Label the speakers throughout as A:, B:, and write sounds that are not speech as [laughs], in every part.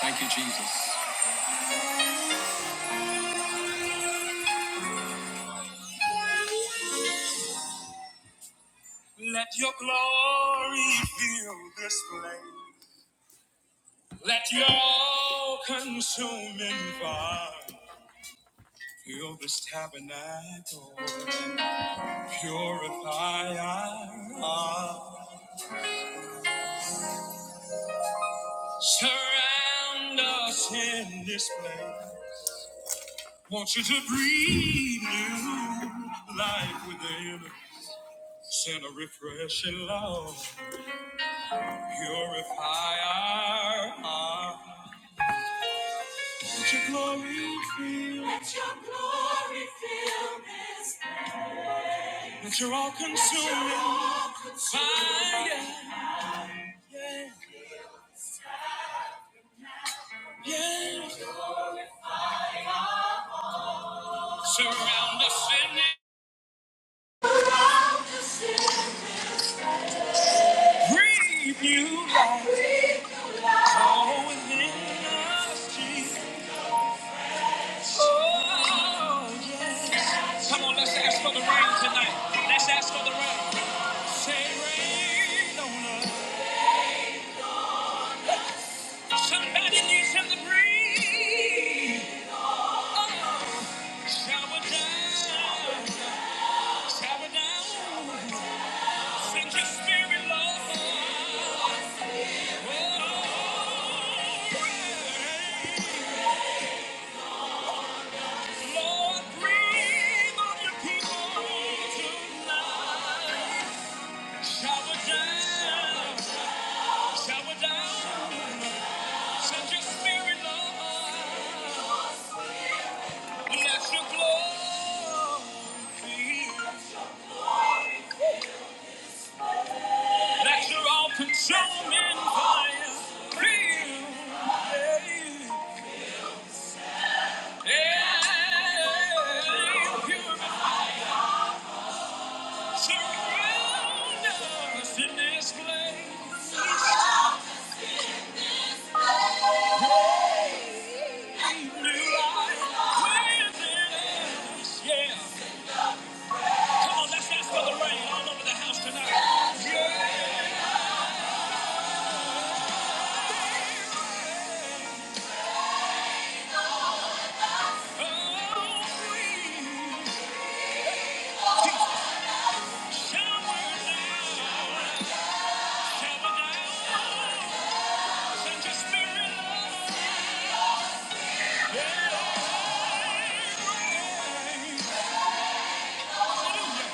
A: Thank you, Jesus. Let your glory fill this place. Let your consuming fire fill this tabernacle. Purify our heart. Surround us in this place. Want you to breathe new life within. Send a refreshing love. Purify our heart. Let your glory fill. Let your glory fill this place. Let your all consuming fire. Yeah. Surround us in it. Breathe new life. All within us, Jesus. Oh, yeah. Come on, let's ask for the rain tonight. Let's ask for the rain. Say rain on us. Somebody needs him to breathe. Shower down, shower down. Send your spirit, Lord. Oh, Lord, breathe on your people tonight. Shower down, shower down. Send your spirit, Lord. Let your glory, let your all-consuming fire. Breathe. Just spirit, love, and rain.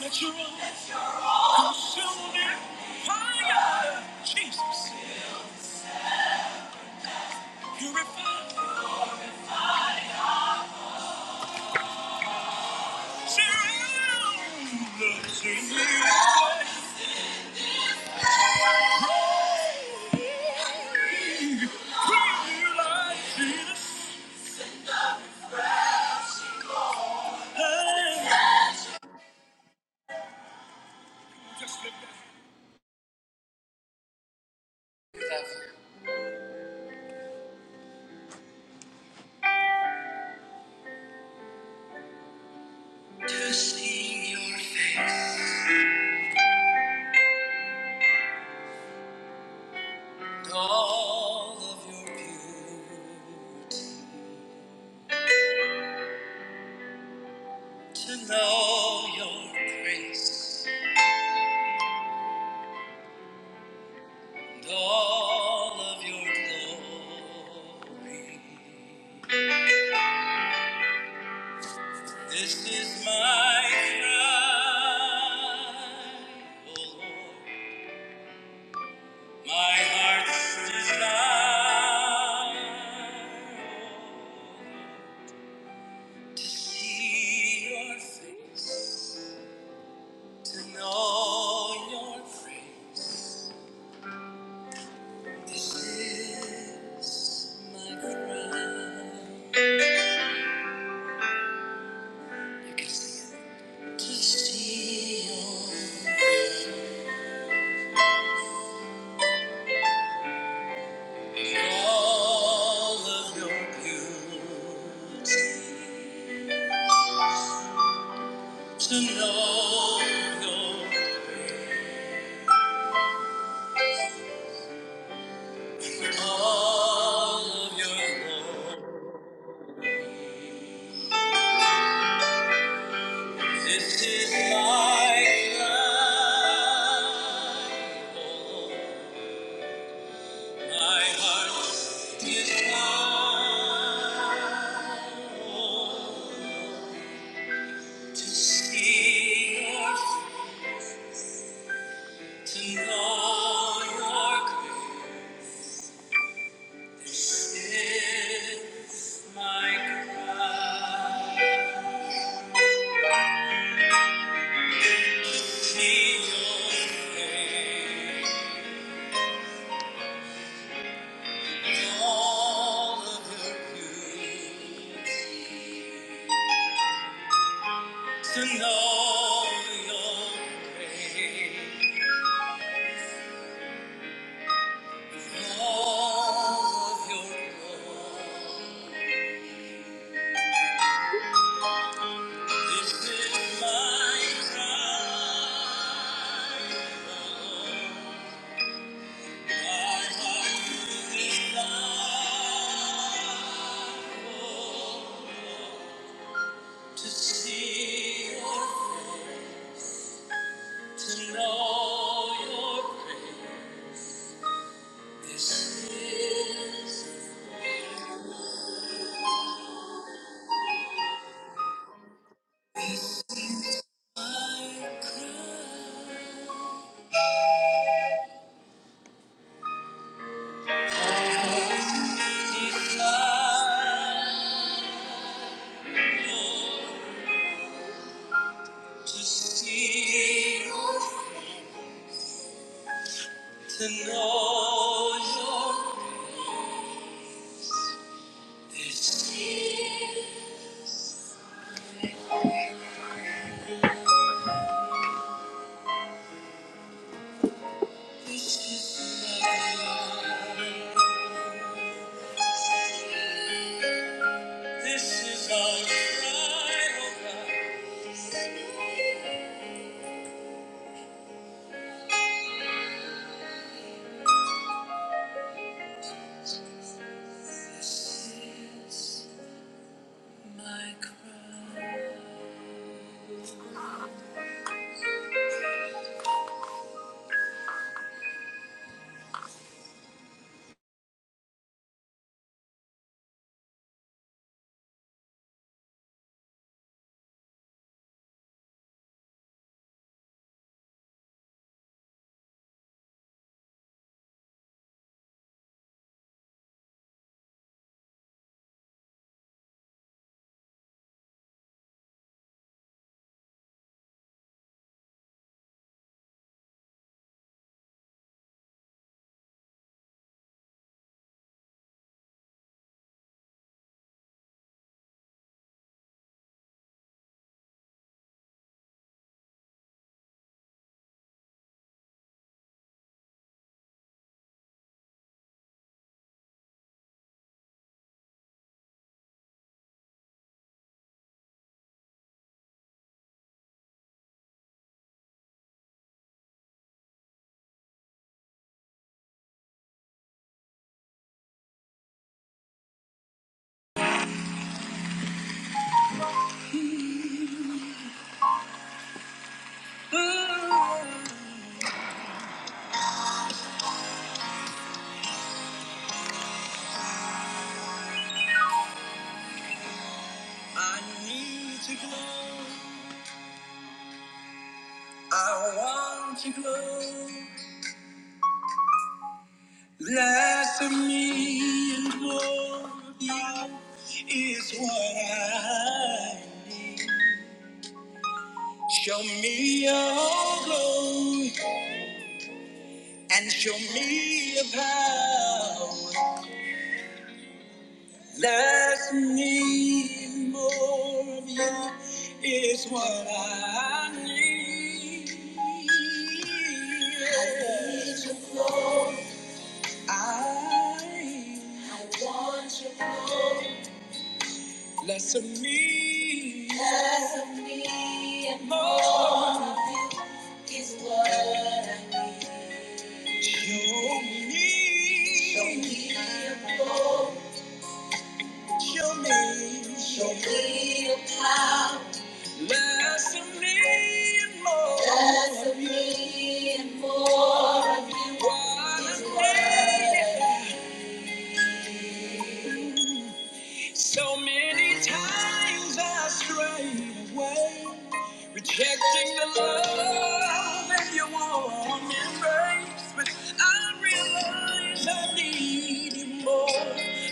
A: Let your own consuming fire, Jesus, purify. To see your face, all of your beauty, to know your grace, and all of your glory. This is my cry, O Lord, my heart's desire to see your face, to know your praise. This is my cry. You can sing it. to see your all of your beauty. To know your, all of your love. This is my life, oh Lord. My heart is wild to see your, to know your grace. This is my cry. See your face. all of the beauty, to know your grace, all of your glory. This is my cry, Lord. My heart desires to see your, to know your grace. This is to see, to know your this, this is my cry. This is our cry, oh God. This is my cry. Ooh, I need to glow. I want to glow. Less of me and more of you is what I need. Show me your glory and show me your power. Less of me and more of you is what I need. I need your glory. I, I want your glory. Less of me, less of me, and more of you is what I need. Show me, show me your glory. Show me, show me your power. Less of me and more less of me and more of you. What is what I need. So many times I strayed away, rejecting the love that you warm embrace. But I realize I need you more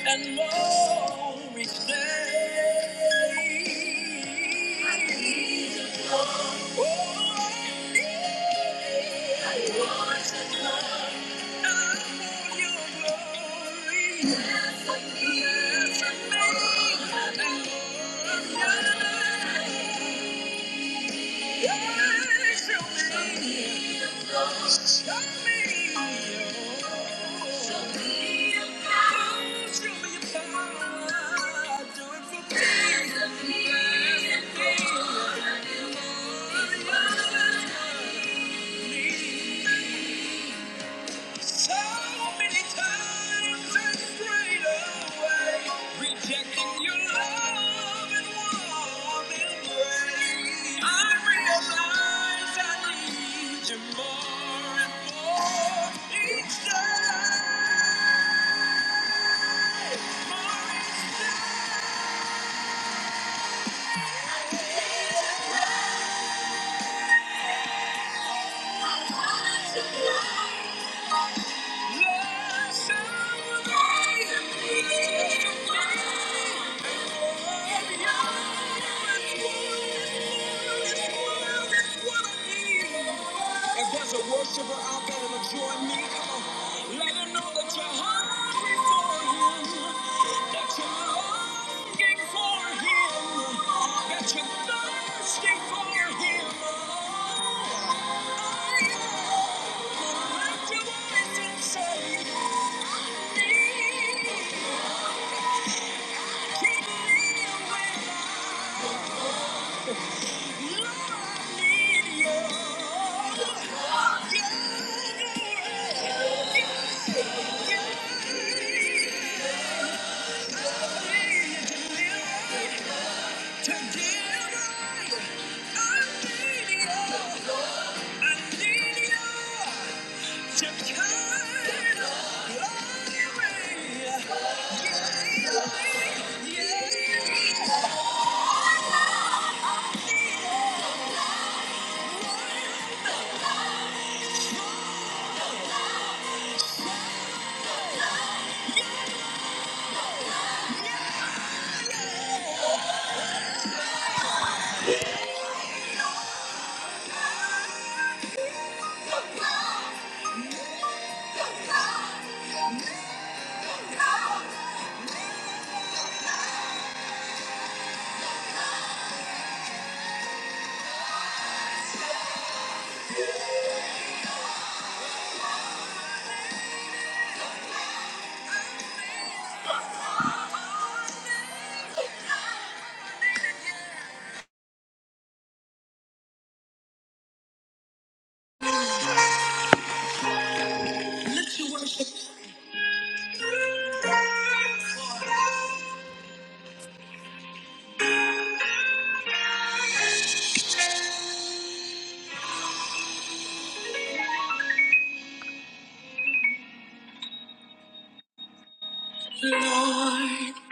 A: and more each day. I need you more. Oh, I need you. I want you more your me it. Show power, Thank you. So many times I strayed away, rejecting your love and warm embrace. I realize I need you more and more each day, more each day. I want you. If there's a worshiper out there that'll join me, come on. Let him know that you're hungry for him. That you're longing for him. That you're thirsty for him. Oh, oh, yeah. Yeah. Lord,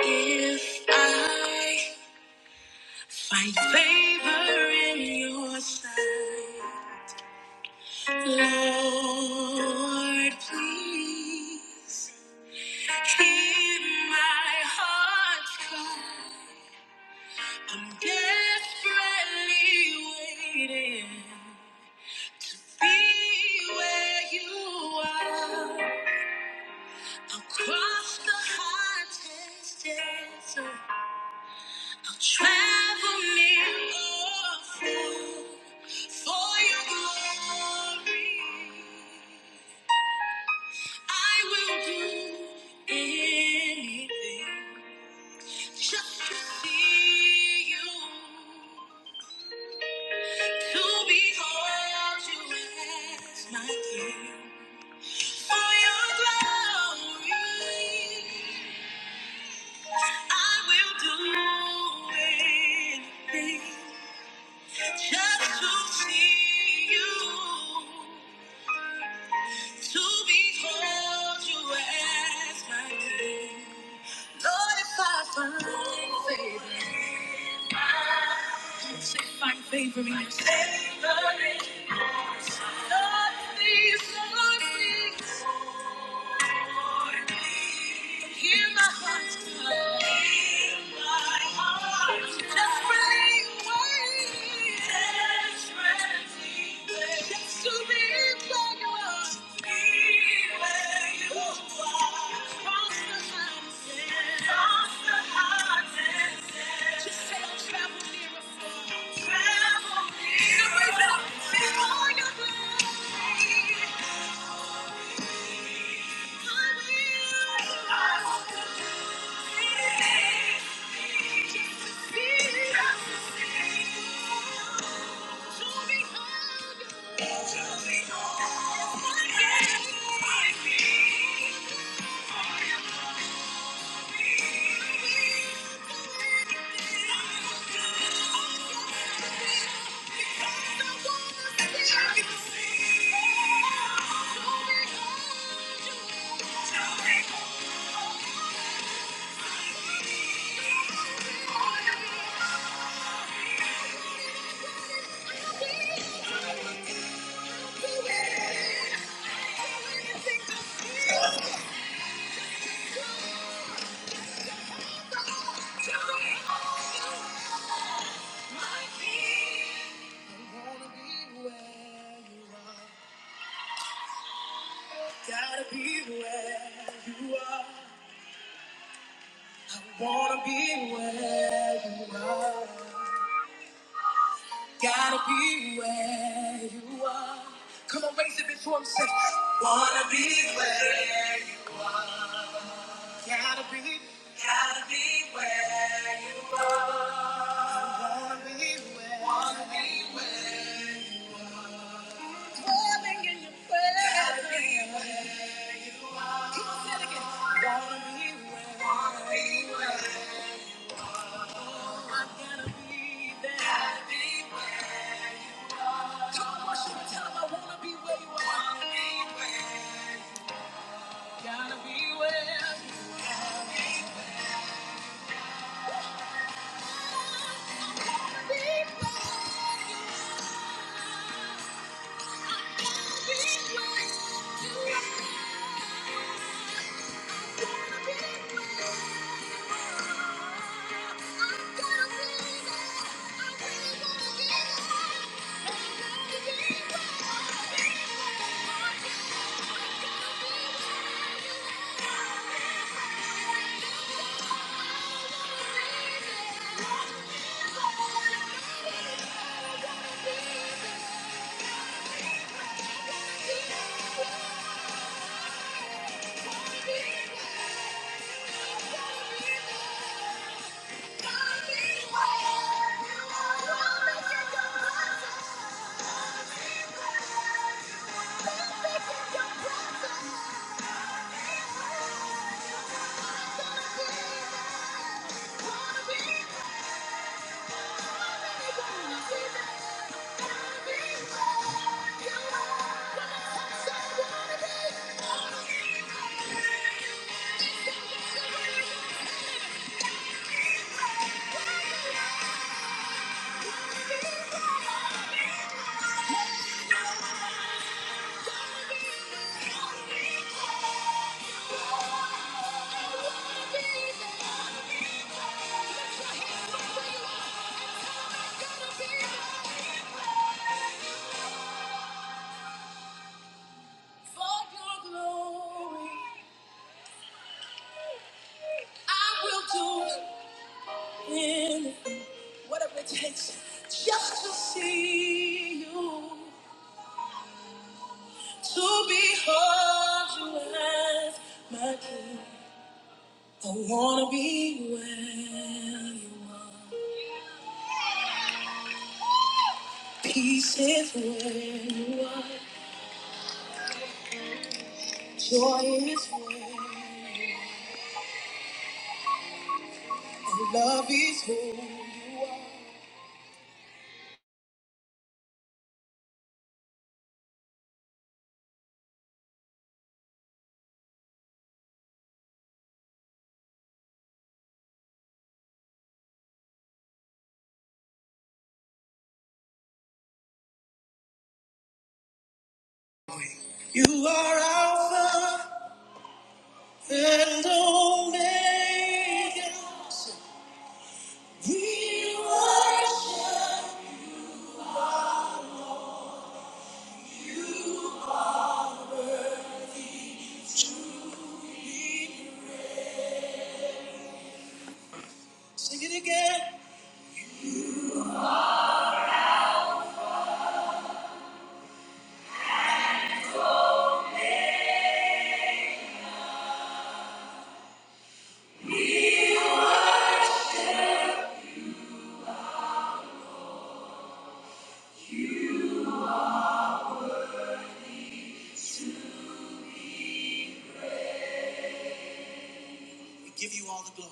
A: if I Find favor in your sight. Lord, please hear my heart's cry. I'm desperately waiting. Be where you are across the hottest desert. Travel me, oh, for your glory. I will do anything just to see you, to behold you as my king. For your glory, I will do anything just to see you. To behold you as my king. Lord, if I find favor, say find favor in your Favor in your sight. Lord, please, Lord, please. Hear my heart's cry. Desperately Desperately Just to be where you are. Cross the hottest end. Cross the hottest end. Just say I'll travel near or far. Travel near or Before your blessing, I will. Thank you. My wanna be where you are. Gotta be where you are. I wanna be where you are. Gotta be where you are. Come on, raise it before him. Say, wanna be where you are. Gotta be. Gotta be where you are. I wanna be where. Wanna be where. Gotta be well. I wanna where you I'm gonna be there. Thank you. Whatever it takes, just to see you, to behold you as my king. I wanna be where you are. Peace is where you are. Joy is where. And love is where. You are Alpha. and Omega. We worship. Sing it again. We give you all the glory.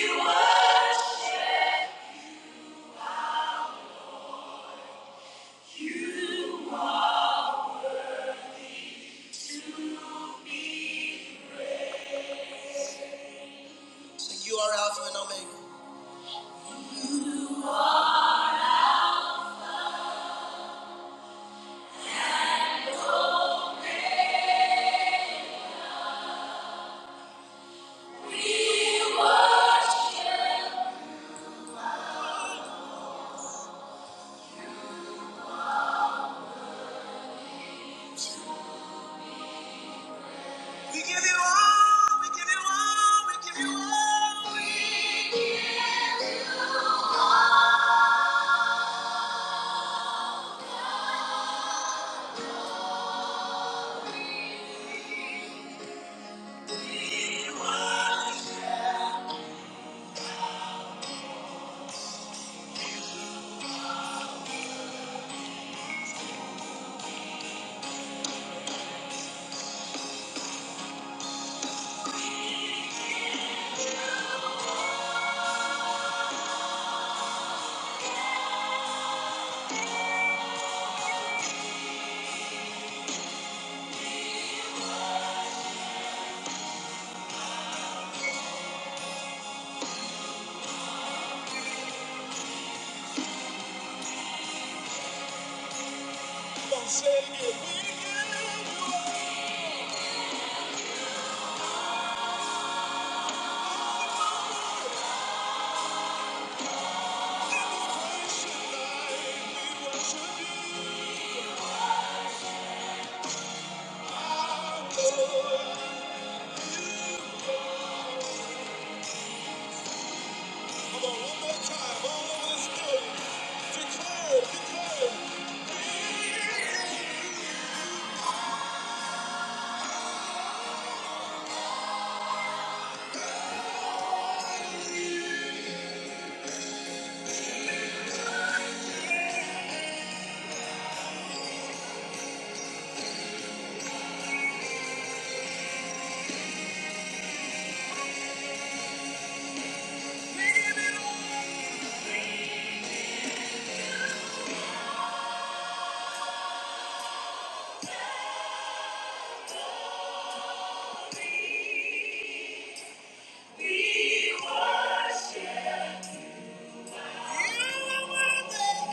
A: We worship you. Sing, you are Alpha and Omega. We worship. We give you all. We give you all. We give you all. Come on, say it again. We give you all. We worship you. We worship you. Our Lord. Come on, one more time, all over this building. Declare, it, declare. it.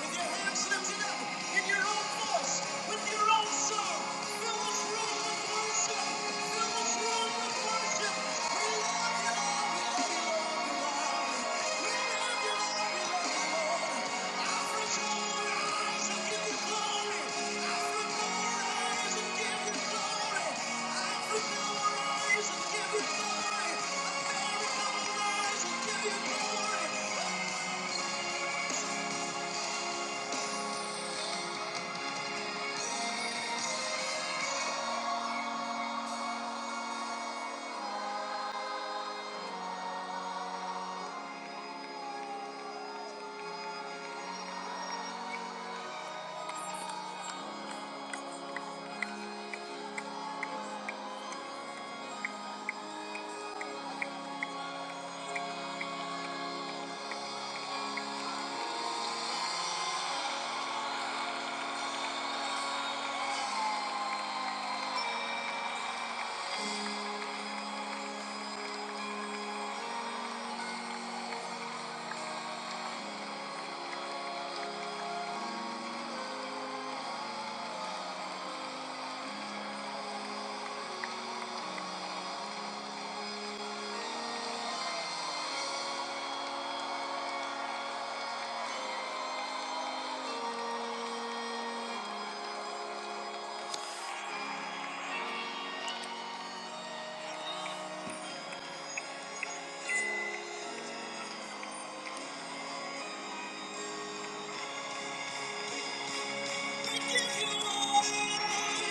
A: With your hands lifted up in your own voice, with your own song, fill this room with worship. Fill this room with worship. We love you, Lord. We love you, Lord. We love you. Lord. We love you, Lord. Our Redeemer, eyes give you glory. Our Redeemer, eyes give you glory. Our Redeemer, eyes give you glory. Our Redeemer, eyes give you glory. Give you glory.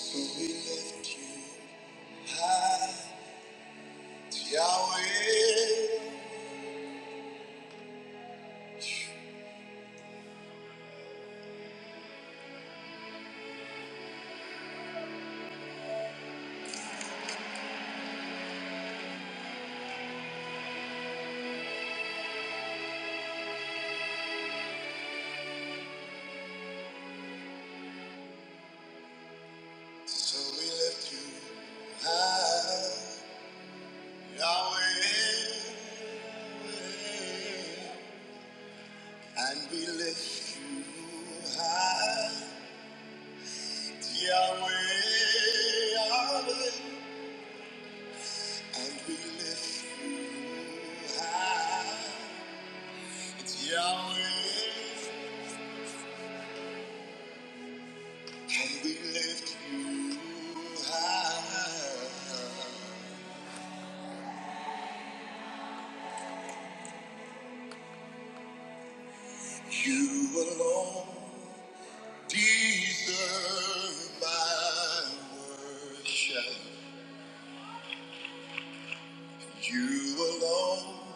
A: So we lift you high, Yahweh. So we lift you high, Yahweh. And we lift you high, Yahweh. Yahweh. And we lift you high, Yahweh. And we lift you high. You alone deserve my worship. You alone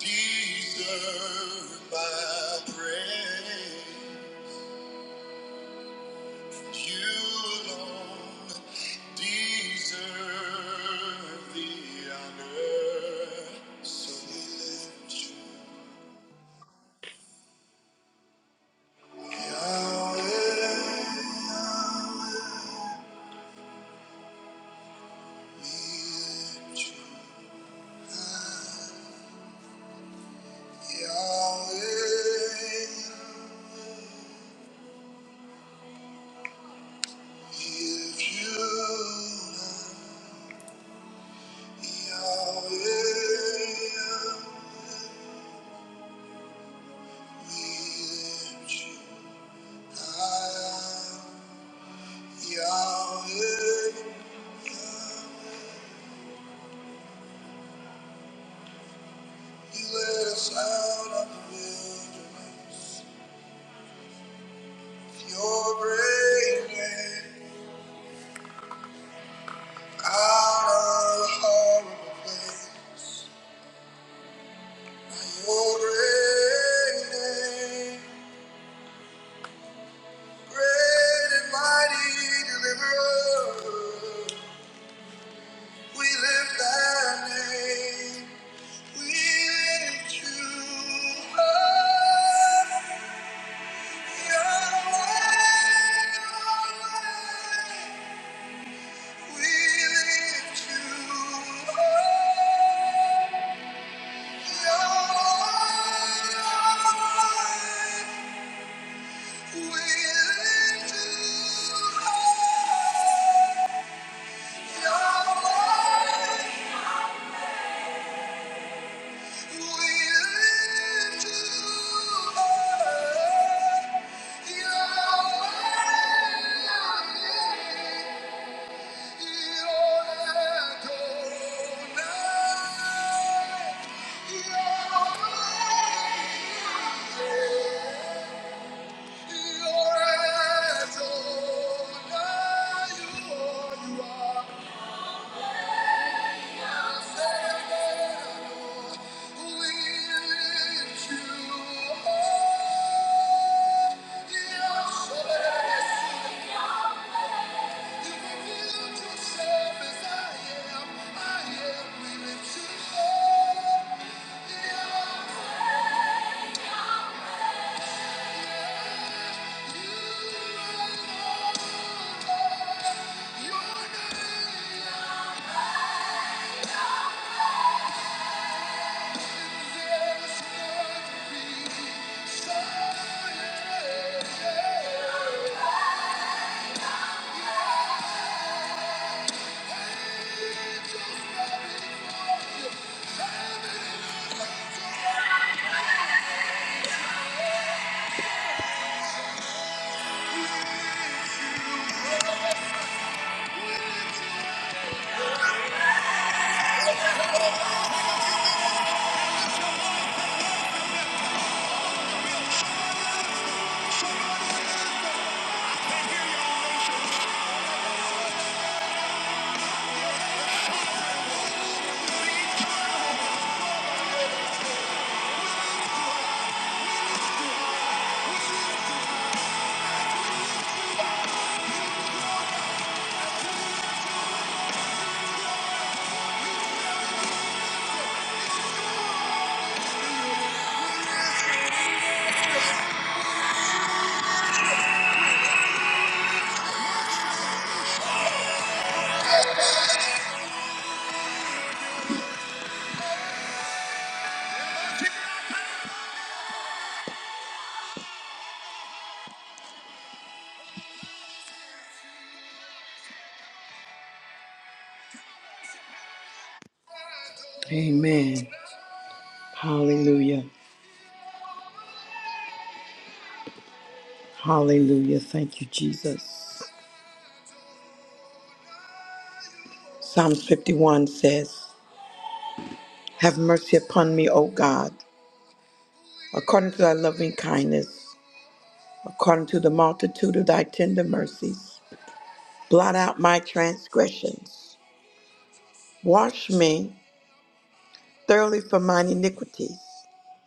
A: deserve my praise. You alone deserve the honor. So we lift you, Yahweh. We lift you, Yahweh. If you are Yahweh, we lift you high. Yahweh, you led us out of the wilderness. Your great name, out of the horrible place. Your great name, great and mighty deliverer. We lift that name. We lift you up, Yahweh. We lift you up, Yahweh. We lift you up, Yahweh. We lift you up, Yahweh. Yeah. Amen. Hallelujah. Hallelujah. Thank you, Jesus. Fiftiness, tender mercies. Wash me thoroughly from mine iniquities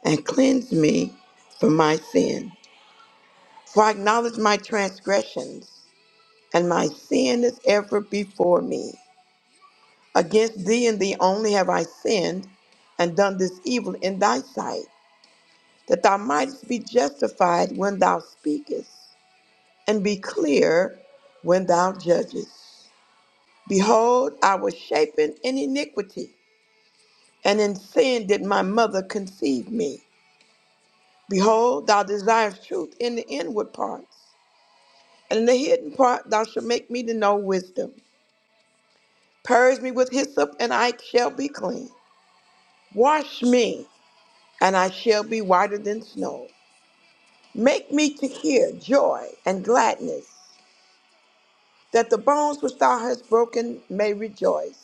A: and cleanse me from my sin. For I acknowledge my transgressions, and my sin is ever before me. Against thee and thee only have I sinned and done this evil in thy sight, that thou mightest be justified when thou speakest, and be clear when thou judgest. Behold, I was shapen in iniquity, and in sin did my mother conceive me. Behold, thou desirest truth in the inward parts, and in the hidden part thou shalt make me to know wisdom. Purge me with hyssop, and I shall be clean. Wash me and I shall be whiter than snow. Make me to hear joy and gladness, that the bones which thou hast broken may rejoice.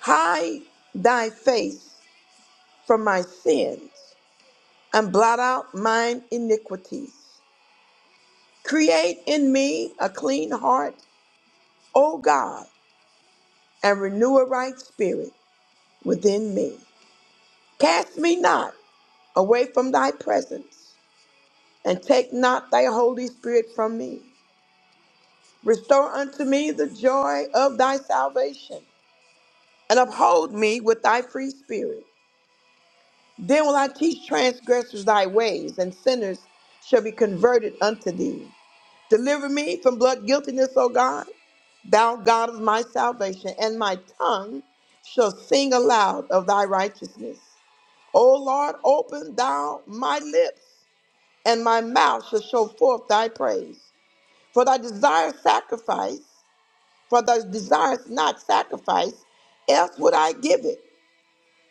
A: Hide thy face from my sins, and blot out mine iniquities. Create in me a clean heart, O God, and renew a right spirit within me. Cast me not away from thy presence, and take not thy Holy Spirit from me. Restore unto me the joy of thy salvation, and uphold me with thy free spirit. Then will I teach transgressors thy ways, and sinners shall be converted unto thee. Deliver me from blood guiltiness, O God, thou God of my salvation, and my tongue shall sing aloud of thy righteousness. O Lord, open thou my lips, and my mouth shall show forth thy praise. For thy desire sacrifice, For thou desirest not sacrifice, else would I give it.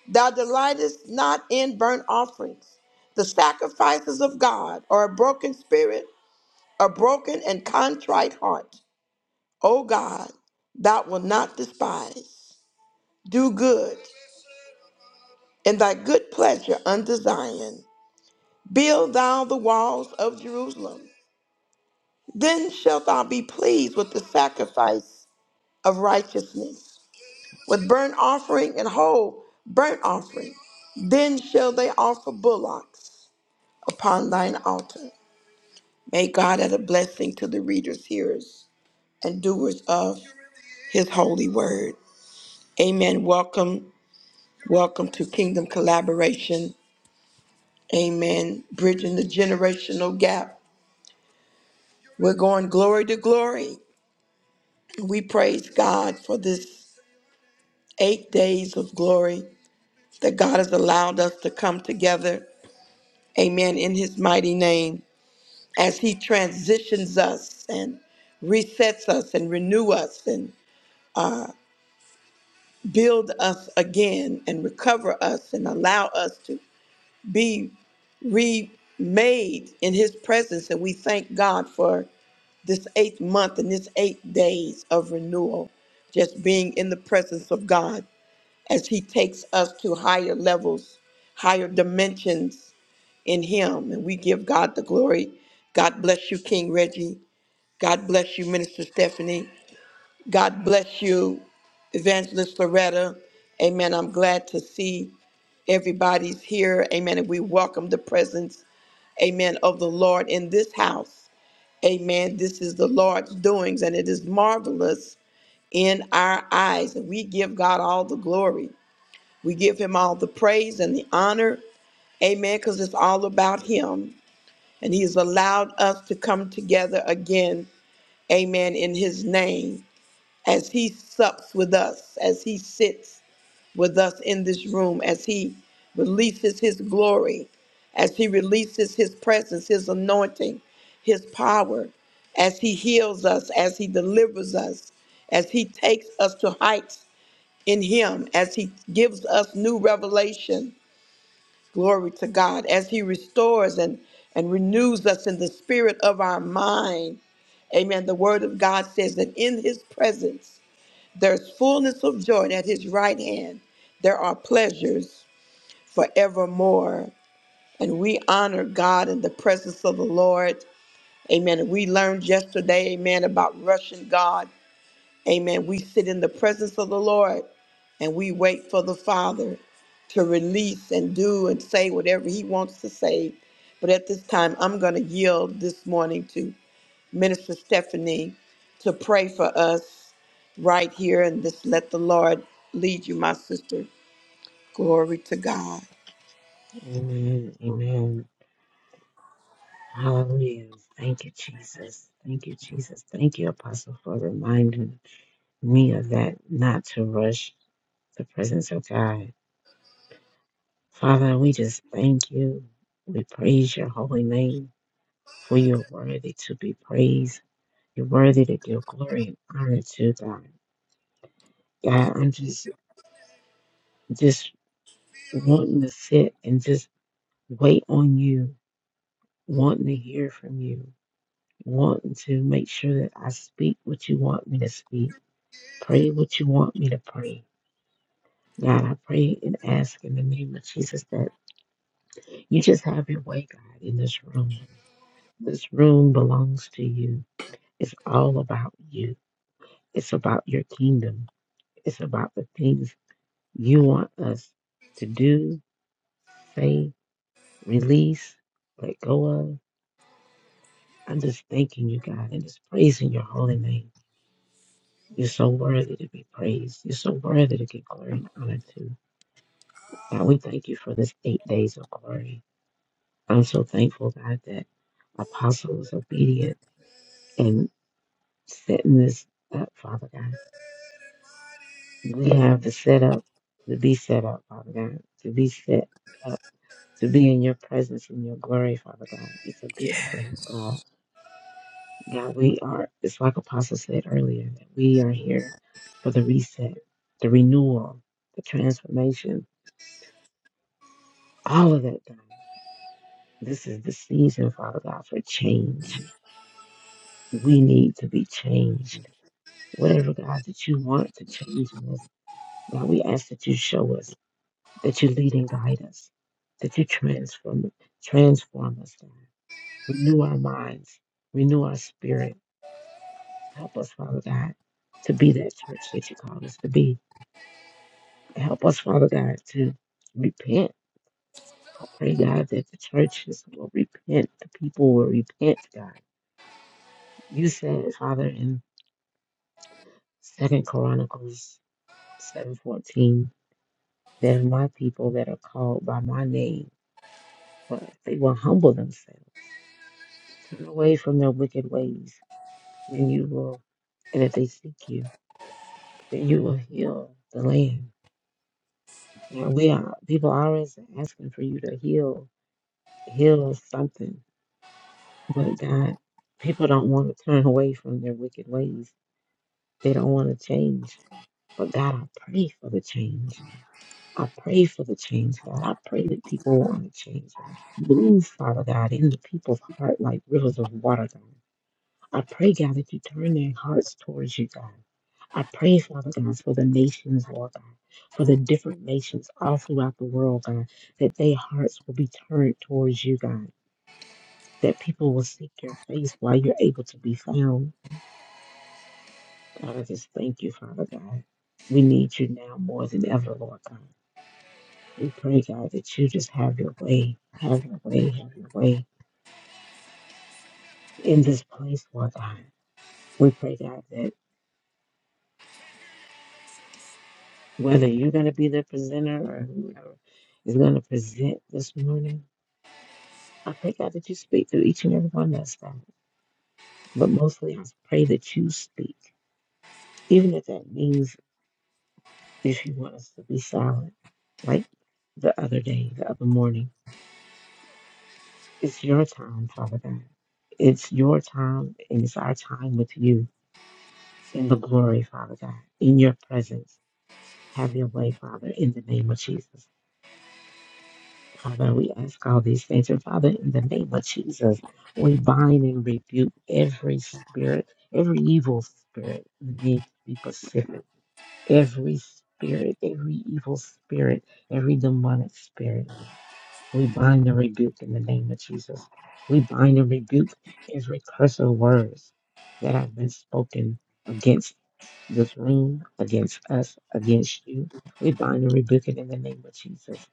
A: Thou delightest not in burnt offerings. The sacrifices of God are a broken spirit, a broken and contrite heart. O God, thou wilt not despise. Do good in thy good pleasure unto Zion. Build thou the walls of Jerusalem. Then shalt thou be pleased with the sacrifice of righteousness with burnt offering and whole burnt offering. Then shall they offer bullocks upon thine altar. May God add a blessing to the readers, hearers, and doers of his holy word. Amen. Welcome, welcome to Kingdom Collaboration. Amen. Bridging the generational gap. We're going glory to glory. We praise God for this eight days of glory that God has allowed us to come together. Amen. In his mighty name. as he transitions us and resets us and renew us and build us again and recover us and allow us to be remade in his presence and we thank god for this eighth month and this eight days of renewal just being in the presence of god as he takes us to higher levels higher dimensions in him and we give god the glory god bless you king reggie God bless you, Minister Stephanie. God bless you, Evangelist Loretta. Amen. I'm glad to see everybody's here. Amen. And we welcome the presence, amen, of the Lord in this house. Amen. This is the Lord's doings, and it is marvelous in our eyes. And we give God all the glory. We give him all the praise and the honor. Amen. Because it's all about Him. And He has allowed us to come together again. Amen. In His name. as he sups with us, as he sits with us in this room, as he releases his glory, as he releases his presence, his anointing, his power, as he heals us, as he delivers us, as he takes us to heights in him, as he gives us new revelation. Glory to God, as he restores and, and renews us in the spirit of our mind. Amen. The word of God says that in his presence, there's fullness of joy and at his right hand. There are pleasures forevermore. And we honor God in the presence of the Lord. Amen. And we learned yesterday, amen, about rushing God. Amen. We sit in the presence of the Lord and we wait for the Father to release and do and say whatever he wants to say. But at this time, I'm going to yield this morning to Minister Stephanie to pray for us right here and just let the Lord lead you, my sister. Glory to God.
B: Amen. Amen. Hallelujah. Thank you, Jesus. Thank you, Jesus. Thank you, Apostle, for reminding me of that, not to rush the presence of God. Father, we just thank you. We praise your holy name, for you're worthy to be praised. You're worthy to give glory and honor to God. God, I'm just just wanting to sit and just wait on you, wanting to hear from you. wanting to make sure that I speak what you want me to speak, pray what you want me to pray. God, I pray and ask in the name of Jesus that you just have your way, God, in this room. This room belongs to you. It's all about you, it's about your kingdom, it's about the things you want us to do, say, release, let go of. I'm just thanking you, God, and just praising your holy name. You're so worthy to be praised. You're so worthy to get glory and honor to. God, we thank you for this eight days of glory. I'm so thankful, God, that Apostle was obedient and setting this up, Father God. We have the setup to be set up, Father God, to be set up, to be in your presence and your glory, Father God. It's a good setup, God. God, we are, it's like Apostle said earlier, that we are here for the reset, the renewal, the transformation. All of that, God. This is the season, Father God, for change. We need to be changed. Whatever, God, that you want to change in us, God, we ask that you show us, that you lead and guide us, that you transform, transform us, God. Renew our minds, renew our spirit. Help us, Father God, to be that church that you called us to be. Help us, Father God, to repent. I pray, God, that the churches will repent, the people will repent, God you said, Father, in Second Chronicles seven fourteen. There are my people that are called by my name, but if they will humble themselves, turn away from their wicked ways, then you will and if they seek you, then you will heal the land. Now we are people are always asking for you to heal heal something. But God, people don't want to turn away from their wicked ways. They don't want to change. But God, I pray for the change. I pray for the change, God. I pray that people want to change. Move, Father God, in the people's heart like rivers of water, God. I pray, God, that you turn their hearts towards you, God. I pray, Father God, for the nations, Lord God, for the different nations all throughout the world, God, that their hearts will be turned towards you, God, that people will seek your face while you're able to be found. God, I just thank you, Father God. We need you now more than ever, Lord God. We pray, God, that you just have your way, have your way, have your way in this place, Lord God. We pray, God, that whether you're going to be the presenter or whoever is going to present this morning, I pray, God, that you speak to each and every one of us, God. But mostly, I pray that you speak, even if that means if you want us to be silent, like the other day, the other morning. It's your time, Father God. It's your time, and it's our time with you. in the glory, Father God, in your presence. Have your way, Father, in the name of Jesus. Father, we ask all these things. And Father, in the name of Jesus, we bind and rebuke every spirit, every evil spirit. Let me be specific. Every spirit, every evil spirit, every demonic spirit, we bind and rebuke in the name of Jesus. We bind and rebuke every curse of words that have been spoken against this room, against us, against you. We bind and rebuke it in the name of Jesus.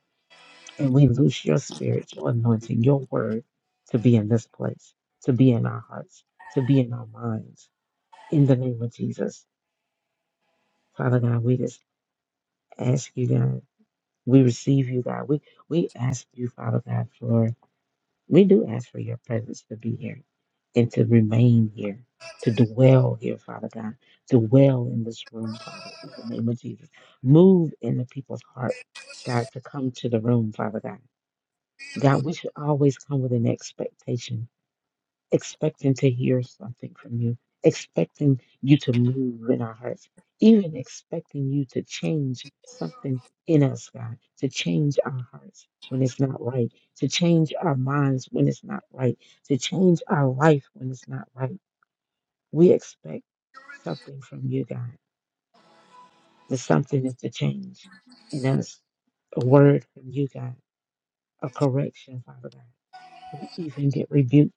B: And we loose your spirit, your anointing, your word to be in this place, to be in our hearts, to be in our minds. In the name of Jesus. Father God, we just ask you, God. We receive you, God. We we ask you, Father God, for We do ask for your presence to be here and to remain here, to dwell here, Father God, dwell in this room, Father, in the name of Jesus. Move in the people's heart, God, to come to the room, Father God. God, we should always come with an expectation expecting to hear something from you, expecting you to move in our hearts, even expecting you to change something in us, God, to change our hearts when it's not right, to change our minds when it's not right, to change our life when it's not right. We expect something from you, God. The something is to change in us. A word from you, God. A correction, Father God. We even get rebuked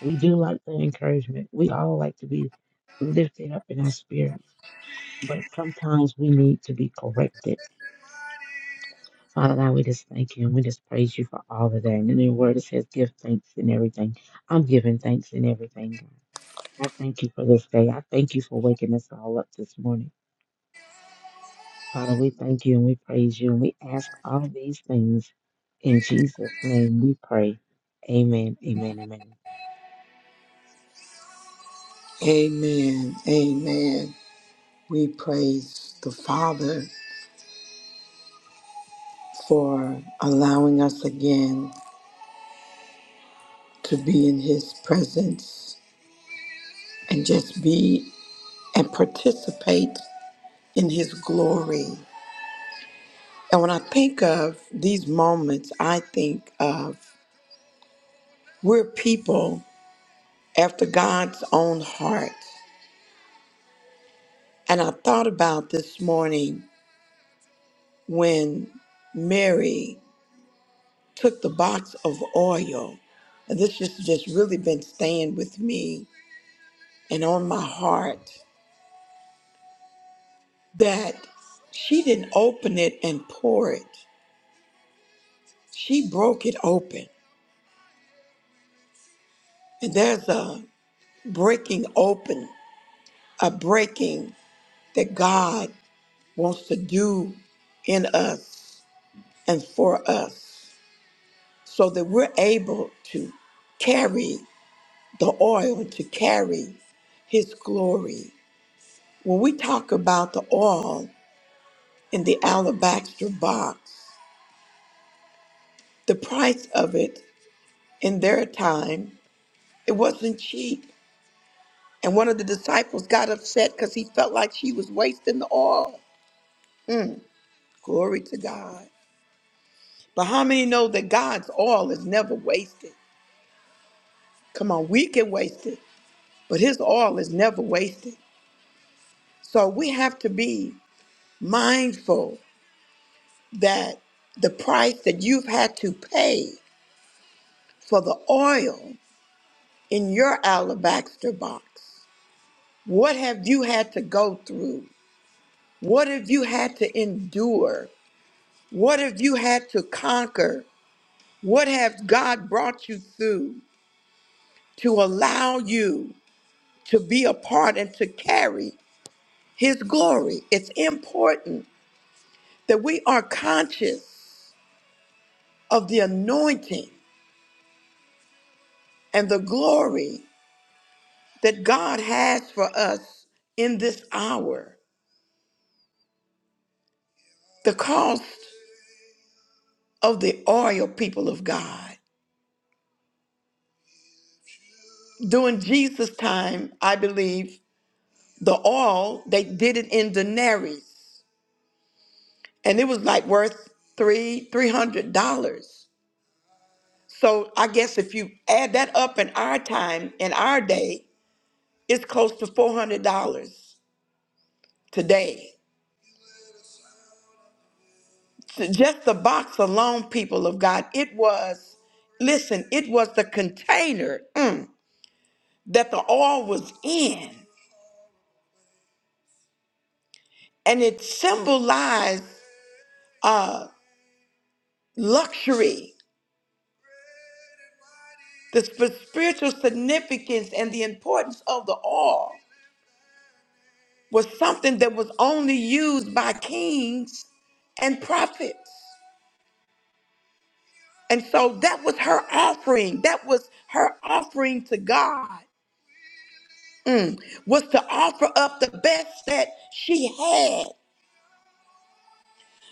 B: We do like the encouragement. We all like to be lifted up in our spirits, but sometimes we need to be corrected. Father God, we just thank you and we just praise you for all of that. And in your word, it says, give thanks in everything. I'm giving thanks in everything, God. I thank you for this day. I thank you for waking us all up this morning. Father, we thank you and we praise you and we ask all these things in Jesus' name we pray. Amen, amen, amen.
A: Amen. Amen. We praise the Father for allowing us again to be in His presence and just be and participate in His glory. And when I think of these moments, I think of we're people after God's own heart. And I thought about this morning when Mary took the box of oil. And this has just really been staying with me and on my heart that she didn't open it and pour it. She broke it open. And there's a breaking open, a breaking that God wants to do in us and for us so that we're able to carry the oil, to carry his glory When we talk about the oil in the alabaster box, the price of it in their time, it wasn't cheap. And one of the disciples got upset because he felt like she was wasting the oil. Glory to God. But how many know that God's oil is never wasted? Come on, we can waste it, but his oil is never wasted. So we have to be mindful that the price that you've had to pay for the oil in your alabaster box? What have you had to go through? What have you had to endure? What have you had to conquer? What have God brought you through to allow you to be a part and to carry His glory? It's important that we are conscious of the anointing and the glory that God has for us in this hour. The cost of the oil, people of God. During Jesus' time, I believe the oil they did it in denarii, and it was like worth three three hundred dollars. So I guess if you add that up in our time, in our day, it's close to four hundred dollars today. So Just the box alone, people of God, it was. Listen, it was the container mm, that the oil was in, and it symbolized uh, luxury The sp- spiritual significance and the importance of the oil was something that was only used by kings and prophets. And so that was her offering. That was her offering to God, was to offer up the best that she had.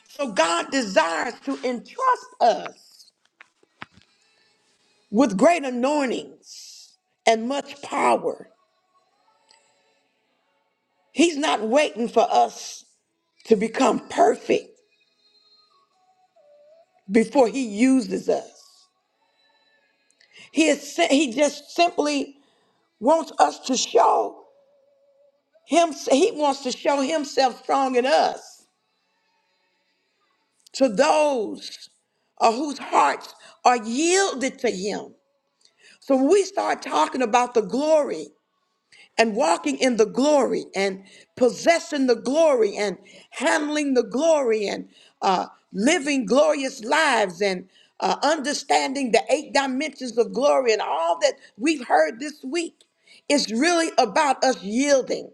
A: So God desires to entrust us with great anointings and much power. He's not waiting for us to become perfect. before he uses us. He is si- he just simply wants us to show him he wants to show himself strong in us to those uh, whose hearts are yielded to him. So when we start talking about the glory. and walking in the glory and possessing the glory and handling the glory and uh, living glorious lives and uh, understanding the eight dimensions of glory and all that we've heard this week is really about us yielding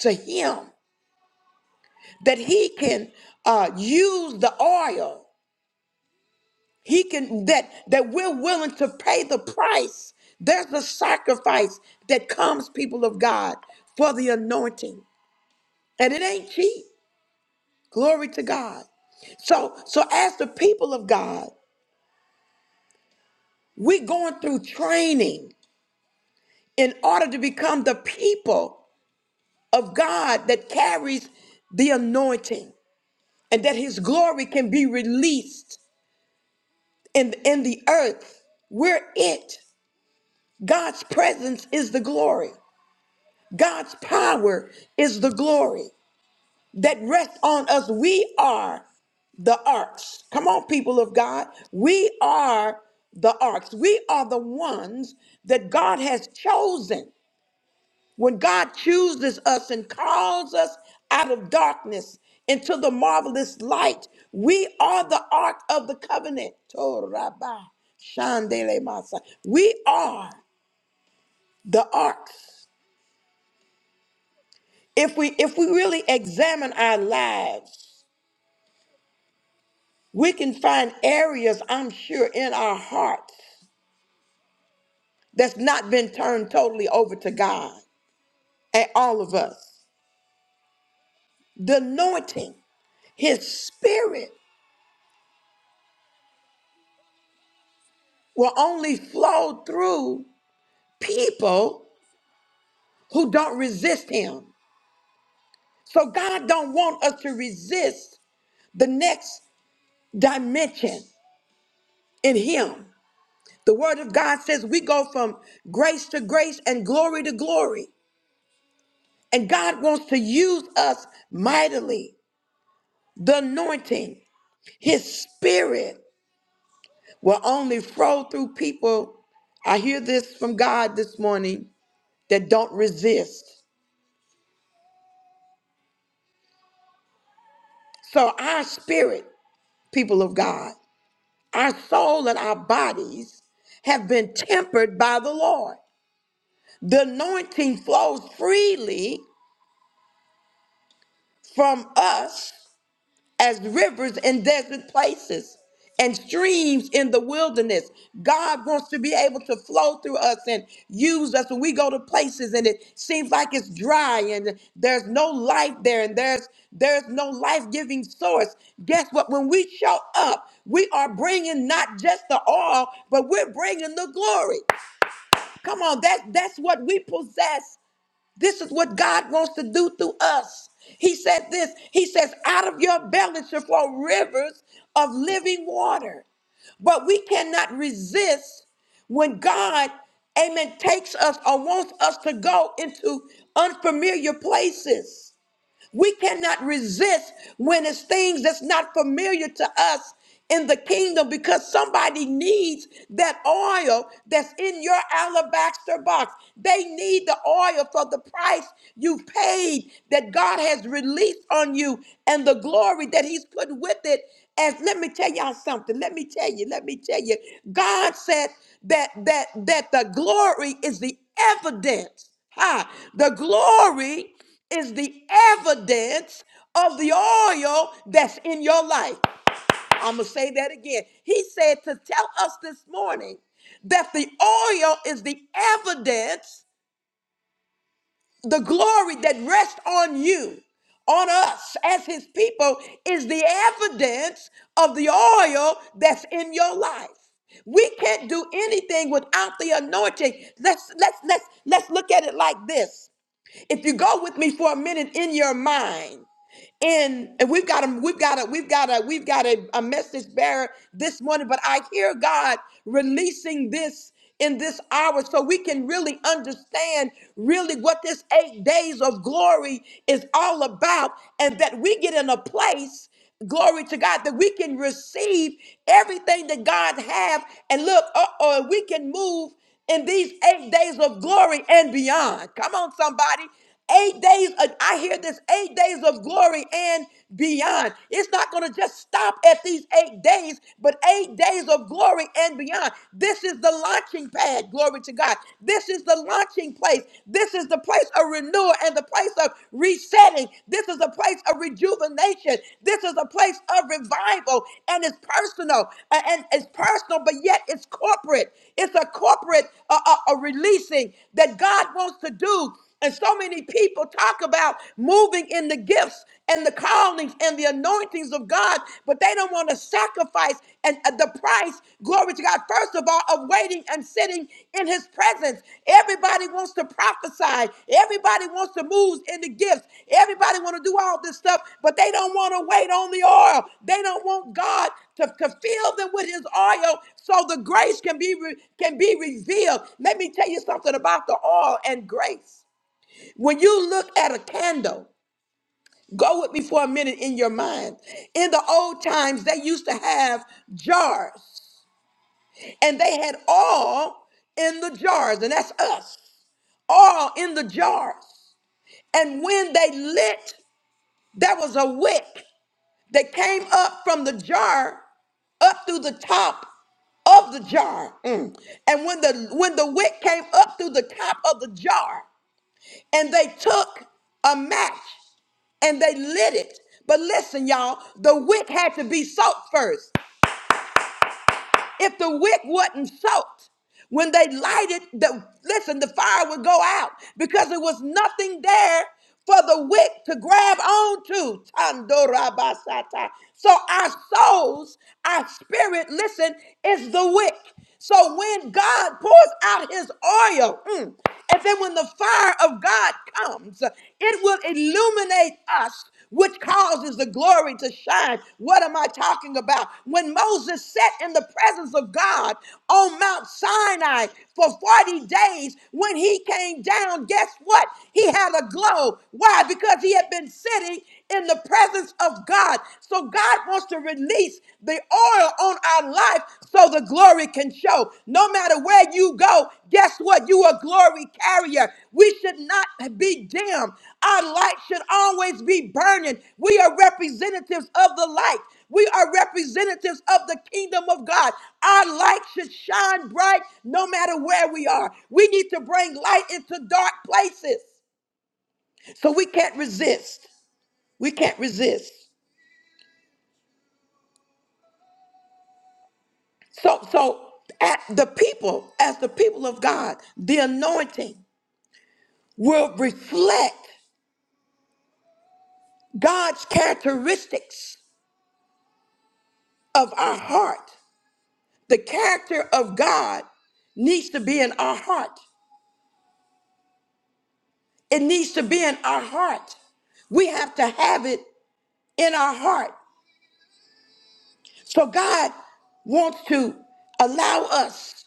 A: to Him that He can uh, use the oil. He can that that we're willing to pay the price. There's a sacrifice that comes, people of God, for the anointing. And it ain't cheap. Glory to God. So, so as the people of God, we're going through training in order to become the people of God that carries the anointing and that his glory can be released in, in the earth. We're it. God's presence is the glory. God's power is the glory. that rest on us. We are the arcs. Come on, people of God. We are the arcs. We are the ones that God has chosen. When God chooses us and calls us out of darkness into the marvelous light, we are the ark of the covenant. torah shandele-masa. We are the arcs. If we if we really examine our lives, We can find areas, I'm sure, in our hearts that's not been turned totally over to God and all of us. The anointing, His Spirit, will only flow through people who don't resist Him. So God don't want us to resist the next dimension in Him. The Word of God says we go from grace to grace and glory to glory. And God wants to use us mightily. the anointing, his spirit will only flow through people. I hear this from God this morning that don't resist. So, our spirit, people of God, our soul and our bodies have been tempered by the Lord. The anointing flows freely from us as rivers in desert places and streams in the wilderness. God wants to be able to flow through us and use us when we go to places and it seems like it's dry and there's no life there and there's there's no life-giving source. Guess what? When we show up, we are bringing not just the oil, but we're bringing the glory. Come on, that that's what we possess this is what God wants to do through us. He said this. He says, out of your belly shall flow rivers of living water. But we cannot resist when God, amen, takes us or wants us to go into unfamiliar places. We cannot resist when it's things that's not familiar to us in the kingdom because somebody needs that oil that's in your alabaster box. They need the oil for the price you paid that God has released on you and the glory that He's put with it. As let me tell y'all something. Let me tell you. Let me tell you. God said that that that the glory is the evidence. Ha! The glory is the evidence of the oil that's in your life. I'm going to say that again. He said to tell us this morning that the oil is the evidence, the glory that rests on you, on us as his people, is the evidence of the oil that's in your life. We can't do anything without the anointing. Let's let's let's let's look at it like this. If you go with me for a minute in your mind, and and we've got a we've got a we've got a we've got a, a message bearer this morning but i hear god releasing this in this hour so we can really understand really what this eight days of glory is all about and that we get in a place glory to god that we can receive everything that god have and look uh-oh we can move in these eight days of glory and beyond come on somebody Eight days, uh, I hear this eight days of glory and beyond. It's not going to just stop at these eight days, but eight days of glory and beyond. This is the launching pad, glory to God. This is the launching place. This is the place of renewal and the place of resetting. This is a place of rejuvenation. This is a place of revival, and it's personal, a- and it's personal, but yet it's corporate. It's a corporate uh, uh, uh, releasing that God wants to do and so many people talk about moving in the gifts and the callings and the anointings of God, but they don't want to sacrifice and uh, the price, glory to God, first of all, of waiting and sitting in his presence. Everybody wants to prophesy. Everybody wants to move in the gifts. Everybody want to do all this stuff, but they don't want to wait on the oil. They don't want God to, to fill them with his oil so the grace can be re- can be revealed. Let me tell you something about the oil and grace. When you look at a candle, go with me for a minute in your mind. In the old times, they used to have jars, and they had oil in the jars, and that's us, oil in the jars. And when they lit, there was a wick that came up from the jar up through the top of the jar. Mm. And when the when the wick came up through the top of the jar, and they took a match and they lit it. But listen, y'all, the wick had to be soaked first. If the wick wasn't soaked, when they lighted the listen, the fire would go out because there was nothing there for the wick to grab onto. Tandorabasata. So our souls, our spirit, listen, is the wick. So when God pours out his oil, mm, and then when the fire of God comes, it will illuminate us, which causes the glory to shine. What am I talking about? When Moses sat in the presence of God on Mount Sinai for 40 days, when he came down, guess what? He had a glow. Why? Because he had been sitting in the presence of God. So God wants to release the oil on our life so the glory can show. No matter where you go, guess what? You are a glory carrier. We should not be dim. Our light should always be burning. We are representatives of the light. We are representatives of the kingdom of God. Our light should shine bright no matter where we are. We need to bring light into dark places. So we can't resist. We can't resist. So, so at the people, as the people of God, the anointing will reflect God's characteristics of our heart. The character of God needs to be in our heart. It needs to be in our heart. We have to have it in our heart. So God wants to allow us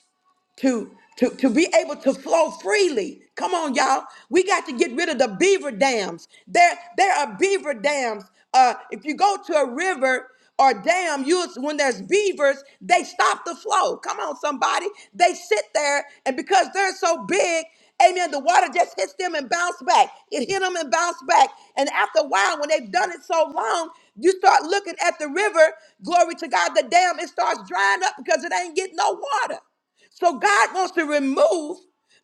A: to to to be able to flow freely. Come on, y'all. We got to get rid of the beaver dams. There there are beaver dams. Uh, if you go to a river or dam, you when there's beavers, they stop the flow. Come on, somebody. They sit there, and because they're so big. Amen. The water just hits them and bounce back. It hit them and bounce back. And after a while, when they've done it so long, you start looking at the river. Glory to God, the dam, it starts drying up because it ain't getting no water. So God wants to remove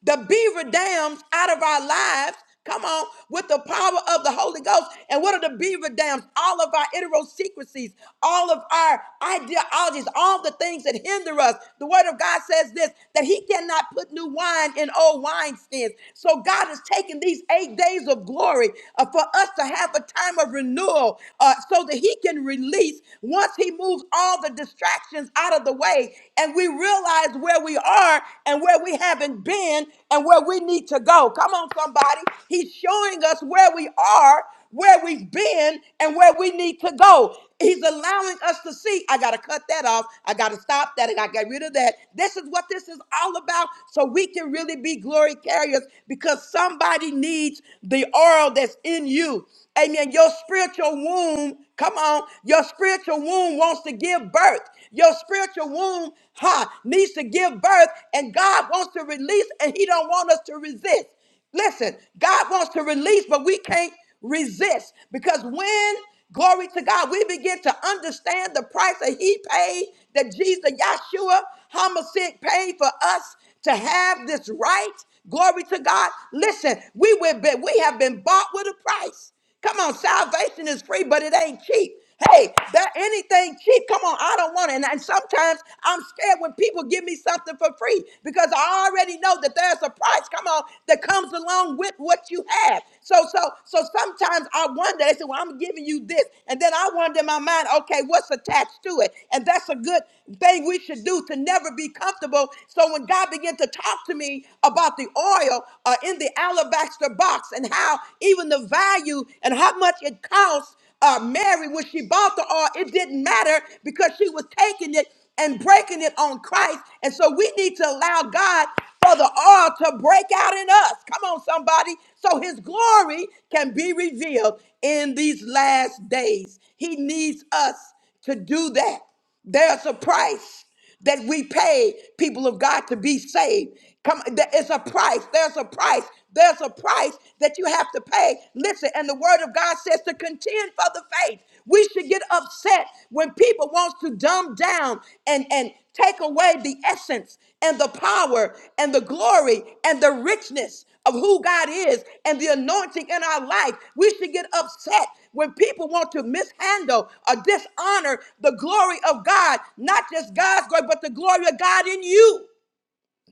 A: the beaver dams out of our lives. Come on, with the power of the Holy Ghost. And what are the beaver dams? All of our idiosyncrasies, all of our ideologies, all the things that hinder us. The Word of God says this that He cannot put new wine in old wineskins. So God is taking these eight days of glory uh, for us to have a time of renewal uh, so that He can release once He moves all the distractions distractions out of the way and we realize where we are and where we haven't been and where we need to go. Come on, somebody. He's showing us where we are, where we've been, and where we need to go. He's allowing us to see. I got to cut that off. I got to stop that. I got to get rid of that. This is what this is all about. So we can really be glory carriers because somebody needs the oil that's in you. Amen. Your spiritual womb, come on, your spiritual womb wants to give birth. Your spiritual womb ha, needs to give birth, and God wants to release, and He don't want us to resist. Listen, God wants to release, but we can't resist because when glory to God, we begin to understand the price that He paid, that Jesus, Yahshua, Homicide paid for us to have this right. Glory to God. Listen, we, will be, we have been bought with a price. Come on, salvation is free, but it ain't cheap. Hey, that anything cheap, come on, I don't want it. And, and sometimes I'm scared when people give me something for free because I already know that there's a price, come on, that comes along with what you have. So, so, so sometimes I wonder, they say, Well, I'm giving you this. And then I wonder in my mind, okay, what's attached to it? And that's a good thing we should do to never be comfortable. So when God began to talk to me about the oil uh, in the alabaster box and how even the value and how much it cost uh, Mary when she bought the oil, it didn't matter because she was taking it and breaking it on Christ. And so we need to allow God for the oil to break out in us. Come on, somebody. So his glory can be revealed in these last days. He needs us to do that. There's a price that we pay people of God to be saved. Come, there is a price. There's a price. There's a price that you have to pay. Listen, and the Word of God says to contend for the faith. We should get upset when people want to dumb down and and take away the essence and the power and the glory and the richness of who God is and the anointing in our life. We should get upset when people want to mishandle or dishonor the glory of God, not just God's glory, but the glory of God in you.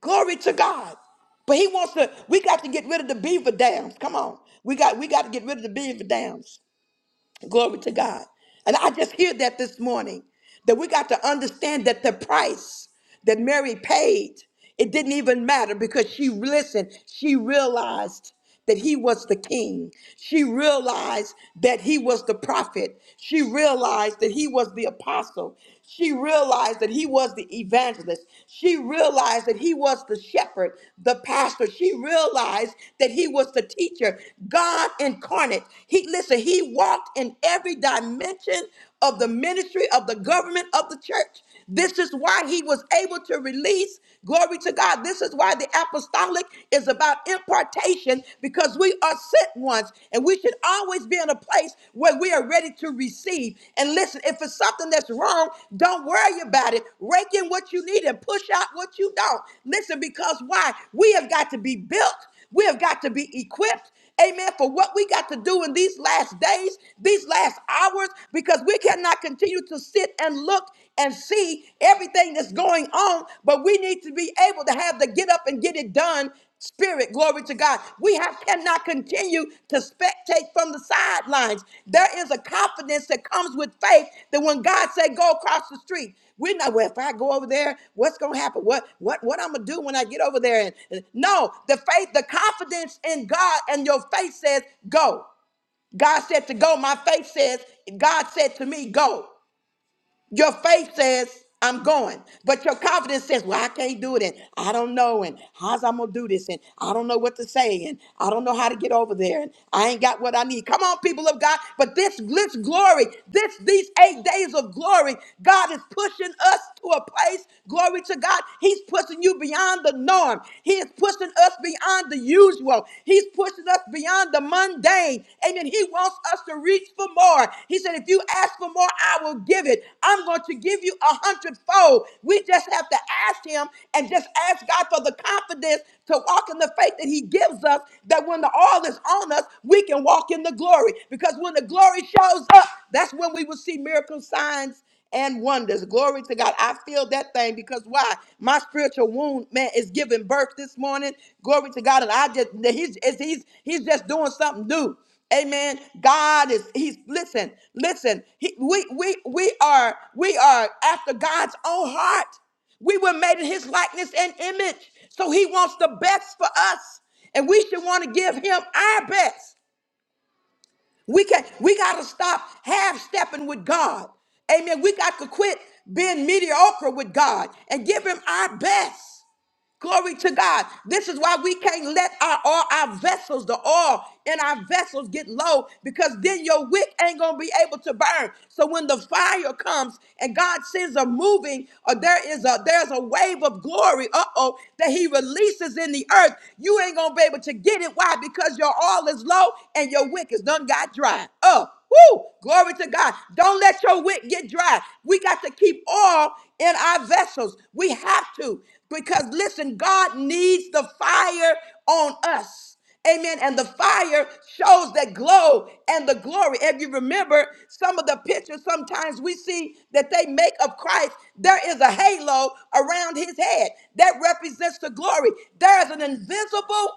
A: Glory to God. But he wants to, we got to get rid of the beaver dams. Come on. We got we got to get rid of the beaver dams. Glory to God. And I just hear that this morning that we got to understand that the price that Mary paid, it didn't even matter because she listened, she realized that he was the king. She realized that he was the prophet. She realized that he was the apostle. She realized that he was the evangelist. She realized that he was the shepherd, the pastor. She realized that he was the teacher, God incarnate. He listen, he walked in every dimension of the ministry of the government of the church. This is why he was able to release. Glory to God. This is why the apostolic is about impartation because we are sent ones and we should always be in a place where we are ready to receive. And listen, if it's something that's wrong, don't worry about it. Rake in what you need and push out what you don't. Listen, because why? We have got to be built, we have got to be equipped. Amen. For what we got to do in these last days, these last hours, because we cannot continue to sit and look and see everything that's going on, but we need to be able to have the get up and get it done spirit. Glory to God. We have cannot continue to spectate from the sidelines. There is a confidence that comes with faith that when God say go across the street, we're not. Well, if I go over there, what's gonna happen? What what what I'm gonna do when I get over there? And, and no, the faith, the confidence in God, and your faith says go. God said to go. My faith says God said to me go. Your faith says, I'm going. But your confidence says, Well, I can't do it. And I don't know. And how's I'm going to do this? And I don't know what to say. And I don't know how to get over there. And I ain't got what I need. Come on, people of God. But this, this glory, this these eight days of glory, God is pushing us to a place. Glory to God. He's pushing you beyond the norm. He is pushing us beyond the usual. He's pushing Pushes us beyond the mundane. Amen. He wants us to reach for more. He said, if you ask for more, I will give it. I'm going to give you a hundredfold. We just have to ask him and just ask God for the confidence to walk in the faith that he gives us that when the oil is on us, we can walk in the glory. Because when the glory shows up, that's when we will see miracle signs and wonders. Glory to God. I feel that thing because why? My spiritual wound, man, is giving birth this morning. Glory to God. And I just he's it's- he's he's just doing something new. Amen. God is he's listen, listen. He, we we we are we are after God's own heart. We were made in his likeness and image. So he wants the best for us. And we should want to give him our best. We can we gotta stop half stepping with God. Amen. We got to quit being mediocre with God and give him our best. Glory to God. This is why we can't let our all our vessels, the oil in our vessels get low, because then your wick ain't gonna be able to burn. So when the fire comes and God sends a moving, or there is a there's a wave of glory, uh-oh, that He releases in the earth, you ain't gonna be able to get it. Why? Because your oil is low and your wick is done got dry. Oh, woo! Glory to God. Don't let your wick get dry. We got to keep oil in our vessels. We have to. Because listen, God needs the fire on us. Amen. And the fire shows that glow and the glory. If you remember some of the pictures, sometimes we see that they make of Christ, there is a halo around his head that represents the glory. There is an invisible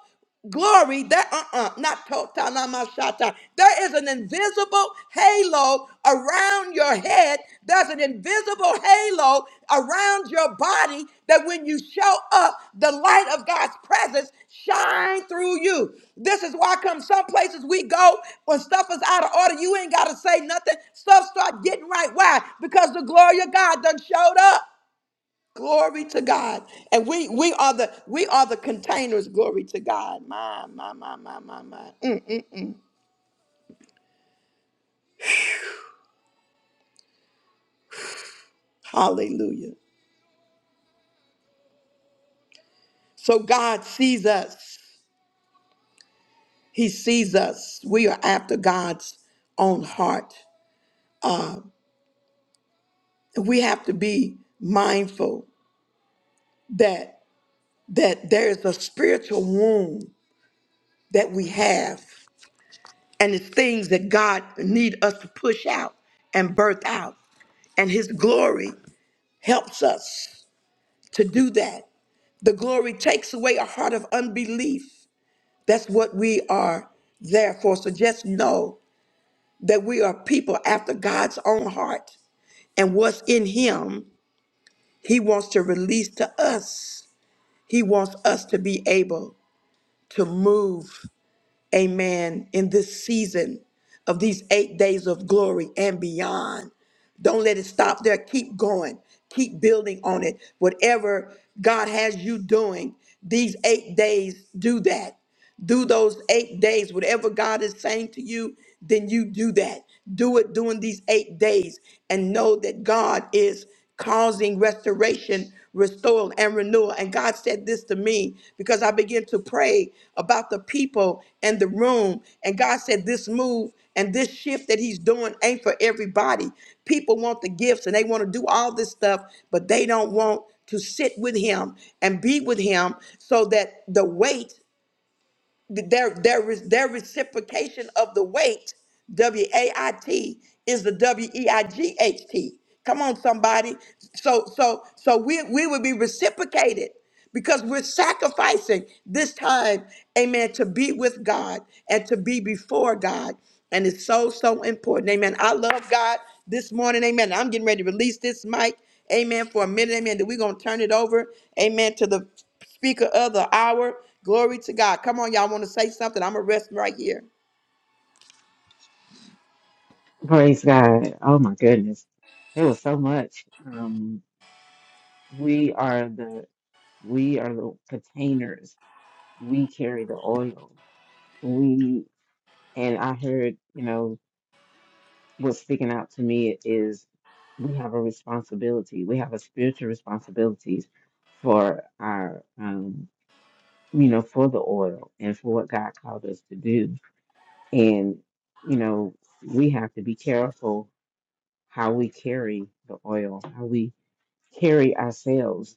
A: glory there. uh-uh not totanamashata there is an invisible halo around your head there's an invisible halo around your body that when you show up the light of god's presence shine through you this is why come some places we go when stuff is out of order you ain't got to say nothing stuff start getting right why because the glory of god done showed up Glory to God. And we we are the we are the containers. Glory to God. My, my, my, my, my, my. Mm. Hallelujah. So God sees us. He sees us. We are after God's own heart. And we have to be mindful that that there is a spiritual wound that we have. And it's things that God need us to push out and birth out and his glory helps us. to do that. The glory takes away a heart of unbelief. That's what we are there for. So just know that we are people after God's own heart. And what's in Him, He wants to release to us. He wants us to be able to move amen, in this season of these eight days of glory and beyond. Don't let it stop there. Keep going. Keep building on it. Whatever God has you doing, these eight days, do that do those eight days. Whatever God is saying to you, then you do that. Do it during these eight days and know that God is causing restoration, restoral, and renewal. And God said this to me because I began to pray about the people and the room. And God said, This move and this shift that He's doing ain't for everybody. People want the gifts and they want to do all this stuff, but they don't want to sit with Him and be with Him so that the weight their their re- their reciprocation of the weight W A I T is the W E I G H T. Come on, somebody. So so so we we would be reciprocated because we're sacrificing this time, amen, to be with God and to be before God. And it's so, so important. Amen. I love God this morning. Amen. I'm getting ready to release this mic. Amen. For a minute. Amen. That we're going to turn it over. Amen. To the speaker of the hour. Glory to God. Come on, y'all want to say something? I'm going to rest right here.
B: Praise God. Oh my goodness. It was so much. Um, We are the we are the containers. We carry the oil. We and I heard, you know, what's sticking out to me is we have a responsibility. We have a spiritual responsibilities for our, um, you know, for the oil and for what God called us to do. And you know, we have to be careful how we carry the oil, how we carry ourselves,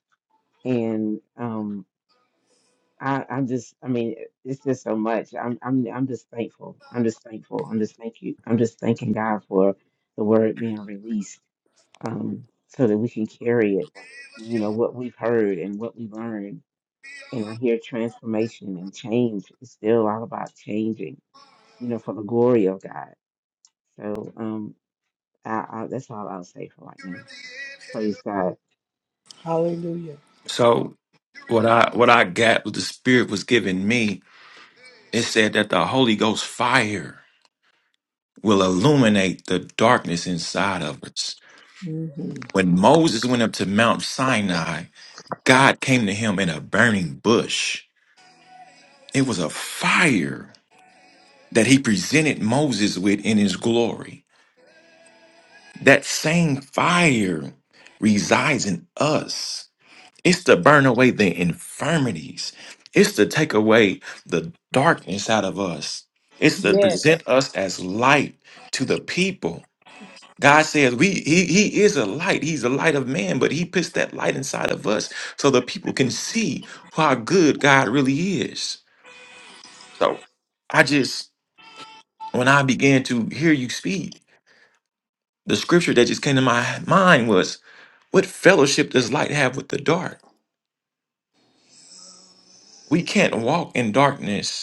B: and um, I, I'm just, I mean, it's just so much. I'm, I'm, I'm just thankful. I'm just thankful. I'm just thank you. I'm just thanking God for the word being released, um, so that we can carry it. You know what we've heard and what we learned, and I hear transformation and change. It's still all about changing. You know, for the glory of God. So, um, I, I, that's all I'll say for right now. Praise God.
C: So what I what I got what the Spirit was giving me, it said that the Holy Ghost fire will illuminate the darkness inside of us. When Moses went up to Mount Sinai, God came to him in a burning bush. It was a fire that he presented Moses with in his glory. That same fire resides in us. It's to burn away the infirmities. It's to take away the darkness out of us. It's to present us as light to the people. God says we he, he is a light. He's the light of man, but he puts that light inside of us so the people can see how good God really is. So I just when I began to hear you speak, the scripture that just came to my mind was what fellowship does light have with the dark? We can't walk in darkness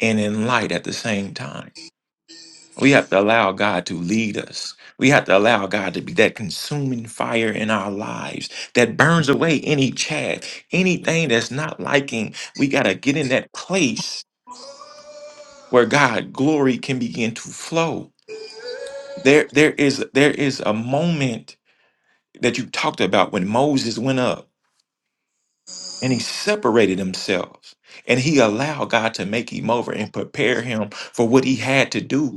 C: and in light at the same time. We have to allow God to lead us. We have to allow God to be that consuming fire in our lives that burns away any chaff, anything that's not liking. We got to get in that place where God glory can begin to flow. There there is there is a moment that you talked about when Moses went up and he separated himself and he allowed God to make him over and prepare him for what he had to do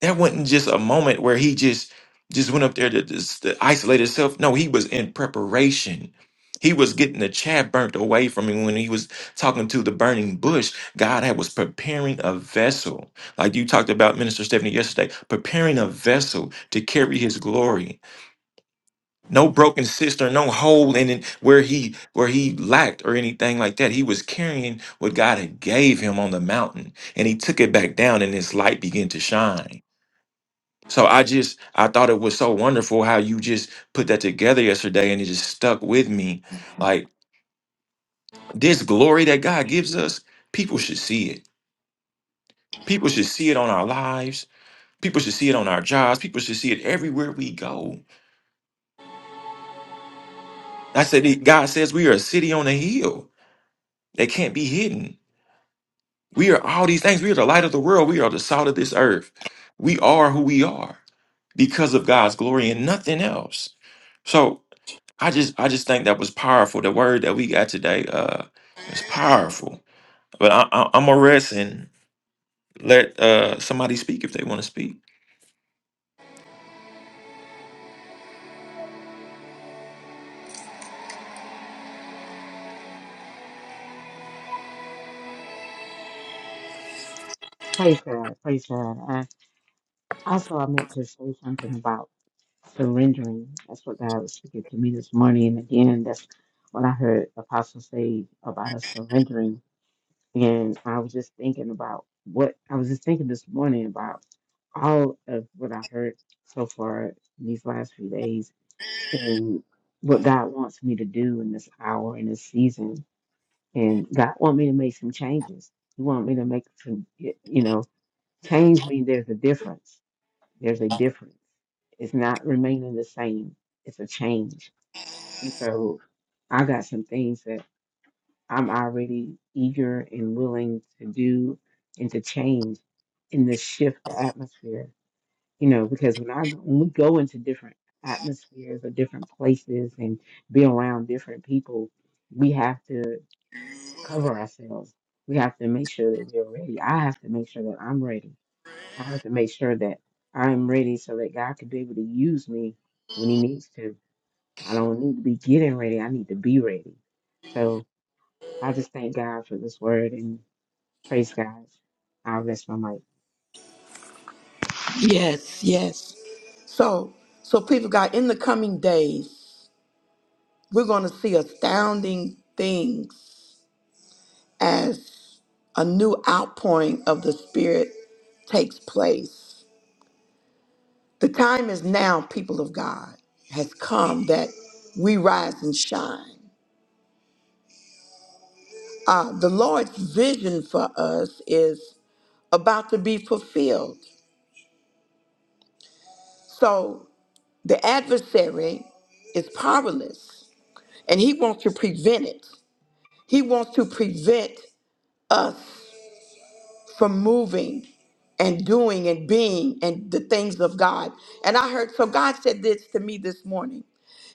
C: That wasn't just a moment where he just just went up there to, just to isolate himself. No, he was in preparation. He was getting the chaff burnt away from him when he was talking to the burning bush. God had was preparing a vessel, like you talked about, Minister Stephanie yesterday, preparing a vessel to carry His glory. No broken cistern, no hole in it where he where he lacked or anything like that. He was carrying what God had gave him on the mountain, and he took it back down, and His light began to shine so I just I thought it was so wonderful how you just put that together yesterday and it just stuck with me. Like this glory that God gives us, people should see it. People should see it on our lives. People should see it on our jobs. People should see it everywhere we go. I said it- God says we are a city on a hill that can't be hidden. We are all these things. We are the light of the world. We are the salt of this earth. We are who we are because of God's glory and nothing else. So I just I just think that was powerful. The word that we got today, uh, is powerful. But I, I, I'm gonna rest and let uh somebody speak if they want to speak.
B: Praise God. Praise God. I, also, I meant to say something about. surrendering. That's what God was speaking to me this morning. And again, that's what I heard Apostle say about us surrendering. And I was just thinking about what I was just thinking this morning about all of what I heard so far these last few days and what God wants me to do in this hour, in this season. And God want me to make some changes. He want me to make some, y- you know, change means there's a difference. There's a difference. It's not remaining the same it's a change. And so I got some things that I'm already eager and willing to do and to change and to shift the atmosphere. You know, because when I when we go into different atmospheres or different places and be around different people, we have to cover ourselves. We have to make sure that we're ready. I have to make sure that I'm ready. I have to make sure that I'm ready so that God can be able to use me when He needs to I don't need to be getting ready. I need to be ready. So I just thank God for this word and praise God. I'll rest my mic.
A: Yes, yes. So, so people of God, in the coming days, we're going to see astounding things as a new outpouring of the Spirit takes place. The time is now, people of God, has come that we rise and shine. Uh, the Lord's vision for us is about to be fulfilled. So The adversary is powerless and he wants to prevent it. He wants to prevent us from moving and doing and being and the things of God. And I heard, so God said this to me this morning.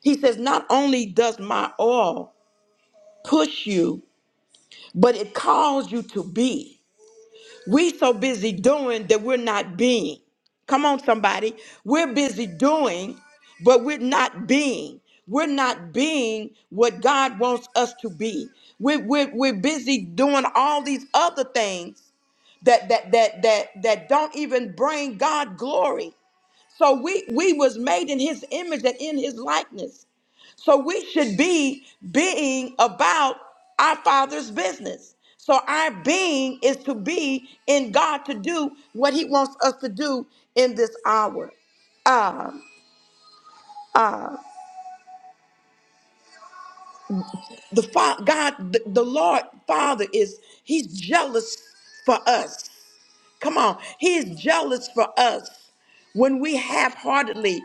A: He says, Not only does my oil push you, but it calls you to be. We so busy doing that we're not being. Come on, somebody. We're busy doing, but we're not being. We're not being what God wants us to be. We're, we're, we're busy doing all these other things that that that that that don't even bring God glory. So we we was made in his image and in his likeness. So we should be being about our father's business. So our being is to be in God to do what he wants us to do in this hour. Um, the fa- God, the, the Lord Father is he's jealous for us. Come on. He's jealous for us when we half-heartedly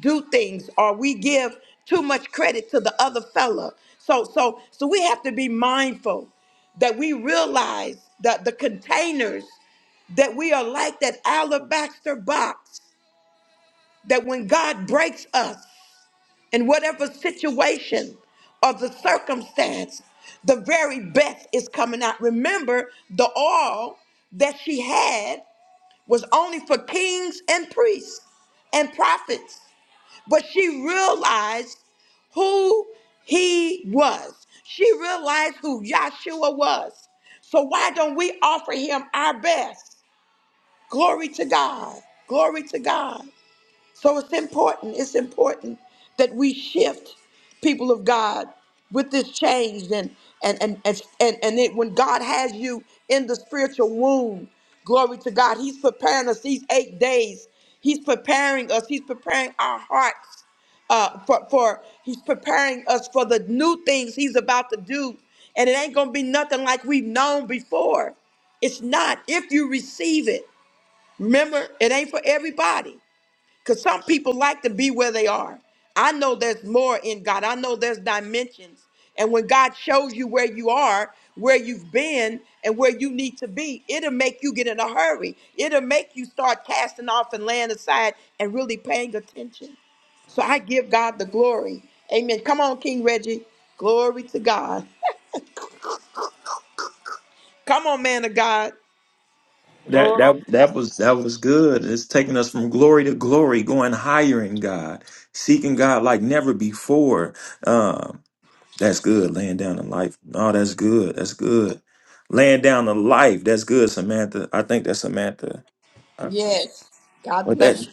A: do things or we give too much credit to the other fella. So so so we have to be mindful that we realize that the containers that we are like that alabaster box that when God breaks us in whatever situation or the circumstance, the very best is coming out. Remember the oil that she had was only for kings and priests and prophets. But she realized who he was. She realized who Yahshua was. So why don't we offer him our best? Glory to God. Glory to God. So it's important, it's important that we shift people of God with this change and and and and, and, and it, when God has you in the spiritual womb, glory to God, He's preparing us these eight days. He's preparing us, He's preparing our hearts uh, for, for he's preparing us for the new things he's about to do and it ain't gonna be nothing like we've known before it's not if you receive it remember it ain't for everybody because some people like to be where they are. I know there's more in God. I know there's dimensions. And when God shows you where you are, where you've been, and where you need to be, it'll make you get in a hurry. It'll make you start casting off and laying aside and really paying attention. So I give God the glory. Amen. Come on, King Reggie. Glory to God. [laughs] Come on, man of God.
C: That that that was that was good. It's taking us from glory to glory, going higher in God, seeking God like never before. Um, That's good. Laying down the life. No, that's good. That's good. Laying down the life. That's good, Samantha. I think that's Samantha. Uh,
A: Yes. God
C: But
A: bless
C: that
A: you.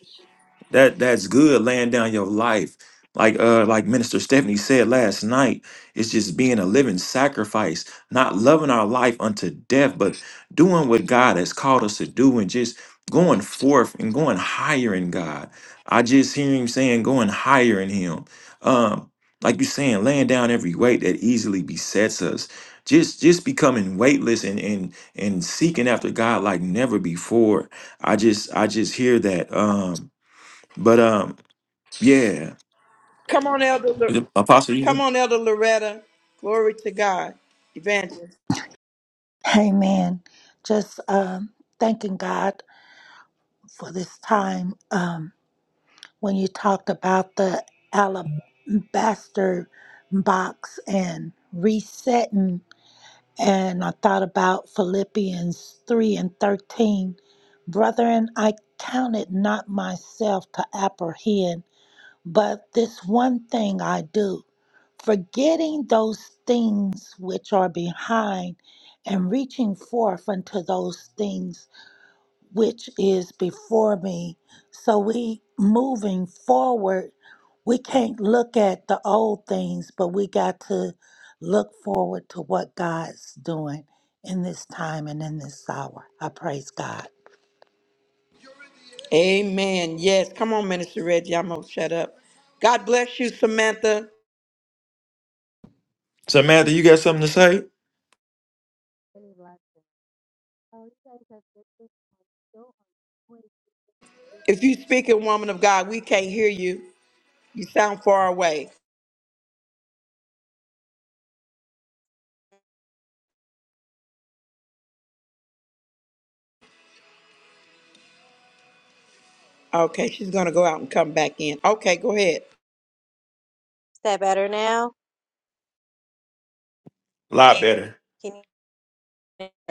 C: that that's good laying down your life. Like uh like Minister Stephanie said last night, it's just being a living sacrifice, not loving our life unto death, but doing what God has called us to do and just going forth and going higher in God. I just hear him saying going higher in him. Um like you saying, laying down every weight that easily besets us. Just just becoming weightless and and and seeking after God like never before. I just I just hear that. Um but um, yeah,
A: Come on, Elder. Lo-
C: Apostle,
A: Come
C: you
A: on, Elder Loretta. Glory to God. Evangelist.
D: Amen. Just um, thanking God for this time. Um, when you talked about the alabaster box and resetting, and I thought about Philippians 3 and 13. Brethren, I count it not myself to apprehend but this one thing I do, forgetting those things which are behind and reaching forth unto those things which is before me. So we moving forward, we can't look at the old things, but we got to look forward to what God's doing in this time and in this hour. I praise God.
A: Amen. Yes. Come on, Minister Reggie. I'm going to shut up. God bless you, Samantha.
C: Samantha, you got something to say?
E: Is
A: If you speak a woman of God, we can't hear you. You sound far away. Okay, she's going to go out and come back in. Okay, go ahead.
E: that better now?
C: A lot better.
E: Can you?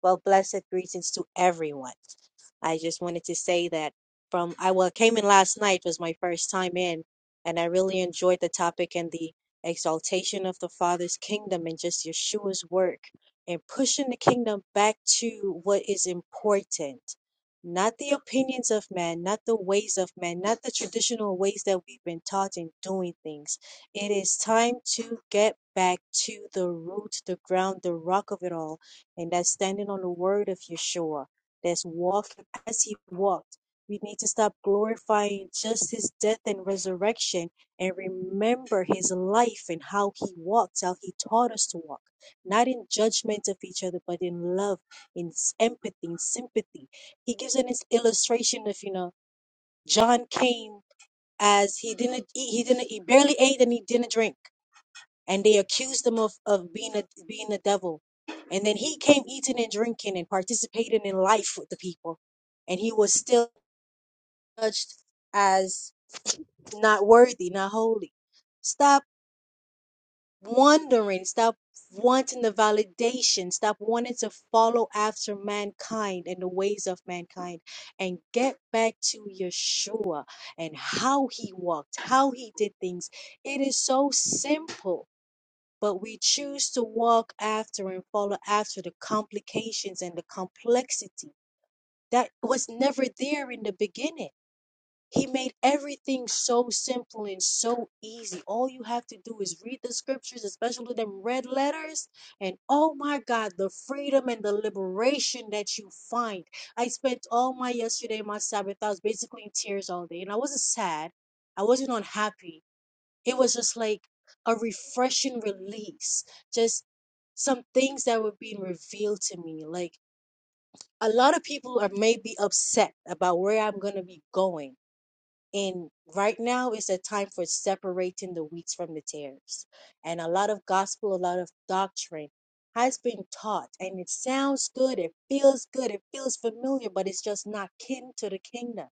E: Well, blessed greetings to everyone. I just wanted to say that from I well came in last night was my first time in, and I really enjoyed the topic and the exaltation of the Father's kingdom and just Yeshua's work and pushing the kingdom back to what is important, not the opinions of man, not the ways of man, not the traditional ways that we've been taught in doing things. It is time to get back to the root, the ground, the rock of it all and that's standing on the word of Yeshua, that's walking as he walked. We need to stop glorifying just his death and resurrection and remember his life and how he walked, how he taught us to walk, not in judgment of each other, but in love, in s- empathy, in sympathy. He gives an is- illustration of, you know, John came as he didn't eat, he didn't, he barely ate and he didn't drink and they accused him of, of being a being a devil. And then he came eating and drinking and participating in life with the people. And he was still judged as not worthy, not holy. Stop wondering, stop wanting the validation, stop wanting to follow after mankind and the ways of mankind, and get back to Yeshua and how he walked, how he did things. It is so simple but we choose to walk after and follow after the complications and the complexity that was never there in the beginning. He made everything so simple and so easy. All you have to do is read the scriptures, especially them red letters, and oh my God, the freedom and the liberation that you find. I spent all my yesterday, my Sabbath, I was basically in tears all day, and I wasn't sad. I wasn't unhappy. It was just like a refreshing release, just some things that were being revealed to me. Like a lot of people are maybe upset about where I'm going to be going. And right now is a time for separating the wheats from the tares. And a lot of gospel, a lot of doctrine has been taught. And it sounds good. It feels good. It feels familiar, but it's just not kin to the kingdom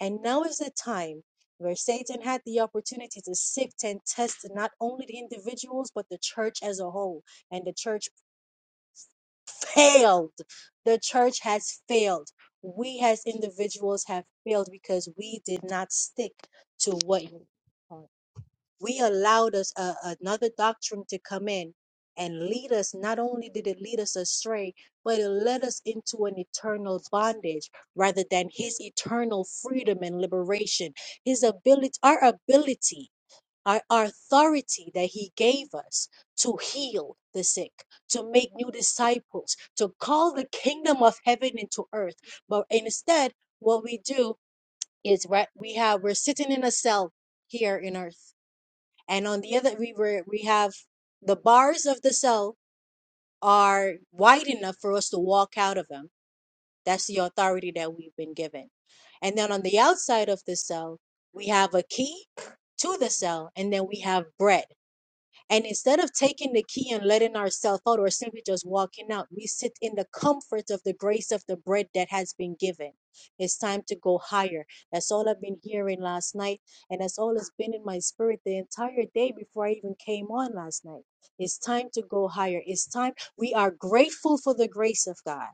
E: and now is the time where Satan had the opportunity to sift and test not only the individuals, but the church as a whole. And the church failed. The church has failed. We as individuals have failed because we did not stick to what you taught we allowed us a, another doctrine to come in and lead us not only did it lead us astray but it led us into an eternal bondage rather than his eternal freedom and liberation his ability our ability our, our authority that he gave us to heal the sick to make new disciples to call the kingdom of heaven into earth but instead what we do is right we have we're sitting in a cell here in earth and on the other we were we have the bars of the cell are wide enough for us to walk out of them that's the authority that we've been given and then on the outside of the cell we have a key to the cell and then we have bread and instead of taking the key and letting ourselves out or simply just walking out, we sit in the comfort of the grace of the bread that has been given. It's time to go higher. That's all I've been hearing last night. And that's all that's been in my spirit the entire day before I even came on last night. It's time to go higher. It's time. We are grateful for the grace of God.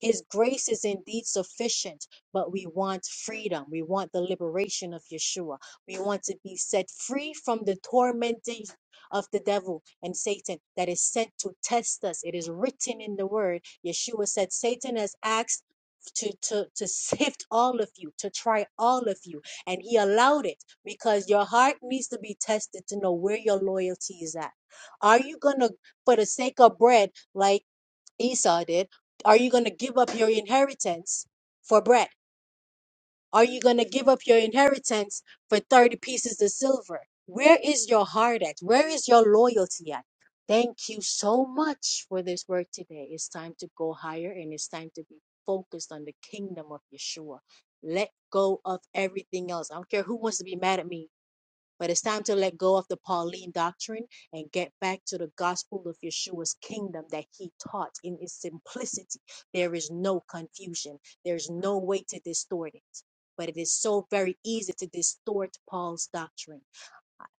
E: His grace is indeed sufficient, but we want freedom. We want the liberation of Yeshua. We want to be set free from the tormenting of the devil and Satan that is sent to test us. It is written in the word. Yeshua said, Satan has asked to, to, to [laughs] sift all of you, to try all of you. And he allowed it because your heart needs to be tested to know where your loyalty is at. Are you going to, for the sake of bread, like Esau did, are you going to give up your inheritance for bread? Are you going to give up your inheritance for 30 pieces of silver? Where is your heart at? Where is your loyalty at? Thank you so much for this work today. It's time to go higher and it's time to be focused on the kingdom of Yeshua. Let go of everything else. I don't care who wants to be mad at me. But it's time to let go of the Pauline doctrine and get back to the gospel of Yeshua's kingdom that he taught in its simplicity. There is no confusion, there's no way to distort it. But it is so very easy to distort Paul's doctrine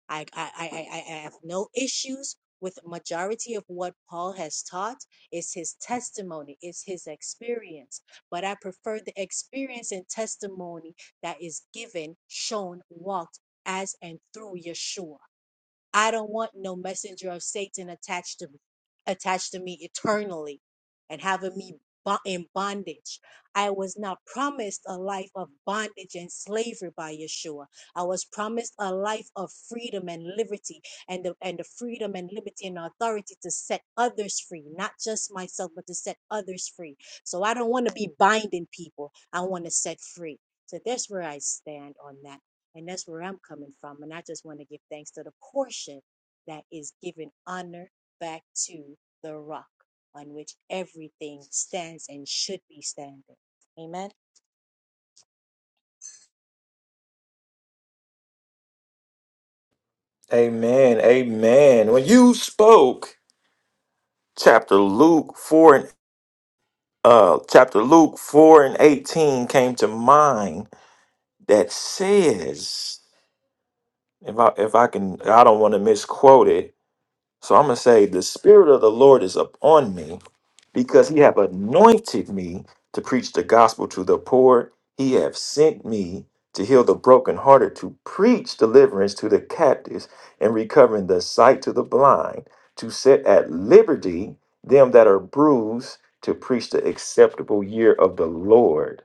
E: I, I, I, I I have no issues with majority of what Paul has taught. It's his testimony, it's his experience. But I prefer the experience and testimony that is given, shown, walked as and through Yeshua. I don't want no messenger of Satan attached to me, attached to me eternally and having me bo- in bondage. I was not promised a life of bondage and slavery by Yeshua. I was promised a life of freedom and liberty and the, and the freedom and liberty and authority to set others free, not just myself, but to set others free. So I don't want to be binding people. I want to set free. So that's where I stand on that. And that's where I'm coming from. And I just want to give thanks to the portion that is giving honor back to the rock on which everything stands and should be standing. Amen.
C: Amen. Amen. When you spoke, chapter Luke four and uh, chapter Luke four and eighteen came to mind. That says, if I if I can, I don't want to misquote it. So I'm gonna say, the spirit of the Lord is upon me because he have anointed me to preach the gospel to the poor. He have sent me to heal the brokenhearted, to preach deliverance to the captives, and recovering the sight to the blind, to set at liberty them that are bruised, to preach the acceptable year of the Lord.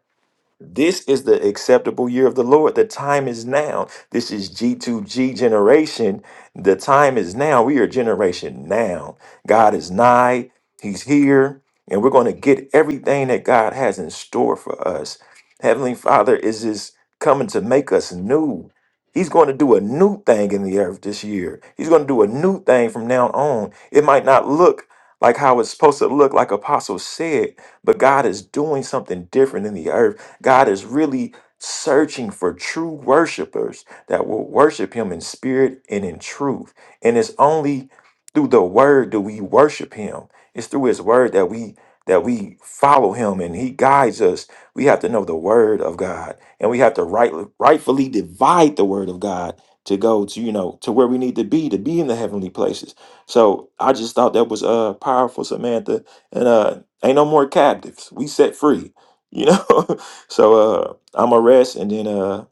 C: This is the acceptable year of the Lord. The time is now. This is G2G generation. The time is now. We are generation now. God is nigh, He's here, and we're going to get everything that God has in store for us. Heavenly Father is just coming to make us new. He's going to do a new thing in the earth this year. He's going to do a new thing from now on. It might not look like how it's supposed to look, like Apostle said, but God is doing something different in the earth. God is really searching for true worshipers that will worship him in spirit and in truth. And it's only through the word do we worship him. It's through his word that we that we follow him and he guides us. We have to know the word of God and we have to right, rightfully divide the word of God to go to you know to where we need to be to be in the heavenly places. So I just thought that was uh powerful Samantha and uh ain't no more captives. We set free. You know, [laughs] So uh I'm a rest and then uh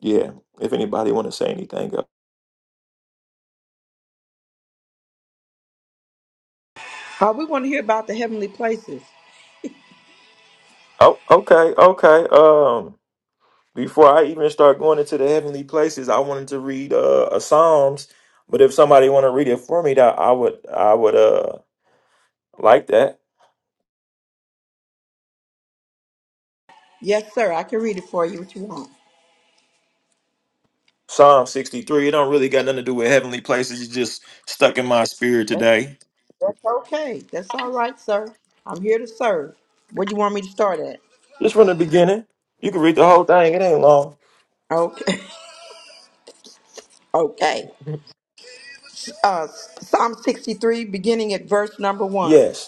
C: yeah, if anybody want to say anything. uh,
A: Uh, we want to hear about the heavenly places.
C: Oh, okay, okay. Um before I even start going into the heavenly places, I wanted to read uh a Psalms, but if somebody want to read it for me, that I would I would uh like that.
A: Yes, sir. I can read it for you what you want.
C: Psalm 63. It don't really got nothing to do with heavenly places. It's just stuck in my spirit
A: That's,
C: today.
A: that's okay. That's all right, sir. I'm here to serve. Where do you want me to start at?
C: Just from the beginning. You can read the whole thing. It ain't long.
A: Okay. [laughs] okay. Uh, Psalm 63, beginning at verse number
C: [laughs]
A: one.
C: Yes.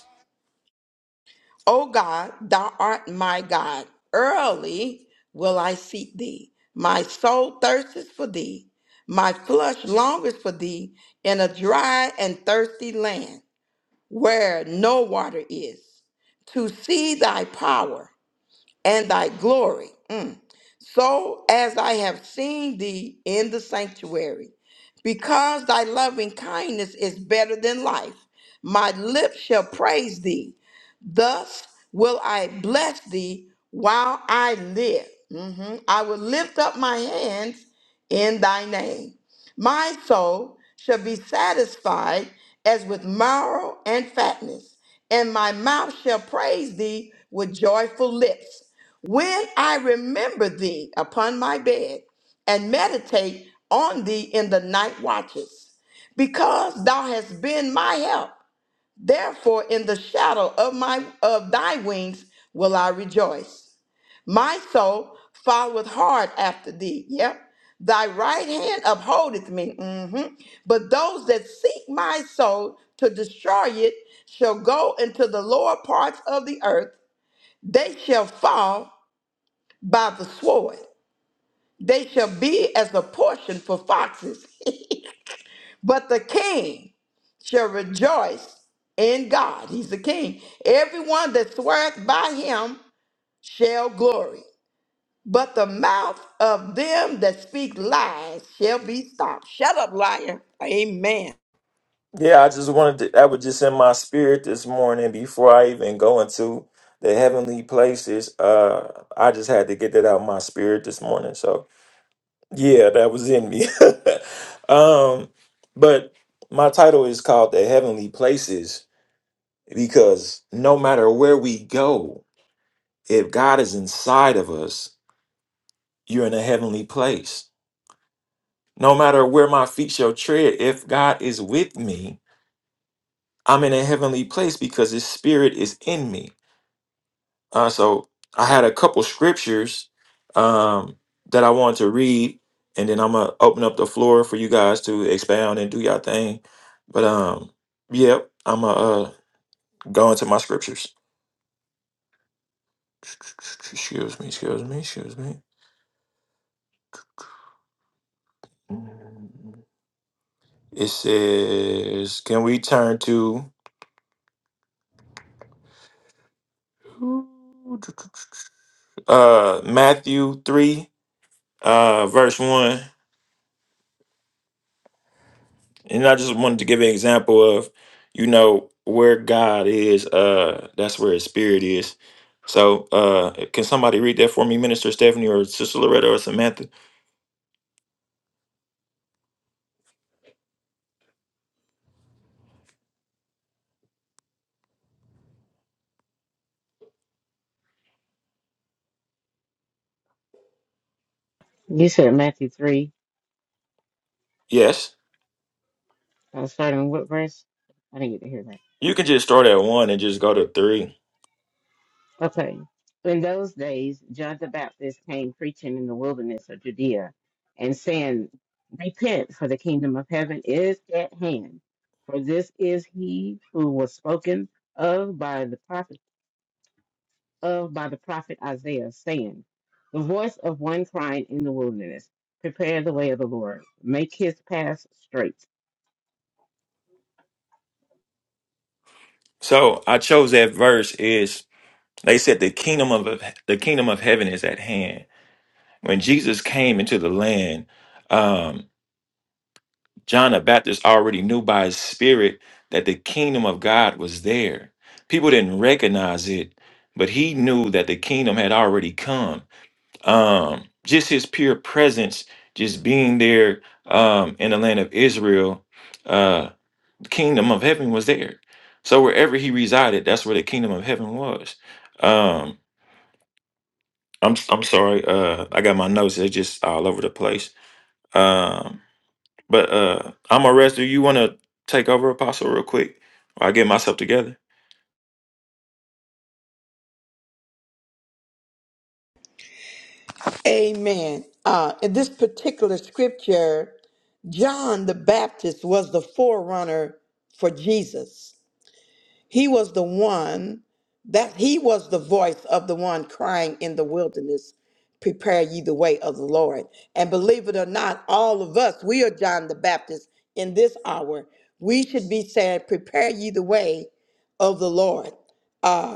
A: O God, thou art my God. Early will I seek thee. My soul thirsteth for thee. My flesh longeth for thee in a dry and thirsty land where no water is, to see thy power and thy glory. Mm. So as I have seen thee in the sanctuary, because thy loving kindness is better than life, my lips shall praise thee. Thus will I bless thee while I live. Mhm. I will lift up my hands in thy name. My soul shall be satisfied as with marrow and fatness, and my mouth shall praise thee with joyful lips. When I remember thee upon my bed and meditate on thee in the night watches, because thou hast been my help Therefore, in the shadow of my of thy wings will I rejoice. My soul followeth hard after thee. Yep. Thy right hand upholdeth me. Mhm. But those that seek my soul to destroy it shall go into the lower parts of the earth. They shall fall by the sword. They shall be as a portion for foxes. [laughs] but the king shall rejoice in God. He's the king. Everyone that sweareth by him shall glory. But the mouth of them that speak lies shall be stopped. Shut up, liar. Amen.
C: Yeah, I just wanted to, I was just in my spirit this morning before I even go into the heavenly places. Uh, I just had to get that out of my spirit this morning. So yeah, that was in me. [laughs] um, but my title is called The Heavenly Places because no matter where we go, if God is inside of us, you're in a heavenly place. No matter where my feet shall tread, if God is with me, I'm in a heavenly place because his spirit is in me. Uh, so I had a couple scriptures um, that I wanted to read, and then I'm gonna open up the floor for you guys to expound and do your thing. But um, yep, I'm gonna uh, go into my scriptures. Excuse me, excuse me, excuse me. It says, can we turn to uh Matthew three, uh, verse one? And I just wanted to give an example of, you know, where God is, uh, that's where his spirit is. So uh can somebody read that for me, Minister Stephanie or Sister Loretta or Samantha?
B: You said Matthew 3,
C: Yes.
B: uh, starting with verse? I didn't get to hear that.
C: You can just start at one and just go to three.
B: Okay. In those days, John the Baptist came preaching in the wilderness of Judea and saying, Repent, for the kingdom of heaven is at hand. For this is he who was spoken of by the prophets. of by the prophet Isaiah, saying, The voice of one crying in the wilderness, prepare the way of the Lord, make his path straight.
C: So I chose that verse is they said the kingdom of the kingdom of heaven is at hand. When Jesus came into the land, um, John the Baptist already knew by his spirit that the kingdom of God was there. People didn't recognize it, but he knew that the kingdom had already come. Um, just his pure presence, just being there um, in the land of Israel, uh, the kingdom of heaven was there. So wherever he resided, that's where the kingdom of heaven was. Um, I'm I'm sorry, uh, I got my notes. They're just all over the place. Um, but uh I'm arrested. You want to take over, Apostle, real quick? Or I get myself together.
A: Amen. Uh, in this particular scripture, John the Baptist was the forerunner for Jesus. He was the one that he was the voice of the one crying in the wilderness, prepare ye the way of the Lord. And believe it or not, all of us, we are John the Baptist in this hour. We should be saying, prepare ye the way of the Lord. Ah,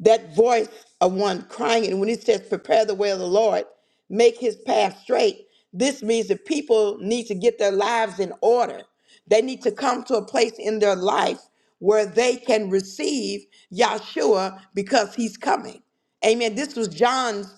A: that voice of one crying. And when he says, prepare the way of the Lord, make his path straight, this means that people need to get their lives in order. They need to come to a place in their life where they can receive Yahshua because he's coming. Amen. This was John's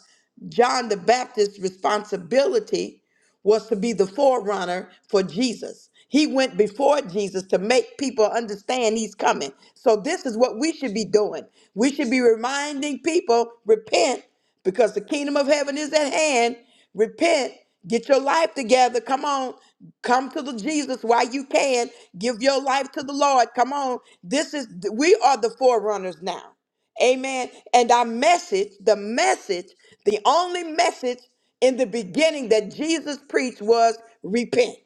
A: John the Baptist's responsibility was to be the forerunner for Jesus. He went before Jesus to make people understand he's coming. So this is what we should be doing. We should be reminding people, repent because the kingdom of heaven is at hand. Repent, get your life together. Come on, come to the Jesus while you can. Give your life to the Lord. Come on. This is we are the forerunners now. Amen. And our message, the message, the only message in the beginning that Jesus preached was repent.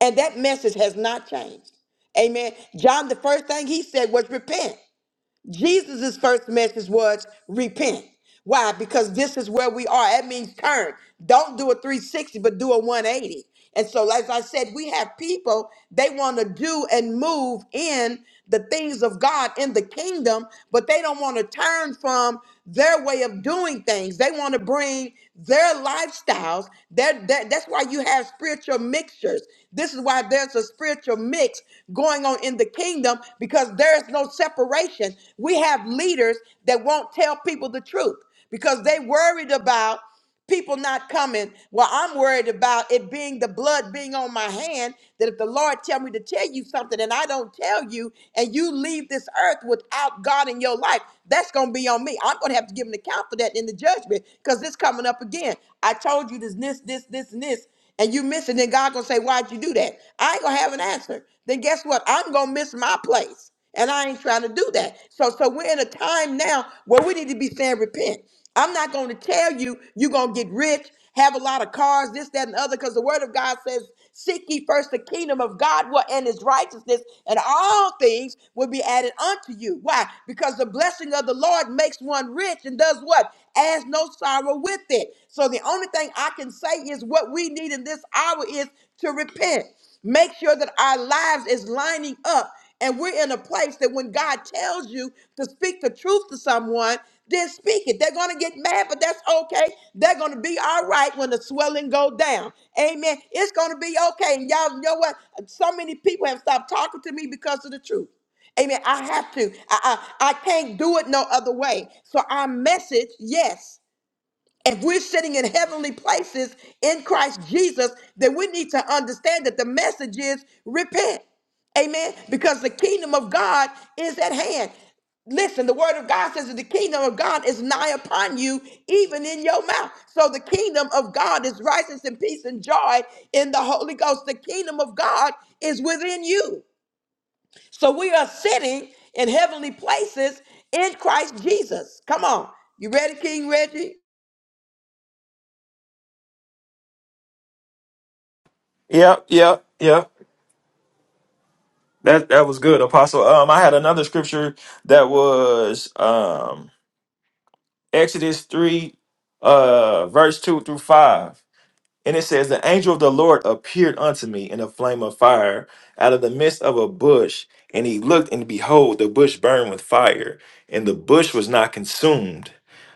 A: And that message has not changed. Amen. John, the first thing he said was repent. Jesus' first message was repent. Why? Because this is where we are. That means turn. Don't do a 360, but do a 180. And so, as I said, we have people, they want to do and move in the things of God in the kingdom, but they don't want to turn from their way of doing things. They want to bring their lifestyles. That, that that's why you have spiritual mixtures. This is why there's a spiritual mix going on in the kingdom because there's no separation. We have leaders that won't tell people the truth because they worried about people not coming. Well, I'm worried about it being the blood being on my hand. That if the Lord tell me to tell you something and I don't tell you, and you leave this earth without God in your life, that's gonna be on me. I'm gonna have to give an account for that in the judgment because it's coming up again. I told you this, this, this, this, and this, and you miss it. Then God gonna say, "Why'd you do that?" I ain't gonna have an answer. Then guess what? I'm gonna miss my place. And I ain't trying to do that. So so we're in a time now where we need to be saying repent. I'm not going to tell you you're going to get rich, have a lot of cars, this, that, and the other, because the word of God says, Seek ye first the kingdom of God wha- and his righteousness, and all things will be added unto you. Why? Because the blessing of the Lord makes one rich and does what? Has no sorrow with it. So the only thing I can say is what we need in this hour is to repent. Make sure that our lives is lining up. And we're in a place that when God tells you to speak the truth to someone, then speak it. They're going to get mad, but that's okay. They're going to be all right when the swelling go down. Amen. It's going to be okay. And y'all know what? So many people have stopped talking to me because of the truth. Amen. I have to. I, I, I can't do it no other way. So our message, yes if we're sitting in heavenly places in Christ Jesus, then we need to understand that the message is repent. Amen. Because the kingdom of God is at hand. Listen, the word of God says that the kingdom of God is nigh upon you, even in your mouth. So the kingdom of God is righteousness and peace and joy in the Holy Ghost. The kingdom of God is within you. So we are sitting in heavenly places in Christ Jesus. Come on. You ready, King Reggie?
C: Yeah, yeah, yeah. That that was good, Apostle. Um, I had another scripture that was um Exodus three, uh, verse two through five. And it says, The angel of the Lord appeared unto me in a flame of fire out of the midst of a bush. And he looked, and behold, the bush burned with fire, and the bush was not consumed.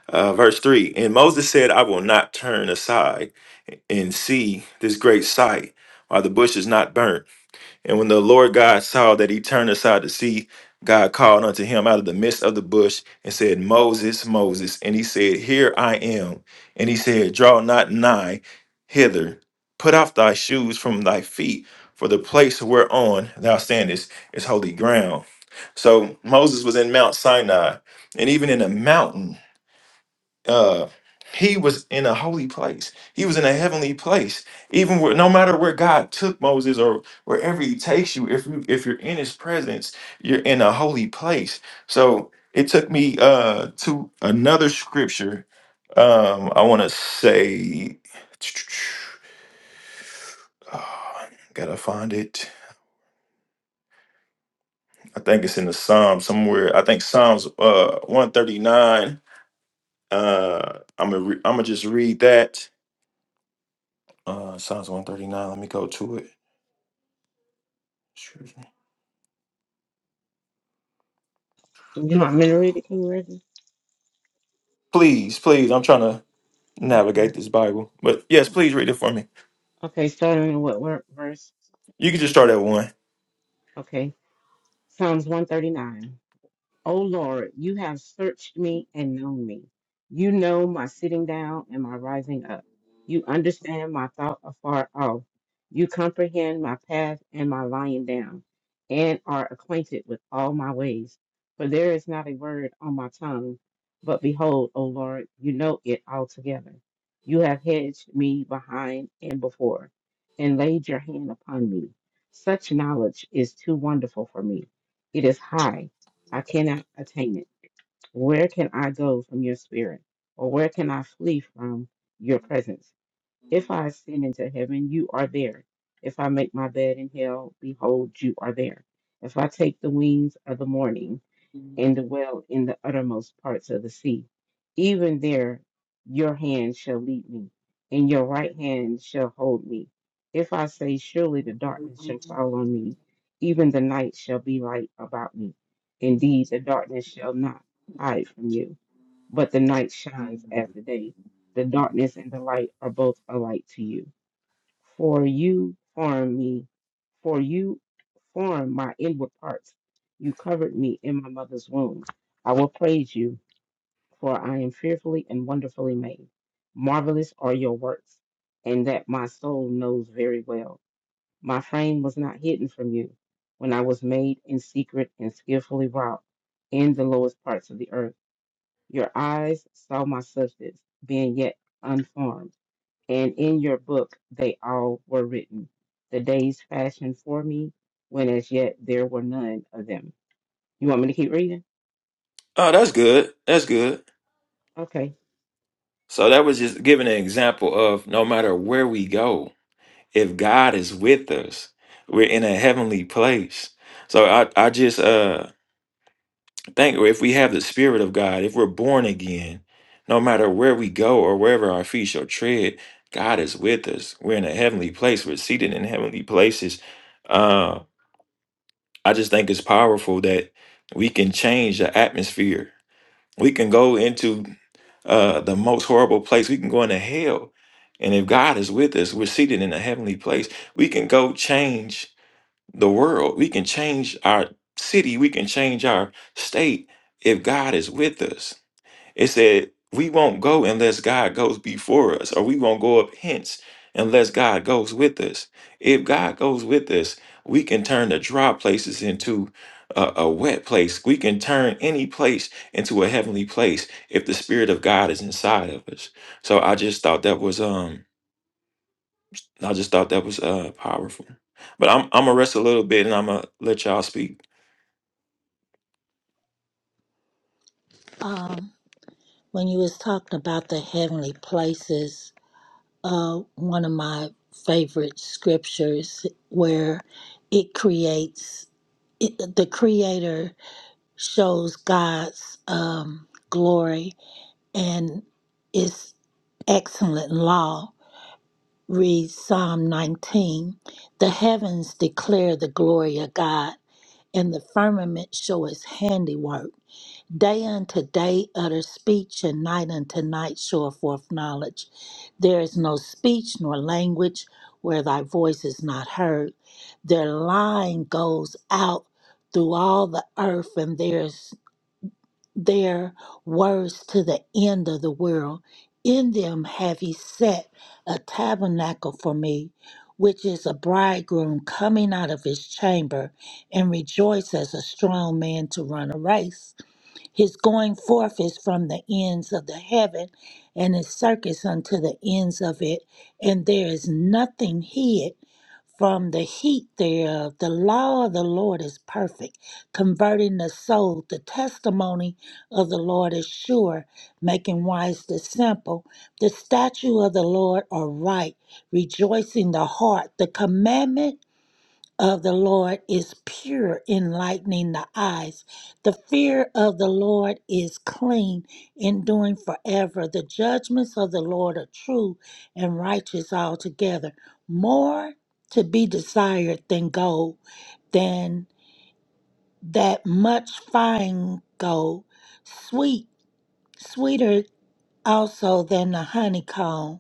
C: Uh, verse 3 And Moses said, I will not turn aside and see this great sight, while the bush is not burnt. And when the Lord God saw that he turned aside to see, God called unto him out of the midst of the bush and said, Moses, Moses. And he said, Here I am. And he said, Draw not nigh hither. Put off thy shoes from thy feet, for the place whereon thou standest is holy ground. So Moses was in Mount Sinai, and even in a mountain, uh he was in a holy place he was in a heavenly place even where, no matter where god took moses or wherever he takes you if you if you're in his presence you're in a holy place so it took me uh to another scripture um i want to say [sighs] [tsk] oh, gotta find it i think it's in the Psalms somewhere i think psalms uh 139 uh i'm gonna re- i'm gonna just read that Uh, Psalms 139. Let me go to it. Excuse me.
B: You want me to read it. Can you
C: Please, please. I'm trying to navigate
B: Okay.
C: this Bible. But yes, please read it for me.
B: Okay, starting in what wor- verse?
C: You can just start at one.
B: Okay, Psalms 139. O Lord, you have searched me and known me. You know my sitting down and my rising up. You understand my thought afar off. You comprehend my path and my lying down, and are acquainted with all my ways. For there is not a word on my tongue. But behold, O Lord, you know it altogether. You have hedged me behind and before, and laid your hand upon me. Such knowledge is too wonderful for me. It is high I cannot attain it. Where can I go from your spirit? Or where can I flee from your presence? If I ascend into heaven, you are there. If I make my bed in hell, behold, you are there. If I take the wings of the morning, and dwell in the uttermost parts of the sea. Even there your hand shall lead me, and your right hand shall hold me. If I say, Surely the darkness shall fall on me, even the night shall be light about me. Indeed, the darkness shall not hide from you, but the night shines as the day. The darkness and the light are both alike to you for you formed me, for you formed my inward parts. You covered me in my mother's womb. I will praise you, for I am fearfully and wonderfully made. Marvelous are your works, and that my soul knows very well. My frame was not hidden from you when I was made in secret and skillfully wrought in the lowest parts of the earth. Your eyes saw my substance, being yet unformed and in your book they all were written, the days fashioned for me, when as yet there were none of them. You want me to keep reading?
C: Oh, that's good. That's good.
B: Okay.
C: So that was just giving an example of no matter where we go, if God is with us, we're in a heavenly place. So I, I just uh Thank you. If we have the Spirit of God, if we're born again, no matter where we go or wherever our feet shall tread, God is with us. We're in a heavenly place. We're seated in heavenly places. Uh, I just think it's powerful that we can change the atmosphere. We can go into uh, the most horrible place. We can go into hell. And if God is with us, we're seated in a heavenly place. We can go change the world. We can change our city. We can change our state if God is with us. It said, We won't go unless God goes before us, or we won't go up hence unless God goes with us. If God goes with us, we can turn the dry places into a, a wet place. We can turn any place into a heavenly place if the Spirit of God is inside of us. So I just thought that was um I just thought that was uh powerful. But I'm I'm gonna rest a little bit and I'm gonna let y'all speak.
D: Um, when you was talking about the heavenly places, uh, one of my favorite scriptures where it creates it, the creator shows god's um, glory and its excellent law reads psalm 19 the heavens declare the glory of god and the firmament show his handiwork Day unto day utter speech, and night unto night show forth knowledge. There is no speech nor language where thy voice is not heard. Their line goes out through all the earth, and there's their words to the end of the world. In them have he set a tabernacle for me, which is a bridegroom coming out of his chamber, and rejoice as a strong man to run a race. His going forth is from the ends of the heaven, and his circuits unto the ends of it, and there is nothing hid from the heat thereof. The law of the Lord is perfect, converting the soul. The testimony of the Lord is sure, making wise the simple. The statue of the Lord are right, rejoicing the heart. The commandment of the Lord is pure, enlightening the eyes. The fear of the Lord is clean, enduring forever. The judgments of the Lord are true and righteous altogether. More to be desired than gold, than that much fine gold, sweet, sweeter also than the honeycomb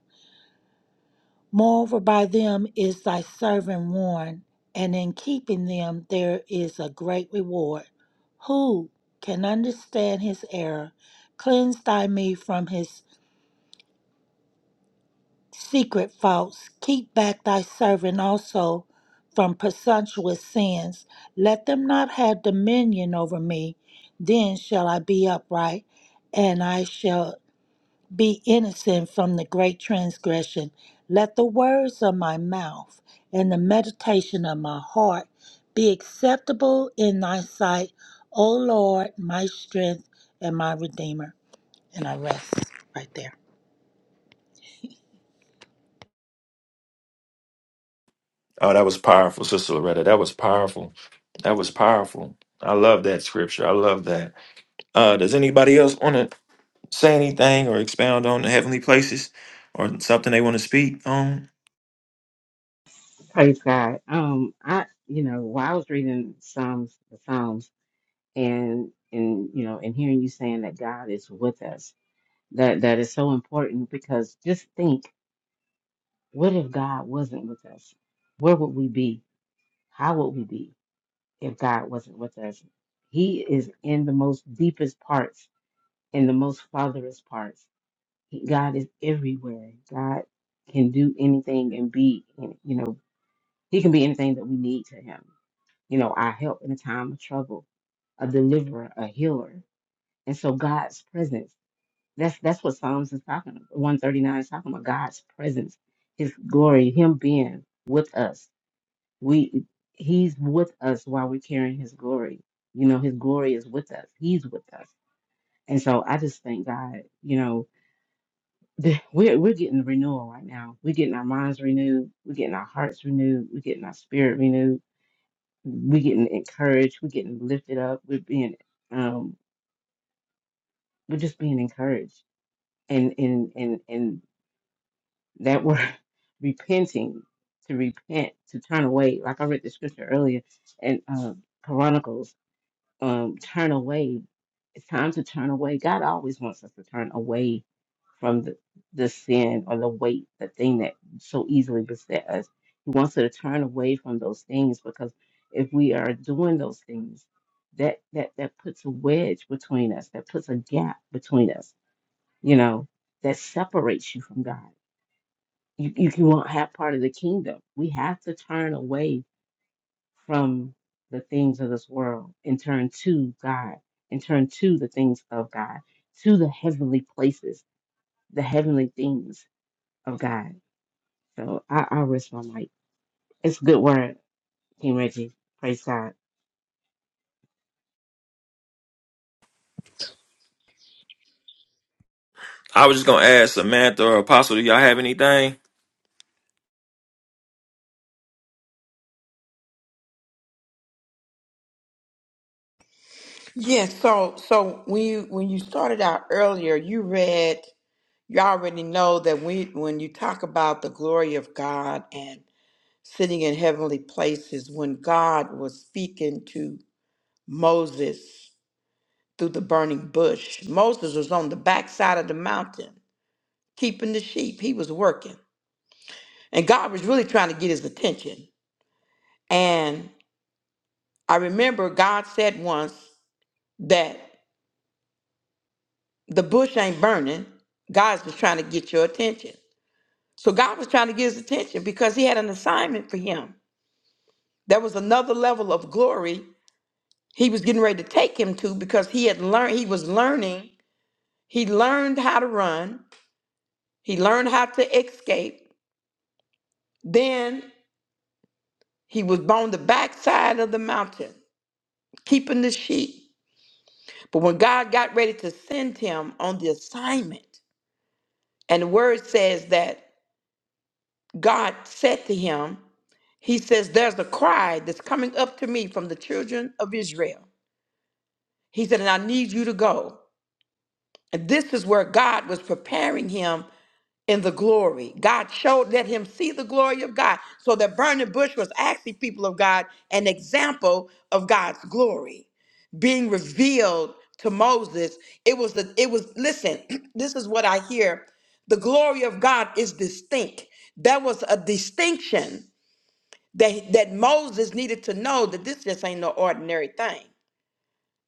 D: Moreover, by them is thy servant warned, and in keeping them there is a great reward. Who can understand his error? Cleanse thy me from his secret faults. Keep back thy servant also from presumptuous sins. Let them not have dominion over me. Then shall I be upright, and I shall be innocent from the great transgression. Let the words of my mouth and the meditation of my heart be acceptable in thy sight, O Lord, my strength and my redeemer. And I rest right there.
C: Oh, that was powerful, Sister Loretta. That was powerful. That was powerful. I love that scripture. I love that. Uh, does anybody else want to say anything or expound on the heavenly places or something they want to speak on?
B: Praise God. Um, I you know, while I was reading Psalms the Psalms and and you know, and hearing you saying that God is with us, that that is so important because just think, what if God wasn't with us? Where would we be? How would we be if God wasn't with us? He is in the most deepest parts in the most fatherless parts. God is everywhere. God can do anything and be, you know, He can be anything that we need to Him. You know, our help in a time of trouble, a deliverer, a healer. And so God's presence. That's that's what Psalms is talking about. 139 is talking about God's presence, His glory, Him being with us. We He's with us while we're carrying His glory. You know, His glory is with us. He's with us. And so I just thank God, you know, the- we're we're getting renewal right now. We're getting our minds renewed. We're getting our hearts renewed. We're getting our spirit renewed. We're getting encouraged. We're getting lifted up. We're being um we're just being encouraged. And and and and that word [laughs] repenting to repent to turn away. Like I read the scripture earlier and uh, Chronicles um, turn away. It's time to turn away. God always wants us to turn away from the, the sin or the weight, the thing that so easily beset us. He wants us to turn away from those things because if we are doing those things, that that that puts a wedge between us, that puts a gap between us, you know, that separates you from God. You you, you won't have part of the kingdom. We have to turn away from the things of this world and turn to God and turn to the things of God, to the heavenly places, the heavenly things of God. So I, I risk my mic. It's a good word, King Reggie. Praise God.
C: I was just gonna ask Samantha or Apostle, do y'all have anything?
A: Yes, so so when you when you started out earlier, you read you already know that we when you talk about the glory of God and sitting in heavenly places, when God was speaking to Moses through the burning bush, Moses was on the backside of the mountain keeping the sheep. He was working. And God was really trying to get his attention. And I remember God said once that the bush ain't burning. God's just trying to get your attention. So God was trying to get his attention because he had an assignment for him. There was another level of glory he was getting ready to take him to because he had learned, he was learning, he learned how to run, he learned how to escape. Then he was on the backside of the mountain, keeping the sheep. But when God got ready to send him on the assignment, and the word says that God said to him, He says, There's a cry that's coming up to me from the children of Israel. He said, And I need you to go. And this is where God was preparing him in the glory. God showed, let him see the glory of God. So that burning bush was actually, people of God, an example of God's glory being revealed to Moses. It was the, it was, listen, [clears throat] this is what I hear. The glory of God is distinct. There was a distinction that, that Moses needed to know that this just ain't no ordinary thing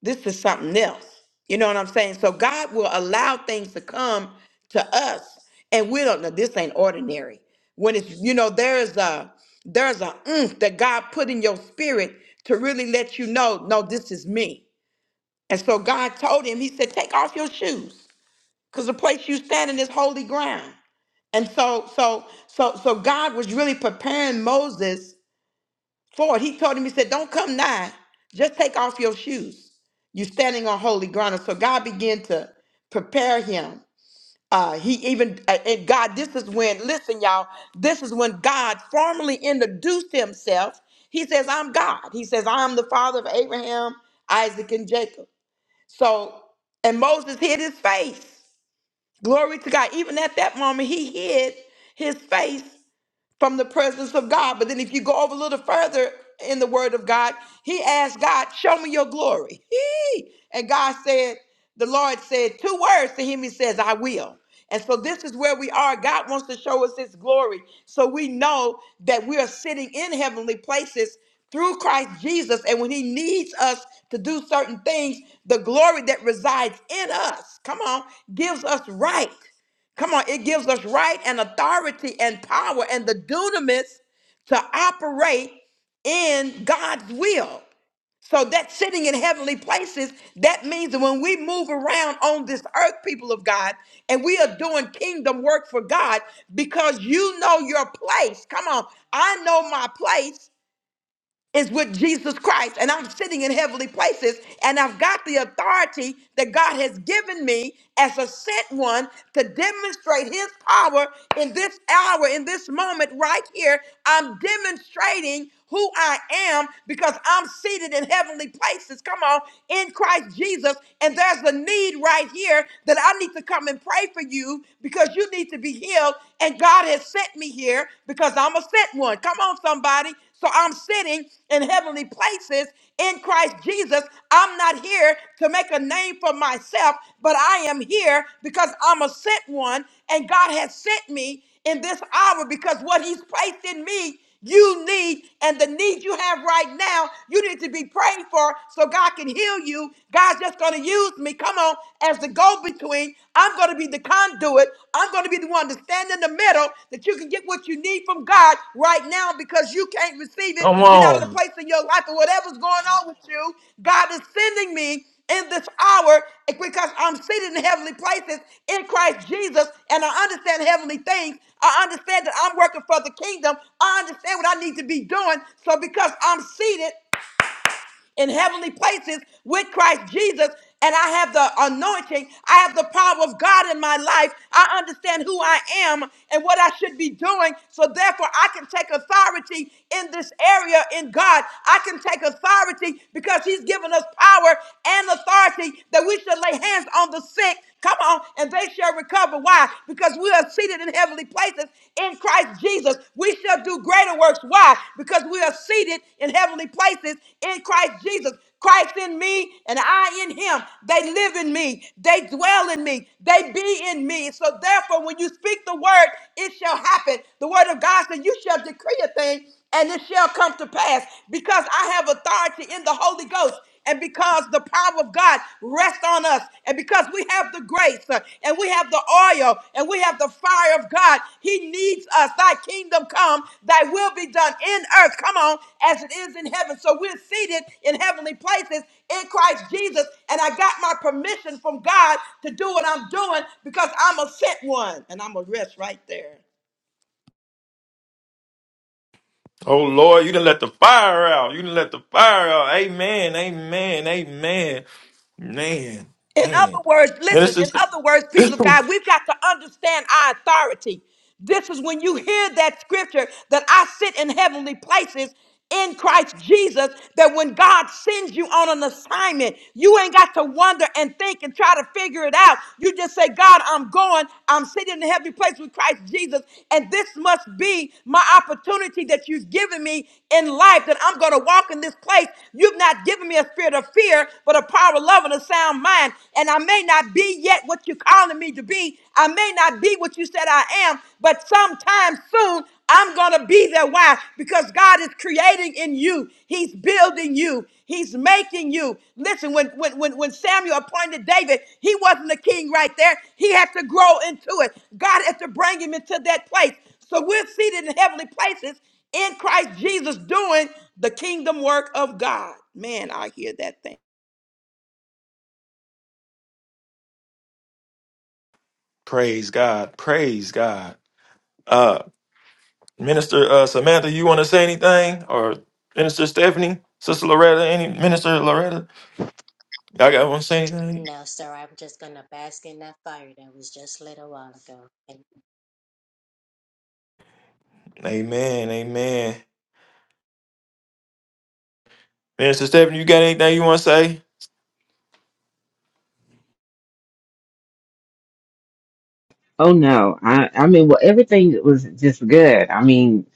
A: this is something else. You know what I'm saying? So God will allow things to come to us, and we don't know. This ain't ordinary. When it's you know there's a there's a oomph that God put in your spirit to really let you know, no, this is me. And so God told him, He said, take off your shoes, cause the place you stand in is holy ground. And so so so so God was really preparing Moses Lord, he told him, he said, Don't come nigh. Just take off your shoes. You're standing on holy ground. And so God began to prepare him. Uh, he even, uh, and God, this is when, listen, y'all, this is when God formally introduced himself. He says, I'm God. He says, I'm the father of Abraham, Isaac, and Jacob. So, and Moses hid his face. Glory to God. Even at that moment, he hid his face from the presence of God. But then if you go over a little further in the word of God, he asked God, Show me your glory. [laughs] Hee! And God said, The Lord said two words to him. He says, I will. And so this is where we are. God wants to show us his glory. So we know that we are sitting in heavenly places through Christ Jesus. And when he needs us to do certain things, the glory that resides in us, come on, gives us right. Come on, it gives us right and authority and power and the dunamis to operate in God's will. So that sitting in heavenly places, that means that when we move around on this earth, people of God, and we are doing kingdom work for God because you know your place. Come on, I know my place is with Jesus Christ, and I'm sitting in heavenly places, and I've got the authority that God has given me as a sent one to demonstrate His power in this hour, in this moment, right here. I'm demonstrating who I am because I'm seated in heavenly places. Come on, in Christ Jesus, and there's a need right here that I need to come and pray for you because you need to be healed, and God has sent me here because I'm a sent one. Come on, somebody. So I'm sitting in heavenly places in Christ Jesus. I'm not here to make a name for myself, but I am here because I'm a sent one and God has sent me in this hour because what He's placed in me you need and the need you have right now, you need to be prayed for so God can heal you. God's just going to use me, come on, as the go between. I'm going going to be the conduit. I'm going to be the one to stand in the middle that you can get what you need from God right now because you can't receive it.
C: Come
A: You're not in a
C: on.
A: place in your life or whatever's going on with you. God is sending me in this hour because I'm seated in heavenly places in Christ Jesus and I understand heavenly things. I understand that I'm working for the kingdom. I understand what I need to be doing. So because I'm seated in heavenly places with Christ Jesus. And I have the anointing. I have the power of God in my life. I understand who I am and what I should be doing. So therefore, I can take authority in this area in God. I can take authority because He's given us power and authority that we should lay hands on the sick. Come on, and they shall recover. Why? Because we are seated in in heavenly places in Christ Jesus. We shall do greater works. Why? Because we are seated in heavenly places in Christ Jesus. Christ in me and I in him. They live in me. They dwell in me. They be in me. So therefore, when you speak the word, it shall happen. The word of God said, You shall decree a thing and it shall come to pass because I have authority in the Holy Ghost and because the power of God rests on us, and because we have the grace uh, and we have the oil and we have the fire of God, He needs us. Thy kingdom come, thy will be done in earth, come on, as it is in heaven. So we're seated in heavenly places in Christ Jesus, and I got my permission from God to do what I'm doing because I'm a sent one, and I'm a rest right there.
C: Oh Lord, you didn't let the fire out. You didn't let the fire out. Amen. Amen. Amen. Man,
A: In other
C: man.
A: words, listen, in
C: Minister
A: other words, people of
C: [coughs]
A: God, we've got to understand our authority. This is when you hear that scripture that I sit in heavenly places in Christ Jesus, that when God sends you on an assignment, you ain't got to wonder and think and try to figure it out. You just say, God, I'm going, I'm sitting in a heavenly place with Christ Jesus, and this must be my opportunity that you've given me in life that I'm going to walk in this place. You've not given me a spirit of fear, but a power, love, love and a sound mind. And I may not be yet what you're calling me to be. I may not be what you said I am, but sometime soon I'm going to be there. Why? Because God is creating in you. He's building you. He's making you. Listen, when, when, when, when Samuel appointed David, he wasn't the king right there. He had to grow into it. God had to bring him into that place. So we're seated in heavenly places in Christ Jesus doing the kingdom work of God. Man, I hear that thing.
C: [laughs] Praise God. Praise God. Uh, Minister uh, Samantha, you want to say anything? Or Minister Stephanie, Sister Loretta, any Minister Loretta? Y'all got want to say anything?
E: No, sir, I'm just going to bask in that fire that was just lit a while ago. And
C: Amen, amen. Minister Stephanie, you got anything you want to say?
B: Oh no, I I mean, well, everything was just good. I mean,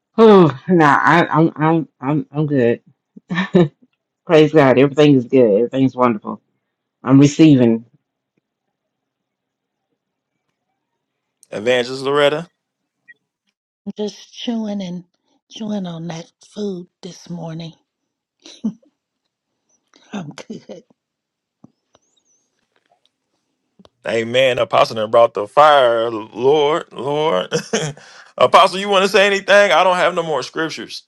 B: [sighs] oh no, I I'm I'm I'm I'm good. [laughs] Praise God, everything is good. Everything's wonderful. I'm receiving.
C: Evangelist Loretta,
D: I'm just chewing and chewing on that food this morning. [laughs] I'm good.
C: amen. Apostle done brought the fire, Lord, Lord. [laughs] Apostle, you want to say anything? I don't have no more scriptures.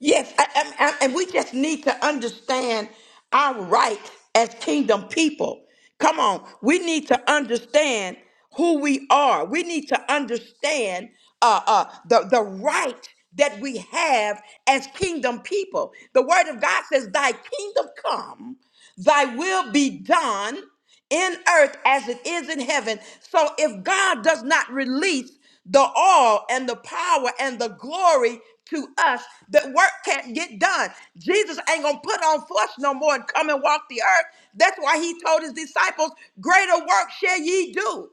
A: Yes, I, I, I- and we just need to understand our right as kingdom people. Come on, we need to understand who we are. We need to understand uh, uh, the the right that we have as kingdom people. The Word of God says, "Thy kingdom come, Thy will be done." in earth as it is in heaven. So if God does not release the all and the power and the glory to us, the work can't get done. Jesus ain't gonna put on flesh no more and come and walk the earth. That's why he told his disciples, Greater work shall ye do.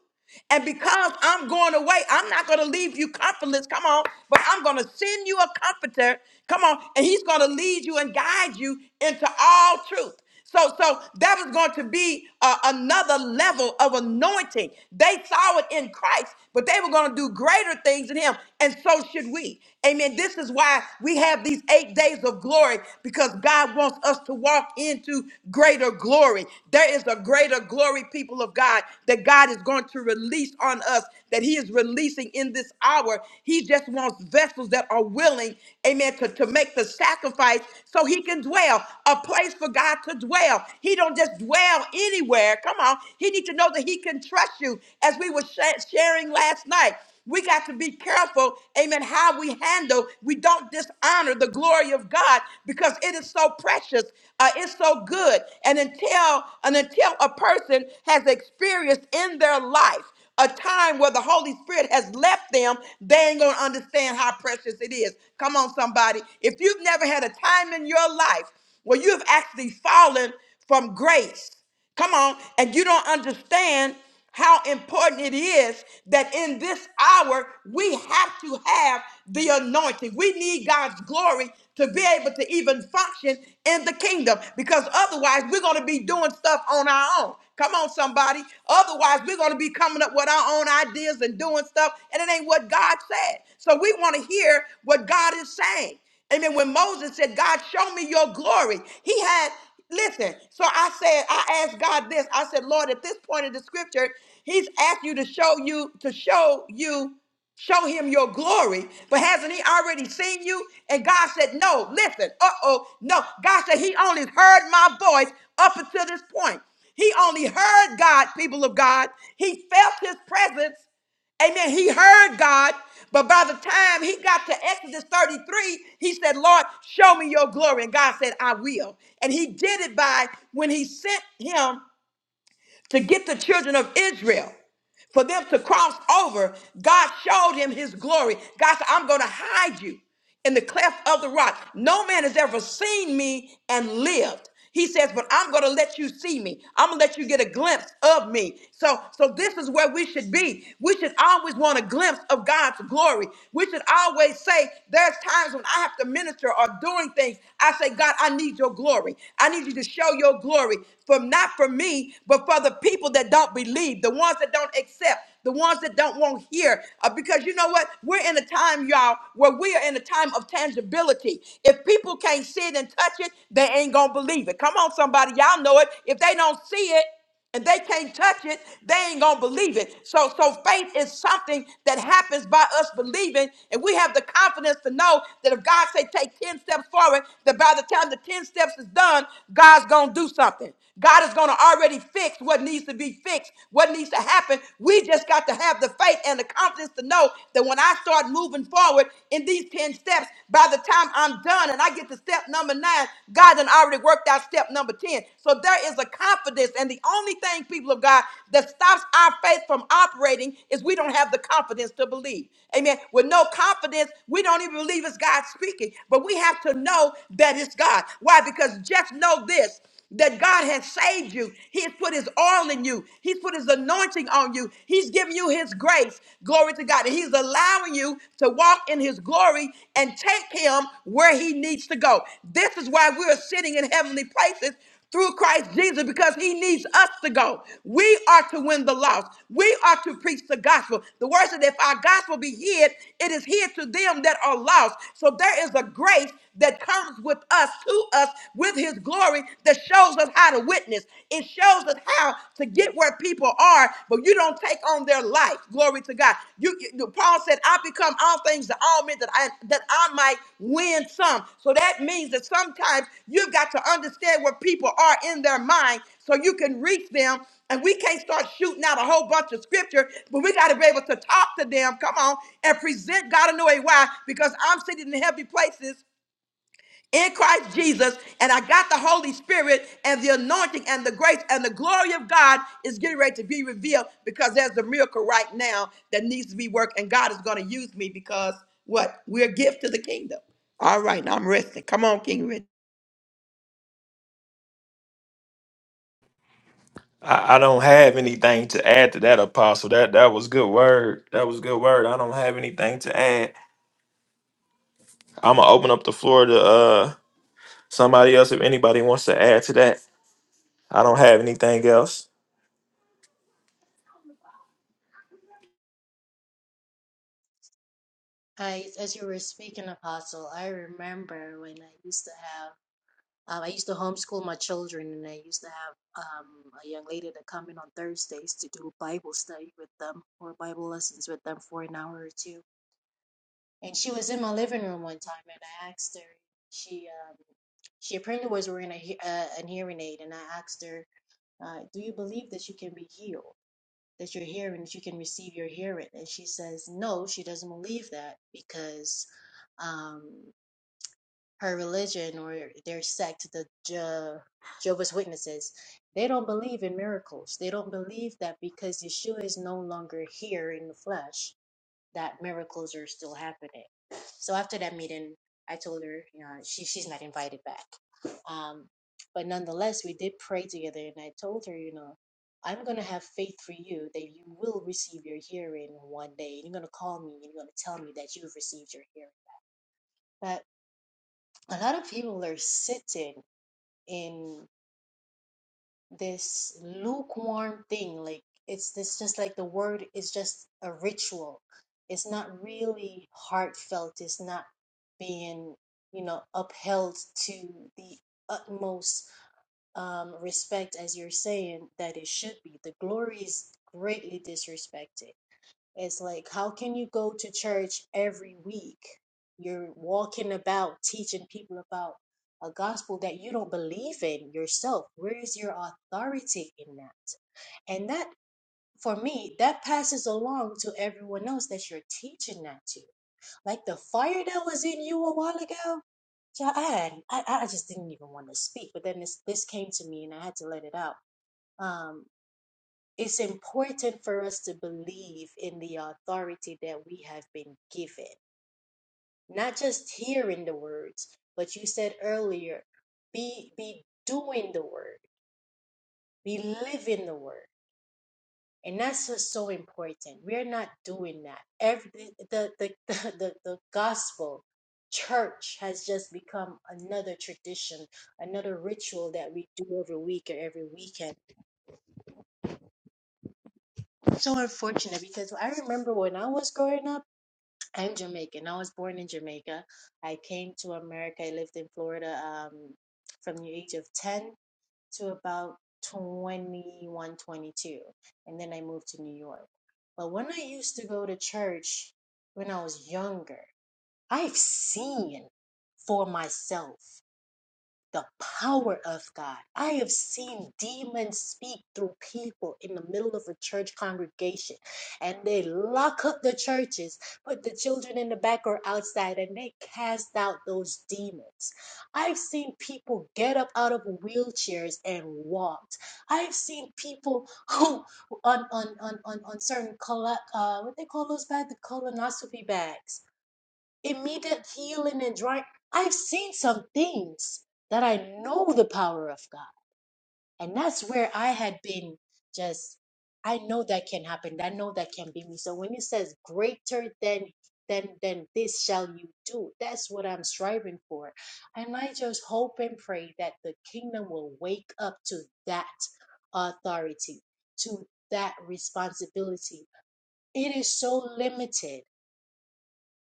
A: And because I'm going away, I'm not going to leave you comfortless. Come on. But I'm going to send you a comforter. Come on. And he's going to lead you and guide you into all truth. So, so that was going to be uh, another level of anointing. They saw it in Christ, but they were going to do greater things in Him, and so should we. Amen. This is why we have these eight days of glory because God wants us to walk into greater glory. There is a greater glory, people of God, that God is going to release on us, that He is releasing in this hour. He just wants vessels that are willing, amen, to, to make the sacrifice So so he can dwell, a place for God to dwell. He don't just dwell anywhere. Come on. He need to know that he can trust you as we were sha- sharing last night. We got to be careful, amen, how we handle. We don't dishonor the glory of God because it is so precious. Uh, it's so good. And until and until a person has experienced in their life a time where the Holy Spirit has left them, they ain't going to understand how precious it is. Come on, somebody. If you've never had a time in your life where you have actually fallen from grace, come on, and you don't understand how important it is that in this hour we have to have the anointing. We need need God's glory to be able to even function in the kingdom because otherwise we're going to be doing stuff on our own. Come on, somebody. Otherwise, we're going to be coming up with our own ideas and doing stuff, and it ain't what God said. So we want to hear what God is saying. Amen. When Moses said, God, show me your glory, he had, listen. So I said, I asked God this. I said, Lord, at this point in the scripture, he's asked you to show you, to show you show him your glory, but hasn't he already seen you? And God said, No, listen, uh oh, no. God said, He only heard my voice up until this point. He only heard God, people of God. He felt his presence. Amen. He heard God, but by the time he got to Exodus 33, he said, Lord, show me your glory. And God said, I will. And he did it by when he sent him to get the children of Israel for them to cross over, God showed him his glory. God said, I'm going to hide you in the cleft of the rock. No man has ever seen me and lived. He says, but I'm going to let you see me. I'm going to let you get a glimpse of me. So, so this is where we should be. We should always want a glimpse of God's glory. We should always say, there's times when I have to minister or doing things. I say, God, I need your glory. I need you to show your glory for not for me, but for the people that that don't believe, the ones that don't accept, the ones that don't want to hear. Uh, because you know what? We're in a time, y'all, where we are in a time of tangibility. If people can't see it and touch it, they ain't going to believe it. Come on, somebody. Y'all know it. If they don't see it, and they can't touch it, they ain't gonna believe it. So, so faith is something that happens by us believing, and we have the confidence to know that if God say take 10 steps forward, that by the time the 10 steps is done, God's gonna do something. God is gonna going to already fix what needs to be fixed, what needs to happen. We just got to have the faith and the confidence to know that when I start moving forward in these 10 steps, by the time I'm done and I get to step number nine, God done already worked out step number 10. So there is a confidence. And the only thing, people of God, that stops our faith from operating is we don't have the confidence to believe. Amen. With no confidence, we don't even believe it's God speaking, but we have to know that it's God. Why? Because just know this that God has saved you. He has put his oil in you. He's put his anointing on you. He's given you his grace. Glory to God. And he's allowing you to walk in his glory and take him where he needs to go. This is why we're sitting in heavenly places through Christ Jesus because he needs us to go. We are to win the lost. We are to preach the gospel. The word said, if our gospel be hid, it is hid to them that are lost. So there is a grace that comes with us, to us, with his glory that shows us how to witness. It shows us how to get where people are, but you don't take on their life life. Glory to God. You, you- Paul said, I become all things to all men that I that I might win some. So that means that sometimes you've got to understand where people are in their mind so you can reach them. And we can't start shooting out a whole bunch of scripture, but we got to be able to talk to them. Come on and present God in a way. Why? Because I'm sitting in heavy places in Christ Jesus, and I got the Holy Spirit and the anointing and the grace and the glory of God is getting ready to be revealed because there's a miracle right now that needs to be worked, and God is going to use me because what? We're a gift to the kingdom. All right, now I'm resting. Come on, King Rich.
C: I, I don't have anything to add to that, Apostle. That that was good word. That was good word. I don't have anything to add. I'm gonna open up the floor to uh Somebody else, if anybody wants to add to that, I don't have anything else.
E: I, as you were speaking, Apostle, I remember when I used to have. Um, I used to homeschool my children, and I used to have um, a young lady that come in on Thursdays to do Bible study with them or Bible lessons with them for an hour or two. And she was in my living room one time, and I asked her. She um, she apparently was wearing a he- uh, an hearing aid, and I asked her, uh, "Do you believe that you can be healed? That your hearing, that you can receive your hearing?" And she says, "No, she doesn't believe that because." Um, her religion or their sect, the Je- Jehovah's Witnesses, they don't believe in miracles. They don't believe that because Yeshua is no longer here in the flesh, that miracles are still happening. So after that meeting, I told her, you know, she she's not invited back. Um, but nonetheless, we did pray together, and I told her, you know, I'm gonna have faith for you that you will receive your hearing one day, and you're gonna call me and you're gonna tell me that you've received your hearing. But a lot of people are sitting in this lukewarm thing like it's this just like the word is just a ritual it's not really heartfelt it's not being you know upheld to the utmost um, respect as you're saying that it should be the glory is greatly disrespected it's like, how can you go to church every week? You're walking about teaching people about a gospel that you don't believe in yourself. Where is your authority in that? And that, for me, that passes along to everyone else that you're teaching that to. Like the fire that was in you a while ago, John, I, I just didn't even want to speak. But then this, this came to me and I had to let it out. Um, it's important for us to believe in the authority that we have been given not just hearing the words but you said earlier be be doing the word be living the word and that's what's so important we're not doing that every the the [laughs] the, the, the gospel church has just become another tradition another ritual that we do every week or every weekend so unfortunate because i remember when i was growing up I'm Jamaican. I was born in Jamaica. I came to America. I lived in Florida um, from the age of 10 to about 21, 22, And then I moved to New York. But when I used to go to church when I was younger, I've seen for myself the power of God. I have seen demons speak through people in the middle of a church congregation, and they lock up the churches, put the children in the back or outside, and they cast out those demons. I've seen people get up out of wheelchairs and walked. I've seen people [laughs] who on on on on, on certain colo- uh, what they call those bags, the colonoscopy bags immediate healing and drying. I've seen some things that I know the power of God. And that's where I had been just I know that can happen. I know that can be me. So when it says greater than than than this shall you do, that's what I'm striving for. And I just hope and pray that the kingdom will wake up to that authority, to that responsibility. It is so limited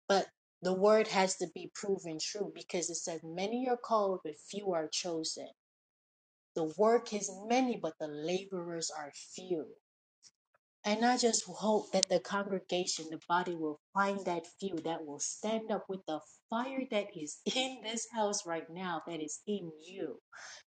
E: but the word has to be proven true because it says, Many are called, but few are chosen. The work is many, but the laborers are few. And I just hope that the congregation, the body, will find that few that will stand up with the fire that is [laughs] in this house right now, that is in you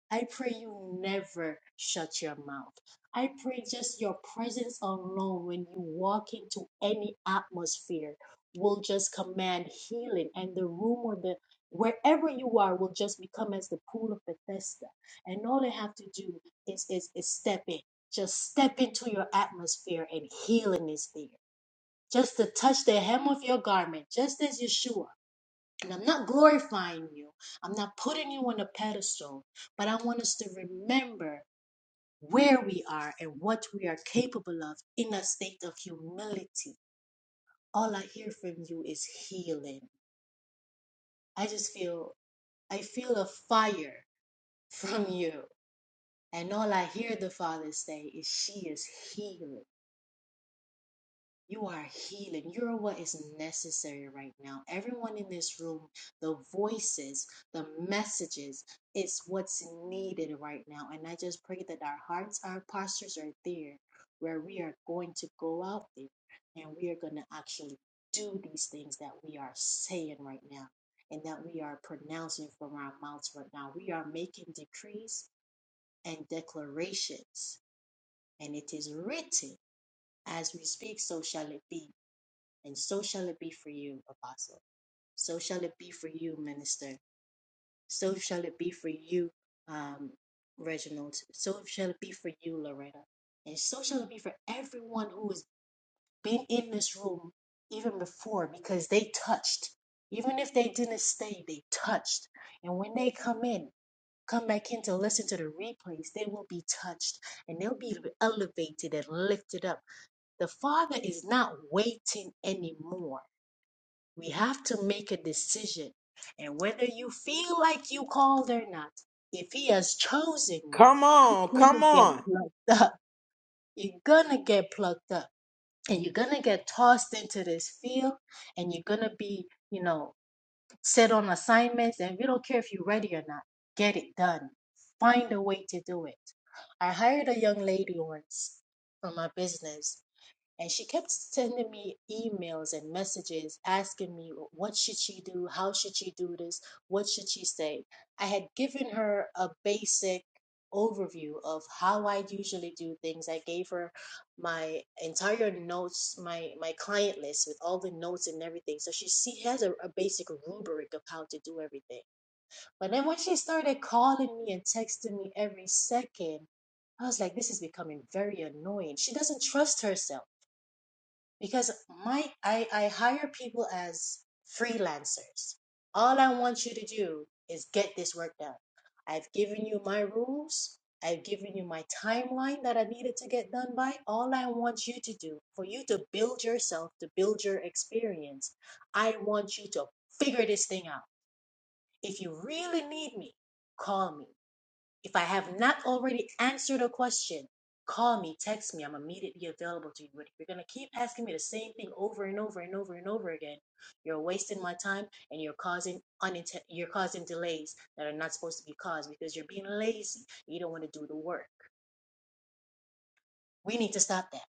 E: I pray you never shut your mouth. I pray just your presence alone when you walk into any atmosphere will just command healing and the room or the wherever you are will just become as the pool of Bethesda. And all they have to do is is, is step in. Just step into your atmosphere and healing is there. Just to touch the hem of your garment, just as Yeshua. And I'm not glorifying you. I'm not putting you on a pedestal, but I want us to remember where we are and what we are capable of in a state of humility. All I hear from you is healing. I just feel, I feel a fire [laughs] from you. And all I hear the Father say is, She is healing. You are healing. You're what is necessary right now. Everyone in this room, the voices, the messages, it's what's needed right now. And I just pray that our hearts, our postures are there where we are going to go out there and we are going to actually do these things that we are saying right now and that we are pronouncing from our mouths right now. We are making decrees and declarations, and it is written as we speak, so shall it be and so shall it be for you, Apostle. So shall it be for you, Minister. So shall it be for you, um, Reginald. So shall it be for you, Loretta. And so shall it be for everyone who has been in this room even before because they touched. Even if they didn't stay, they touched. And when they come in, come back in to listen to the replays, they will be touched and they'll be elevated and lifted up. The Father is not waiting anymore. We have to make a decision. And whether you feel like you called or not, if he has chosen you,
A: Come on,
E: you're gonna
A: come
E: get
A: on.
E: plucked up. You're gonna get plucked up. And you're gonna get tossed into this field and you're gonna be, you know, set on assignments and we don't care if you're ready or not. Get it done. Find a way to do it. I hired a young lady once for my business and she kept sending me emails and messages asking me what should she do how should she do this what should she say i had given her a basic overview of how i usually do things i gave her my entire notes my my client list with all the notes and everything so she see has a, a basic rubric of how to do everything but then when she started calling me and texting me every second i was like this is becoming very annoying she doesn't trust herself because my I, I hire people as freelancers. All I want you to do is get this work done. I've given you my rules. I've given you my timeline that I needed to get done by. All I want you to do for you to build yourself, to build your experience, I want you to figure this thing out. If you really need me, call me. If I have not already answered a question, call me, text me. I'm immediately available to you. But if you're going to keep asking me the same thing over and over and over and over again, you're wasting my time and you're causing uninte- you're causing delays that are not supposed to be caused because you're being lazy. You don't want to do the work. We need to stop that.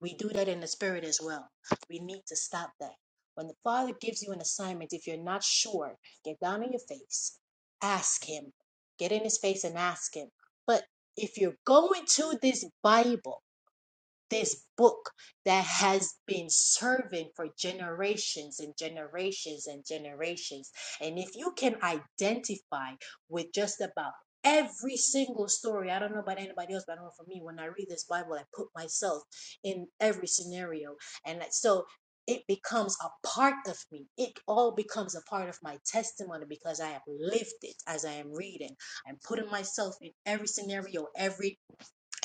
E: We do that in the spirit as well. We need to stop that. When the Father gives you an assignment, if you're not sure, get down on your face, ask Him, get in His face and ask Him. But if you're going to this Bible, this book that has been serving for generations and generations and generations. And if you can identify with just about every single story, I don't know about anybody else, but I know for me, when I read this Bible, I put myself in every scenario. And so it becomes a part of me. It all becomes a part of my testimony because I have lived it as I am reading. I'm putting myself in every scenario every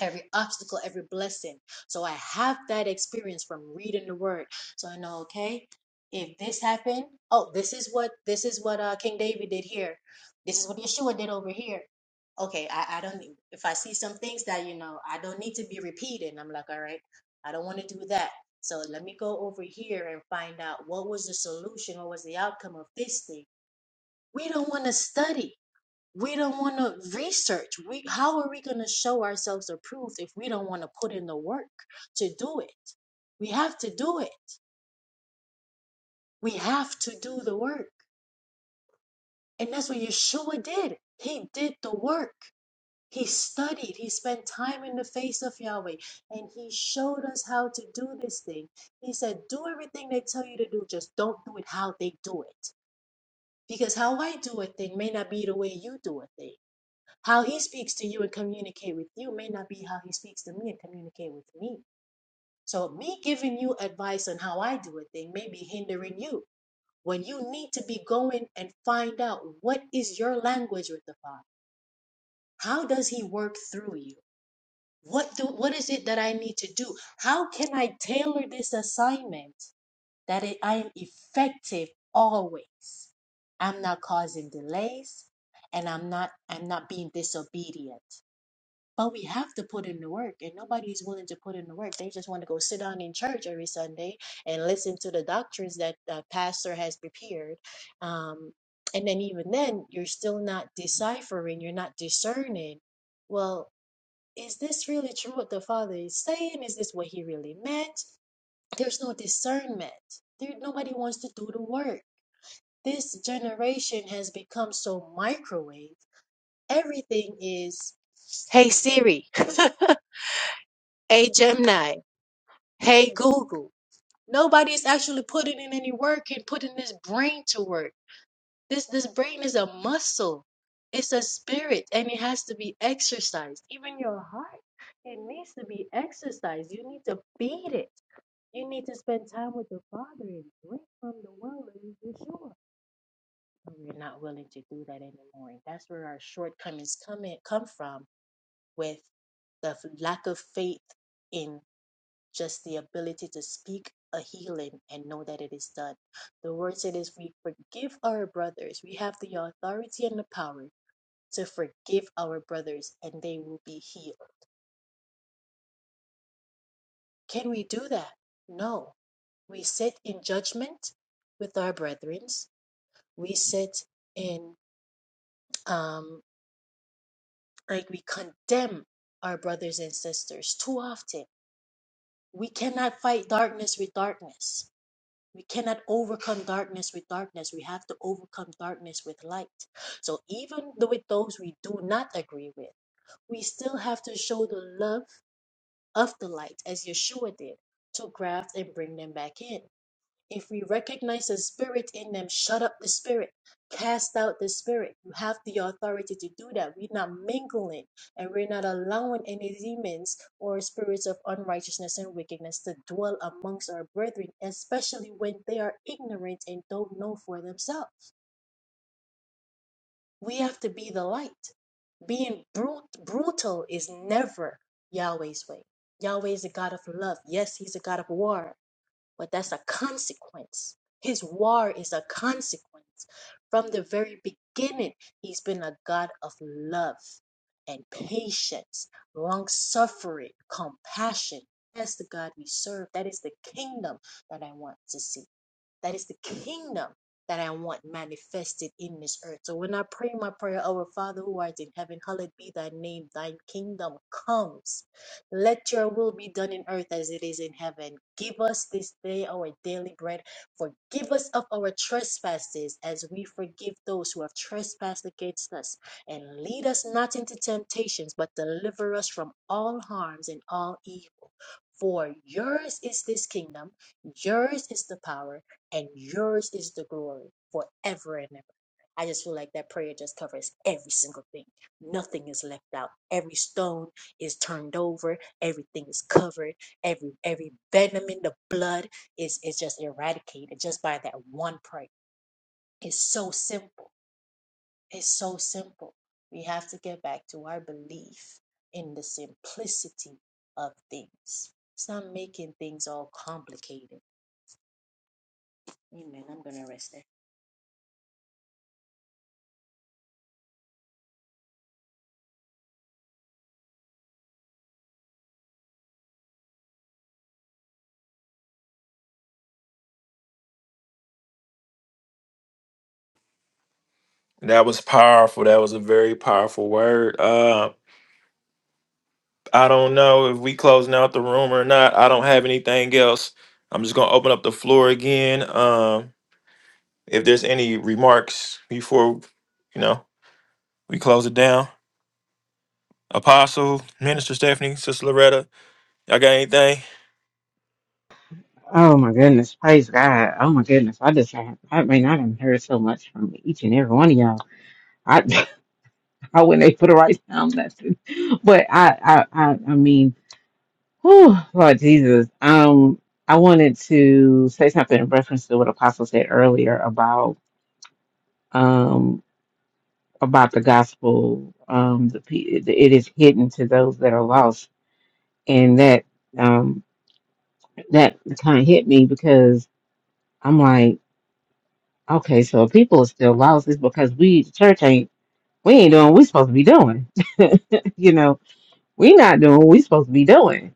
E: every obstacle, every blessing. So I have that experience from reading the word. So I know, okay, if this happened, oh, this is what this is what uh, King David did here. This is what Yeshua did over here. Okay, I, I don't if I see some things that you know I don't need to be repeated. I'm like, all right, I don't want to do that. So let me go over here and find out what was the solution, what was the outcome of this thing. We don't want to study we don't want to research we how are we going to show ourselves approved if we don't want to put in the work to do it we have to do it we have to do the work and that's what yeshua did he did the work he studied he spent time in the face of yahweh and he showed us how to do this thing he said do everything they tell you to do just don't do it how they do it because how i do a thing may not be the way you do a thing How he speaks to you and communicate with you may not be how he speaks to me and communicate with me. So me giving you advice on how I do a thing may be hindering you when you need to be going and find out what is your language with the Father. How does he work through you? What do what is it that I need to do? How can I tailor this assignment that it, I am effective always? I'm not causing delays and I'm not I'm not being disobedient. But we have to put in the work, and nobody's willing to put in the work. They just want to go sit down in church every Sunday and listen to the doctrines that the pastor has prepared. Um, and then, even then, you're still not deciphering, you're not discerning. Well, is this really true what the Father is saying? Is this what He really meant? There's no discernment. There, nobody wants to do the work. This generation has become so microwave. Everything is, hey, Siri. [laughs] Hey Gemini. Hey Google. nobody is actually putting in any work and putting this brain to work. This this brain is a muscle. It's a spirit and it has to be exercised. Even your heart, it needs to be exercised. You need to feed it. You need to spend time with the Father and drink from the well of Yeshua. But we're not willing to do that anymore. And that's where our shortcomings come in, come from with the f- lack of faith in just the ability to speak a healing and know that it is done. The word said is we forgive our brothers. We have the authority and the power to forgive our brothers and they will be healed. Can we do that? No. We sit in judgment with our brethren. We sit in um like we condemn our brothers and sisters too often. We cannot fight darkness with darkness. We cannot overcome darkness with darkness. We have to overcome darkness with light. So even though with those we do not agree with, we still have to show the love of the light as Yeshua did to graft and bring them back in. If we recognize the spirit in them, shut up the spirit, cast out the spirit. You have the authority to do that. We're not mingling and we're not allowing any demons or spirits of unrighteousness and wickedness to dwell amongst our brethren, especially when they are ignorant and don't know for themselves. We have to be the light. Being brut- brutal is never Yahweh's way. Yahweh is a God of love. Yes, He's a God of war but that's a consequence. His war is a consequence. From the very beginning, he's been a God of love and patience, long suffering, compassion. That's the God we serve. That is the kingdom that I want to see. That is the kingdom that I want manifested in this earth. So when I pray my prayer, Our Father who art in heaven, hallowed be thy name, thine kingdom comes. Let your will be done in earth as it is in heaven. Give us this day our daily bread. Forgive us of our trespasses as we forgive those who have trespassed against us. And lead us not into temptations, but deliver us from all harms and all evil. For yours is this kingdom, yours is the power and yours is the glory forever and ever. I just feel like that prayer just covers every single thing. Nothing is left out. Every stone is turned over. Everything is covered. Every every venom in the blood is is just eradicated just by that one prayer. It's so simple. It's so simple. We have to get back to our belief in the simplicity of things. Stop making things all complicated. Amen. I'm gonna rest there.
C: That was powerful. That was a very powerful word. Uh, I don't know if we closing out the room or not. I don't have anything else. I'm just gonna open up the floor again. Um, if there's any remarks before, you know, we close it down. Apostle, Minister Stephanie, Sister Loretta, y'all got anything?
B: Oh my goodness, praise God. Oh my goodness. I just I, I mean I done heard so much from each and every one of y'all. I [laughs] I wasn't able to write down nothing. But I I I, I mean, whew, Lord Jesus. Um I wanted to say something in reference to what Apostle said earlier about um about the gospel. Um the pe- it is hidden to those that are lost. And that um that kind of hit me because I'm like Okay, so if people are still lost. It's because we the church ain't we ain't doing what we supposed to be doing. [laughs] you know, we not doing what we supposed to be doing.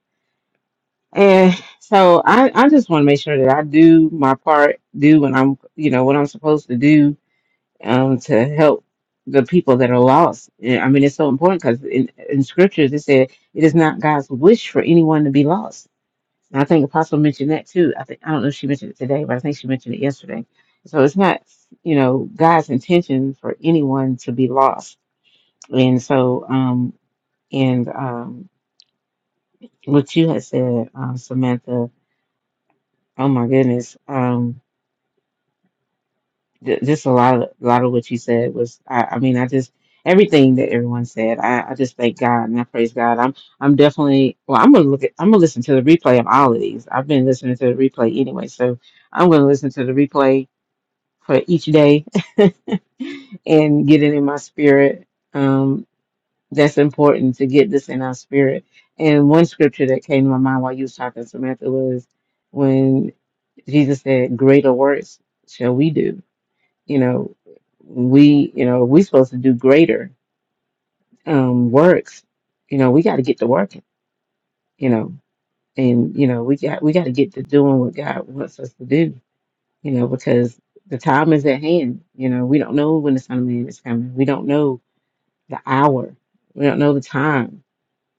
B: And so I, I just want to make sure that I do my part, do what I'm you know, what I'm supposed to do um to help the people that are lost. Yeah, I mean it's so important because in, in scriptures it said it is not God's wish for anyone to be lost. And I think Apostle mentioned that too. I think I don't know if she mentioned it today, but I think she mentioned it yesterday. So it's not, you know, God's intention for anyone to be lost. And so, um, and um, what you had said, um, Samantha. Oh my goodness, um, th- just a lot of a lot of what you said was. I, I mean, I just everything that everyone said. I, I just thank God and I praise God. I'm I'm definitely well. I'm gonna look at. I'm gonna listen to the replay of all of these. I've been listening to the replay anyway, so. I'm going to listen to the replay for each day [laughs] and get it in my spirit. Um, that's important to get this in our spirit. And one scripture that came to my mind while you was talking, Samantha, was when Jesus said, "Greater works shall we do." You know, we, you know, we supposed to do greater um, works. You know, we got to get to working. You know, and you know, we got we got to get to doing what God wants us to do you know, because the time is at hand. You know, we don't know when the Son of Man is coming. We don't know the hour. We don't know the time.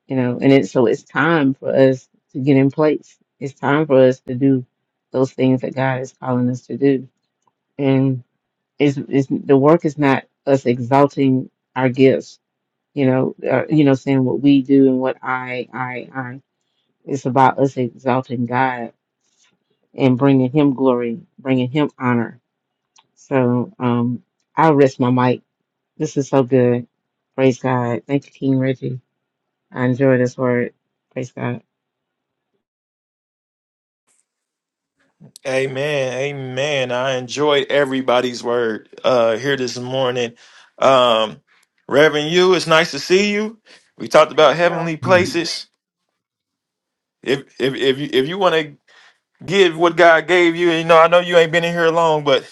B: You know, and it, so it's time for us to get in place. It's time for us to do those things that God is calling us to do. And it's, it's the work is not us exalting our gifts. You know, uh, you know, saying what we do and what I, I, I. It's about us exalting God and bringing Him glory, bringing Him honor So um, I'll rest my mic. This is so good. Praise God. Thank you, King Reggie. I enjoy this word. Praise God.
C: Amen. Amen. I enjoyed everybody's word uh here this morning. Um Reverend you, it's nice to see you. We talked about heavenly
F: Good.
C: places. If if if you if you want to give what God gave you, you know, I know you ain't been in here long, but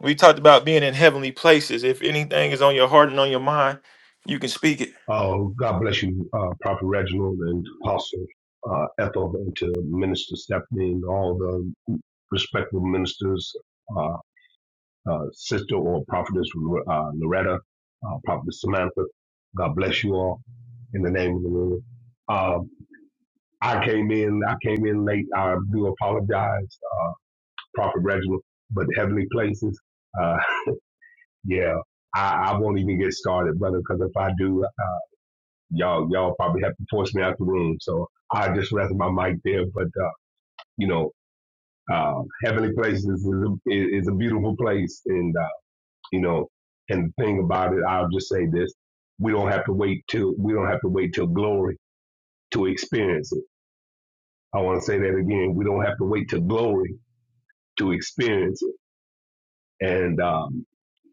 C: we talked about being in heavenly places. If anything is on your heart and on your mind, you can speak it.
F: Uh, God bless you, uh, Prophet Reginald and Apostle uh, Ethel, and to Minister Stephanie and all the respectable ministers, uh, uh, Sister or Prophetess uh, Loretta, uh, Prophetess Samantha. God bless you all in the name of the Lord. Um, I came in. I came in late. I do apologize, uh, Prophet Reginald, but heavenly places. Uh, [laughs] yeah, I, I won't even get started, brother, because if I do. y'all y'all probably have to force me out the room. So I just rest my mic there. But uh, you know, uh, heavenly places is a, is a beautiful place, and uh, you know, and the thing about it, I'll just say this: we don't have to wait till we don't have to wait till glory to experience it. I want to say that again: we don't have to wait till glory to experience it. And um,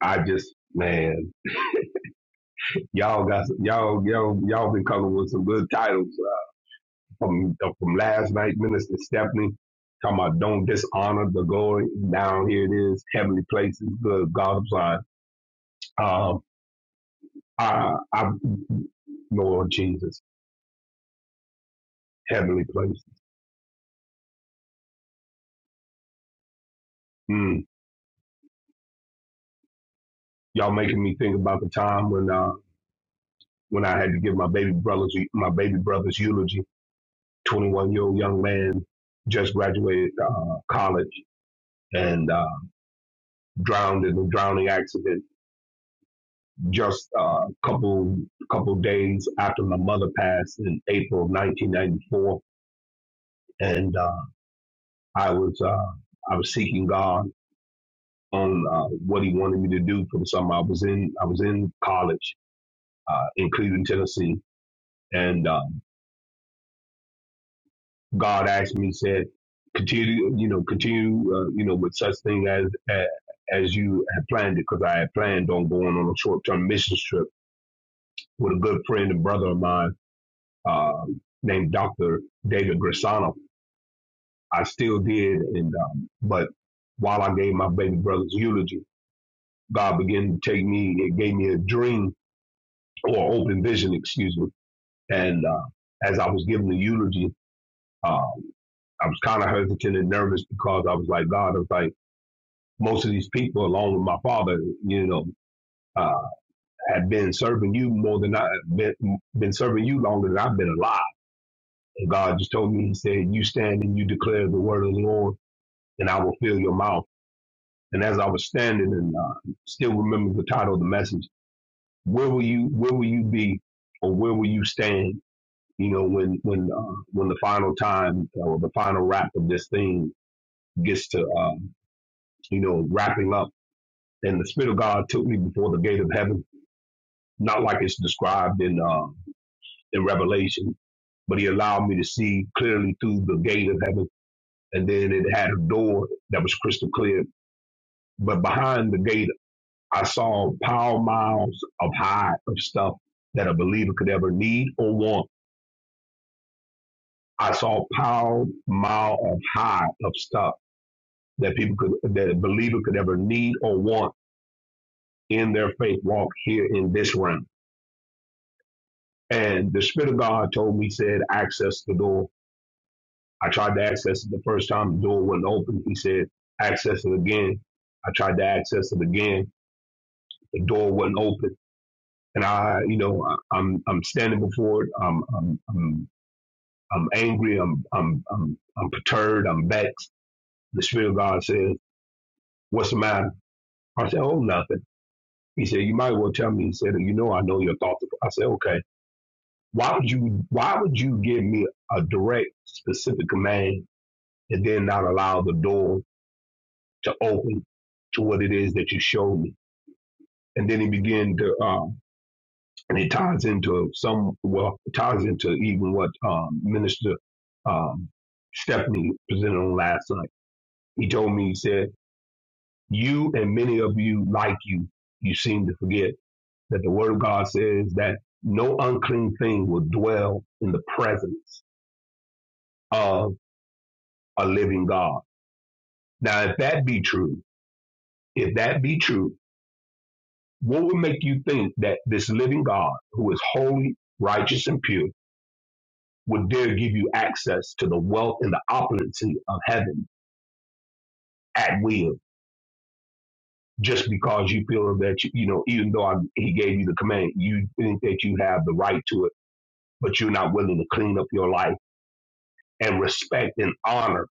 F: I just man, y'all got some, y'all y'all y'all been coming with some good titles. from from last night, Minister Stephanie, talking about don't dishonor the glory. Down here it is, heavenly places, the God's side. Um, I, I, Lord Jesus, heavenly places. Mm. Y'all making me think about the time when uh, when I had to give my baby brother's my baby brother's eulogy. Twenty one year old young man just graduated uh, college and uh, drowned in a drowning accident just a uh, couple couple days after my mother passed in April 1994, and uh, I was uh, I was seeking God on uh, what He wanted me to do for the summer. I was in I was in college uh, in Cleveland, Tennessee, and uh, God asked me, said, continue, you know, continue, uh, you know, with such thing as as as you had planned it, because I had planned on going on a short term mission trip with a good friend and brother of mine uh, named Dr. David Grisano. I still did, and um, but while I gave my baby brother's eulogy, God began to take me. It gave me a dream or open vision, excuse me. And uh, as I was giving the eulogy, uh, I was kind of hesitant and nervous because I was like, God, I was like, most of these people, along with my father, you know, uh, had been serving you more than I been, been serving you longer than I've been alive. And God just told me, He said, "You stand and you declare the word of the Lord." and I will fill your mouth. And as I was standing and uh, still remember the title of the message, where will you where will you be or where will you stand? You know, when when uh, when the final time or the final wrap of this thing gets to uh, you know wrapping up, and the Spirit of God took me before the gate of heaven, not like it's described in uh, in Revelation, but He allowed me to see clearly through the gate of heaven, and then it had a door that was crystal clear, but behind the gate I saw pile miles of high of stuff that a believer could ever need or want. I saw pile mile of high of stuff that people could that a believer could ever need or want in their faith walk here in this realm. And the Spirit of God told me, said, access the door. I tried to access it the first time, the door wasn't open. He said, access it again. I tried to access it again. The door wasn't open. And I, you know, I, I'm I'm standing before it. I'm, I'm, I'm I'm angry. I'm I'm I'm I'm perturbed. I'm vexed. The Spirit of God says, "What's the matter?" I said, "Oh, nothing." He said, "You might as well tell me." He said, "You know, I know your thoughts." I said, "Okay. Why would you Why would you give me a direct, specific command and then not allow the door to open to what it is that you showed me?" And then he began to, uh, and it ties into some. Well, it ties into even what um, Minister um, Stephanie presented on last night. He told me, he said. You and many of you, like you, you seem to forget that the Word of God says that no unclean thing will dwell in the presence of a living God. Now, if that be true, if that be true, what would make you think that this living God, who is holy, righteous, and pure, would dare give you access to the wealth and the opulency of heaven at will? Just because you feel that you, you know, even though I, he gave you the command, you think that you have the right to it but you're not willing to clean up your life and respect and honor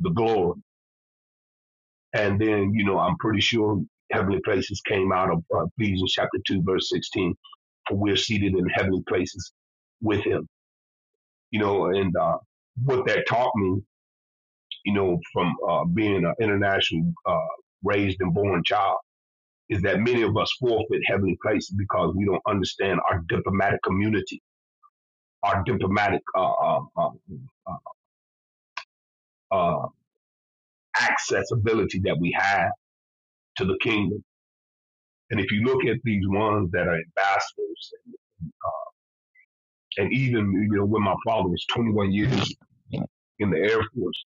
F: the glory. And then, you know, I'm pretty sure heavenly places came out of uh, Ephesians chapter 2, verse 16. For we're seated in heavenly places with him, you know, and uh, what that taught me, you know, from uh, being an international uh, raised and born child is that many of us forfeit heavenly places because we don't understand our diplomatic community, our diplomatic uh, uh, uh, uh, accessibility that we have to the kingdom. And if you look at these ones that are ambassadors, and even you know when my father was 21 years in the Air Force,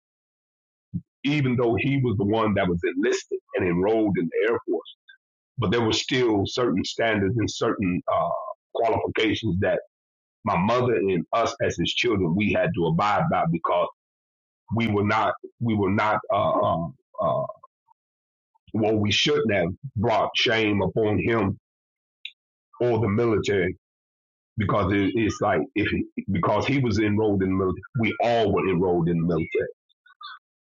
F: even though he was the one that was enlisted and enrolled in the Air Force, but there were still certain standards and certain uh, qualifications that my mother and us as his children we had to abide by because we were not we were not uh, uh, uh, well we shouldn't have brought shame upon him or the military because it, it's like if he, because he was enrolled in the military, we all were enrolled in the military.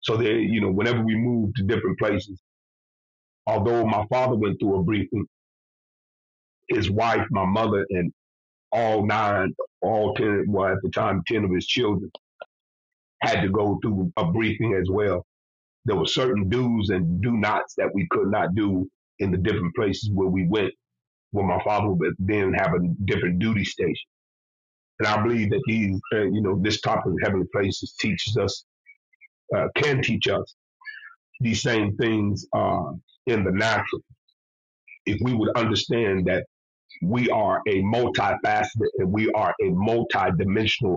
F: So there, you know, whenever we moved to different places, although my father went through a briefing, his wife, my mother, and all nine, all ten, well at the time, ten of his children had to go through a briefing as well. There were certain do's and do nots that we could not do in the different places where we went. Where my father would then have a different duty station, and I believe that he, uh, you know, this topic of heavenly places teaches us uh, can teach us these same things uh, in the natural. If we would understand that we are a multifaceted and we are a multidimensional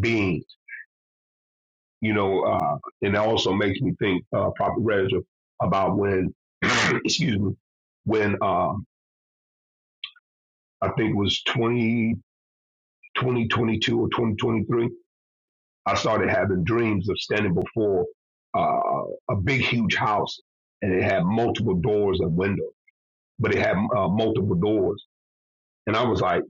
F: being, you know, uh, and that also makes me think, uh, Prophet Reza, about when, [clears throat] excuse me, when uh, I think it was 20, 2022 or 2023, I started having dreams of standing before uh, a big, huge house and it had multiple doors and windows but it had uh, multiple doors. And I was like,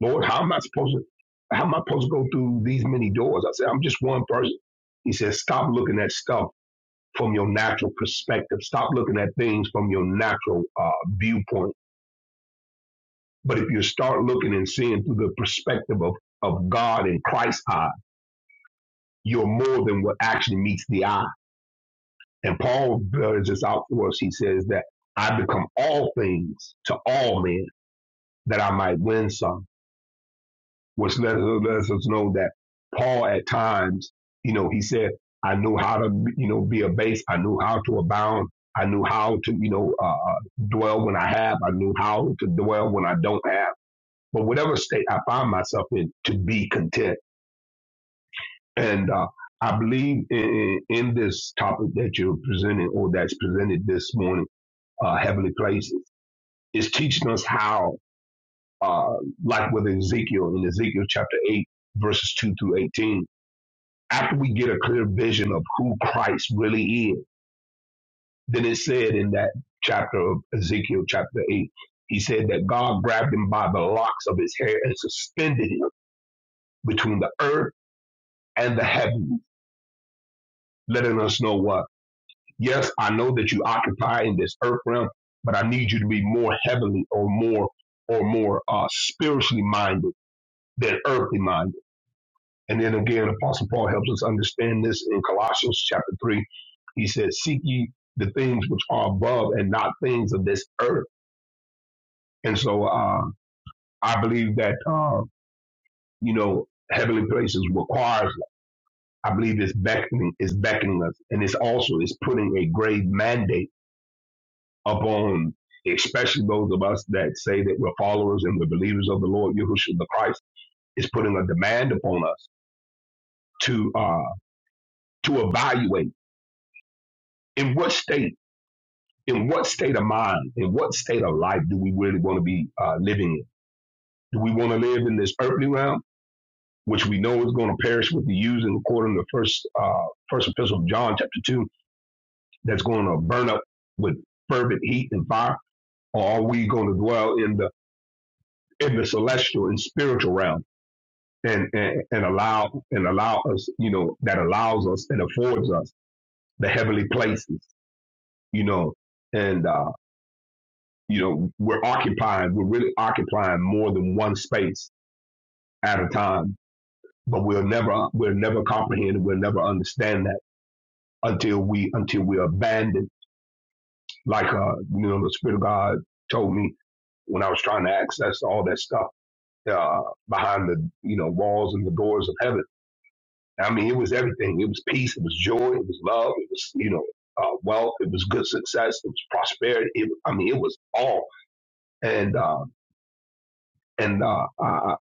F: Lord, how am I supposed to? How am I supposed to go through these many doors? I said, I'm just one person. He said, stop looking at stuff from your natural perspective. Stop looking at things from your natural uh, viewpoint. But if you start looking and seeing through the perspective of, of God and Christ's eye, you're more than what actually meets the eye. And Paul bears this out for us. He says that I become all things to all men that I might win some. which let, lets us know that Paul at times, you know, he said, I knew how to, you know, be abased. I knew how to abound. I knew how to, you know, uh, uh, dwell when I have. I knew how to dwell when I don't have. But whatever state I find myself in, to be content. And uh, I believe in, in this topic that you're presenting or that's presented this morning, uh, Heavenly Places, is teaching us how, uh, like with Ezekiel in Ezekiel chapter 8, verses 2 through 18, after we get a clear vision of who Christ really is, then it said in that chapter of Ezekiel, chapter 8, he said that God grabbed him by the locks of his hair and suspended him between the earth and the heaven, letting us know what? Yes, I know that you occupy in this earth realm, but I need you to be more heavenly or more or more uh, spiritually minded than earthly minded And then again, Apostle Paul helps us understand this in Colossians chapter 3. He says, Seek ye the things which are above and not things of this earth. And so uh, I believe that, uh, you know, heavenly places requires, I believe it's beckoning, it's beckoning us. And it's also, it's putting a great mandate upon especially those of us that say that we're followers and we're believers of the Lord Yahushua the Christ, is putting a demand upon us to uh, to evaluate in what state in what state of mind, in what state of life do we really want to be uh, living in? Do we want to live in this earthly realm, which we know is going to perish with the using, according to First uh, First Epistle of John, chapter two, that's going to burn up with fervent heat and fire, or are we going to dwell in the in the celestial and spiritual realm and, and and allow and allow us, you know, that allows us and affords us the heavenly places, you know, and uh, you know, we're occupying, we're really occupying more than one space at a time, but we'll never, we'll never comprehend, we'll never understand that until we, until we abandon, like, uh, you know, the Spirit of God told me when I was trying to access all that stuff, uh, behind the, you know, walls and the doors of heaven. I mean, it was everything. It was peace. It was joy. It was love. It was, you know, uh, wealth. It was good success. It was prosperity. It, I mean, it was all. And, uh, And uh, I,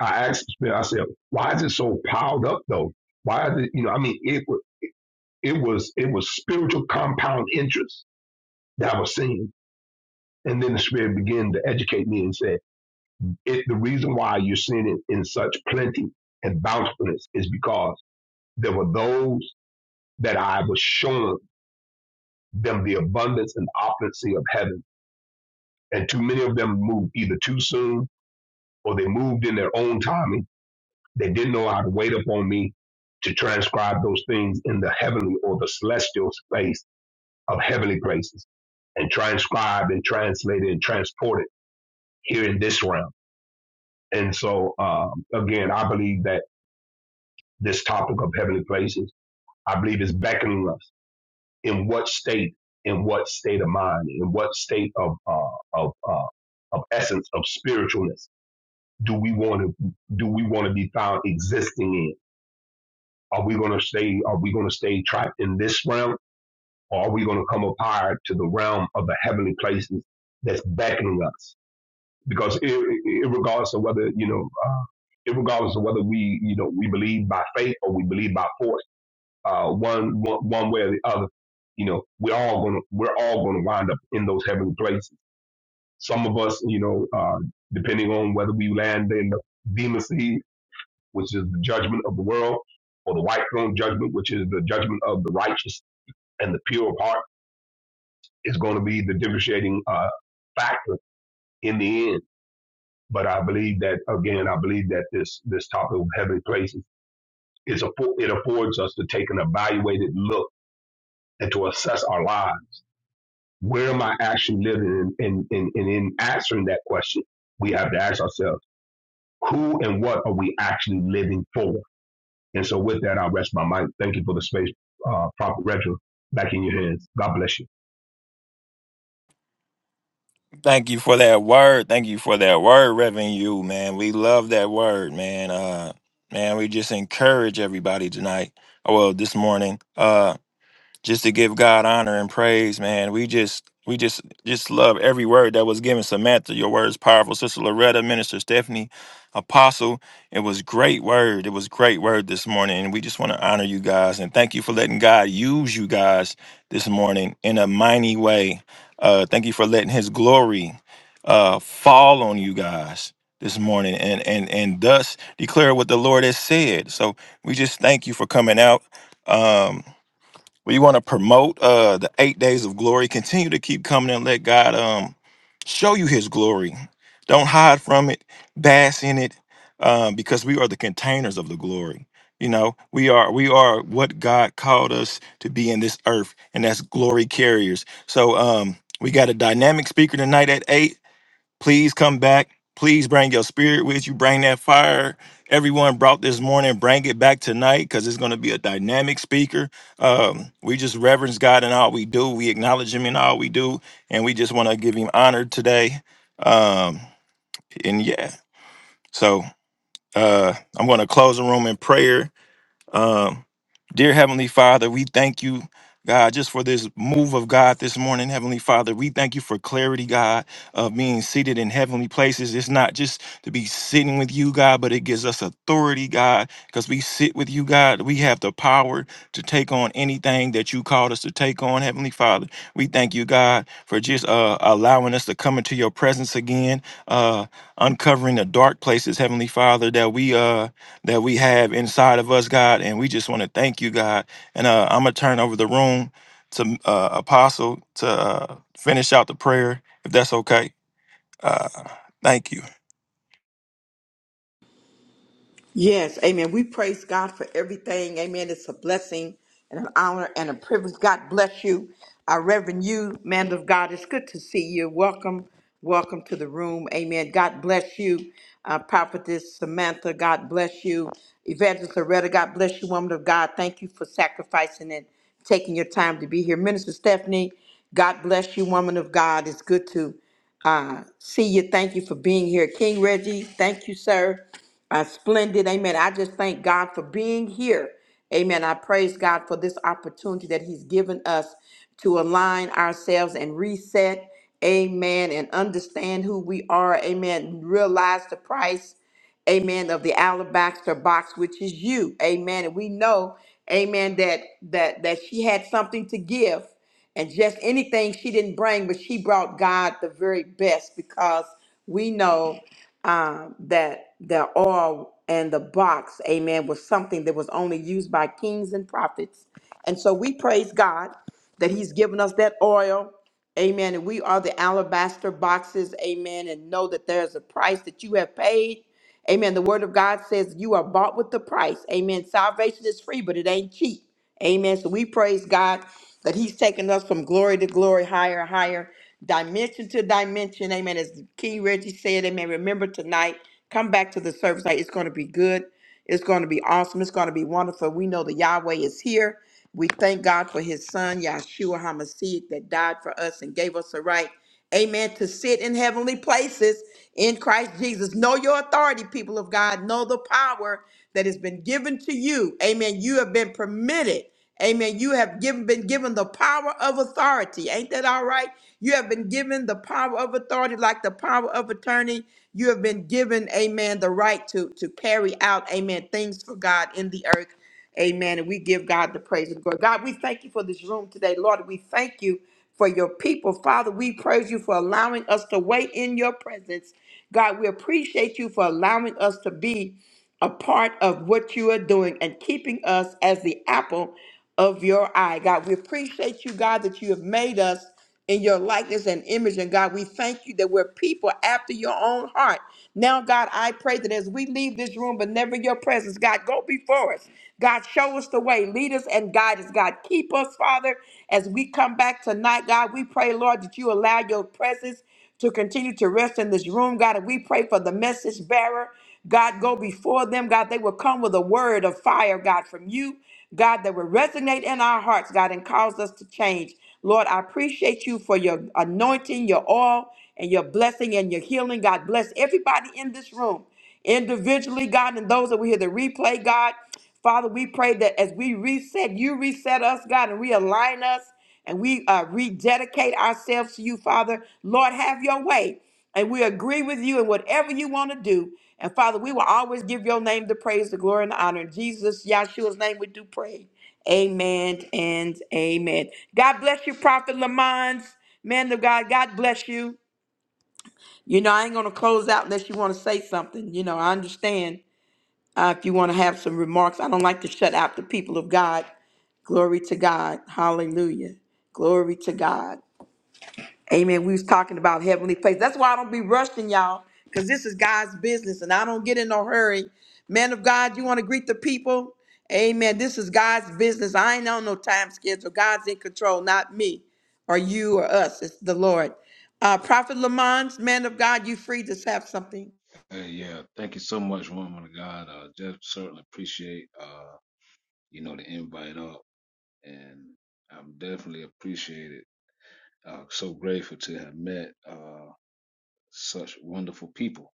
F: I asked Smith, I said, why is it so piled up though? Why is it, you know, I mean, it, wa- it was it was spiritual compound interest that I was seeing. And then the Spirit began to educate me and said, it, the reason why you're seeing it in such plenty and bountifulness is because there were those that I was showing them the abundance and opulency of heaven. And too many of them moved either too soon or they moved in their own timing They didn't know how to wait upon me to transcribe those things in the heavenly or the celestial space of heavenly places and transcribe and translate it and transport it here in this realm. And so, um, again, I believe that this topic of heavenly places, I believe is beckoning us in what state, in what state of mind, in what state of, uh, of, uh, of essence, of spiritualness do we want to, do we want to be found existing in? Are we going to stay? Are we going to stay trapped in this realm, or are we going to come up higher to the realm of the heavenly places that's beckoning us? Because it, it, regardless of whether you know, uh, it regardless of whether we you know we believe by faith or we believe by force, uh, one, one one way or the other, you know, we're all gonna we're all gonna wind up in those heavenly places. Some of us, you know, uh, depending on whether we land in the demon seed which is the judgment of the world, or the white throne judgment, which is the judgment of the righteous and the pure of heart, is going to be the differentiating uh, factor in the end. But I believe that again, I believe that this this topic of heavenly places is a it affords us to take an evaluated look and to assess our lives. Where am I actually living? And, and, and in answering that question, we have to ask ourselves, who and what are we actually living for? And so with that, I'll rest my mic. Thank you for the space, uh, Prophet Reginald. Back in your hands. God bless you.
C: Thank you for that word. Thank you for that word, Reverend You, man. We love that word, man. Uh man, we just encourage everybody tonight. Oh, well, this morning. Uh just to give God honor and praise, man. We just we just just love every word that was given. Samantha, your word is powerful. Sister Loretta, Minister Stephanie, Apostle. It was great word. It was great word this morning. And we just want to honor you guys and thank you for letting God use you guys this morning in a mighty way. Uh thank you for letting his glory uh fall on you guys this morning and and and thus declare what the Lord has said. So we just thank you for coming out. Um we want to promote uh the eight days of glory continue to keep coming and let god um show you his glory don't hide from it bask in it um because we are the containers of the glory you know we are we are what god called us to be in this earth and that's glory carriers so um we got a dynamic speaker tonight at eight Please come back. Please bring your spirit with you. Bring that fire everyone brought this morning. Bring it back tonight because it's going to be a dynamic speaker. Um, we just reverence God in all we do. We acknowledge Him in all we do, and we just want to give Him honor today. Um, and yeah, so uh, I'm going to close the room in prayer. Um, dear Heavenly Father, we thank you. God, just for this move of God this morning, Heavenly Father, we thank you for clarity, God, of being seated in heavenly places. It's not just to be sitting with you, God, but it gives us authority, God, because we sit with you, God. We have the power to take on anything that you called us to take on, Heavenly Father. We thank you, God, for just uh, allowing us to come into your presence again, uh, uncovering the dark places, Heavenly Father, that we uh, that we have inside of us, God. And we just want to thank you, God. And uh, I'm going to turn over the room to uh, Apostle to uh, finish out the prayer, if that's okay. Uh, thank you.
A: Yes, amen. We praise God for everything. Amen. It's a blessing and an honor and a privilege. God bless you. Our Reverend you, man of God, it's good to see you. Welcome, welcome to the room. Amen. God bless you. Uh, Prophetess Samantha, God bless you. Evangelist Loretta, God bless you, woman of God. Thank you for sacrificing and taking your time to be here. Minister Stephanie, God bless you, woman of God. It's good to uh, see you. Thank you for being here. King Reggie, thank you, sir uh, splendid. Amen. I just thank God for being here. Amen. I praise God for this opportunity that He's given us to align ourselves and reset. Amen. And understand who we are. Amen. Realize the price. Amen. Of the alabaster box, which is you. Amen. And we know, Amen, that that that she had something to give. And just anything she didn't bring, but she brought God the very best because we know um, that the oil and the box, amen, was something that was only used by kings and prophets. And so we praise God that He's given us that oil, amen. And we are the alabaster boxes, amen. And know that there's a price that you have paid, amen. The Word of God says you are bought with the price, amen. Salvation is free, but it ain't cheap. Amen. So we praise God that He's taking us from glory to glory, higher, higher, dimension to dimension. Amen. As King Reggie said, Amen. Remember tonight, come back to the service. Like, It's going to be good. It's going to be awesome. It's going to be wonderful. We know the Yahweh is here. We thank God for his son, Yahshua HaMashiach, that died for us and gave us a right, amen, to sit in heavenly places in Christ Jesus. Know your authority, people of God. Know the power that has been given to you. Amen. You have been permitted. Amen. You have given, been given the power of authority. Ain't that all right? You have been given the power of authority, like the power of attorney. You have been given, amen, the right to, to carry out, amen, things for God in the earth. Amen. And we give God the praise and glory. God, we thank you for this room today. Lord, we thank you for your people. Father, we praise you for allowing us to wait in your presence. God, we appreciate you for allowing us to be a part of what you are doing and keeping us as the apple of your eye. God, we appreciate you, God, that you have made us in your likeness and image. And God, we thank you that we're people after your own heart. Now, God, I pray that as we leave this room, but never your presence, God, go before us. God, show us the way. Lead us and guide us. God, keep us, Father. As we come back tonight, God, we pray, Lord, that you allow your presence to continue to rest in this room, God. And we pray for the message bearer. God, go before them. God, they will come with a word of fire, God, from you. God, that will resonate in our hearts, God, and cause us to change. Lord, I appreciate you for your anointing, your oil, and your blessing and your healing. God, bless everybody in this room individually, God, and those that we hear the replay, God. Father, we pray that as we reset, you reset us, God, and realign us, and we uh, rededicate ourselves to you, Father. Lord, have your way. And we agree with you in whatever you want to do. And Father, we will always give your name the praise, the glory, and the honor. In Jesus, Yahshua's name, we do pray. Amen and amen. God bless you, Prophet Lamont, man of God. God bless you. You know, I ain't gonna close out unless you want to say something. You know, I understand uh, if you want to have some remarks. I don't like to shut out the people of God. Glory to God. Hallelujah. Glory to God. Amen. We was talking about heavenly place. That's why I don't be rushing y'all, because this is God's business, and I don't get in no hurry. Man of God, you want to greet the people? Amen. This is God's business. I ain't on no time schedule. God's in control, not me or you or us. It's the Lord. Uh, Prophet Lamont, man of God, you free to have something.
G: Hey, yeah, thank you so much, woman of God. Uh, just certainly appreciate, uh, you know, the invite up, and I'm definitely appreciated. Uh, so grateful to have met uh, such wonderful people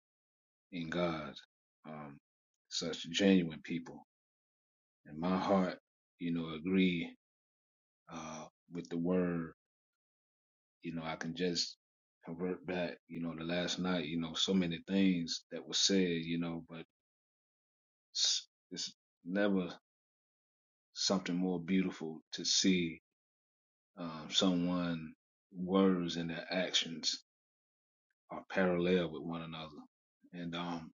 G: in God, um, such genuine people, and my heart, you know, agree uh, with the word. You know, I can just convert back. You know, the last night, you know, so many things that were said. You know, but it's, it's never. something more beautiful to see um, someone words and their actions are parallel with one another. And um,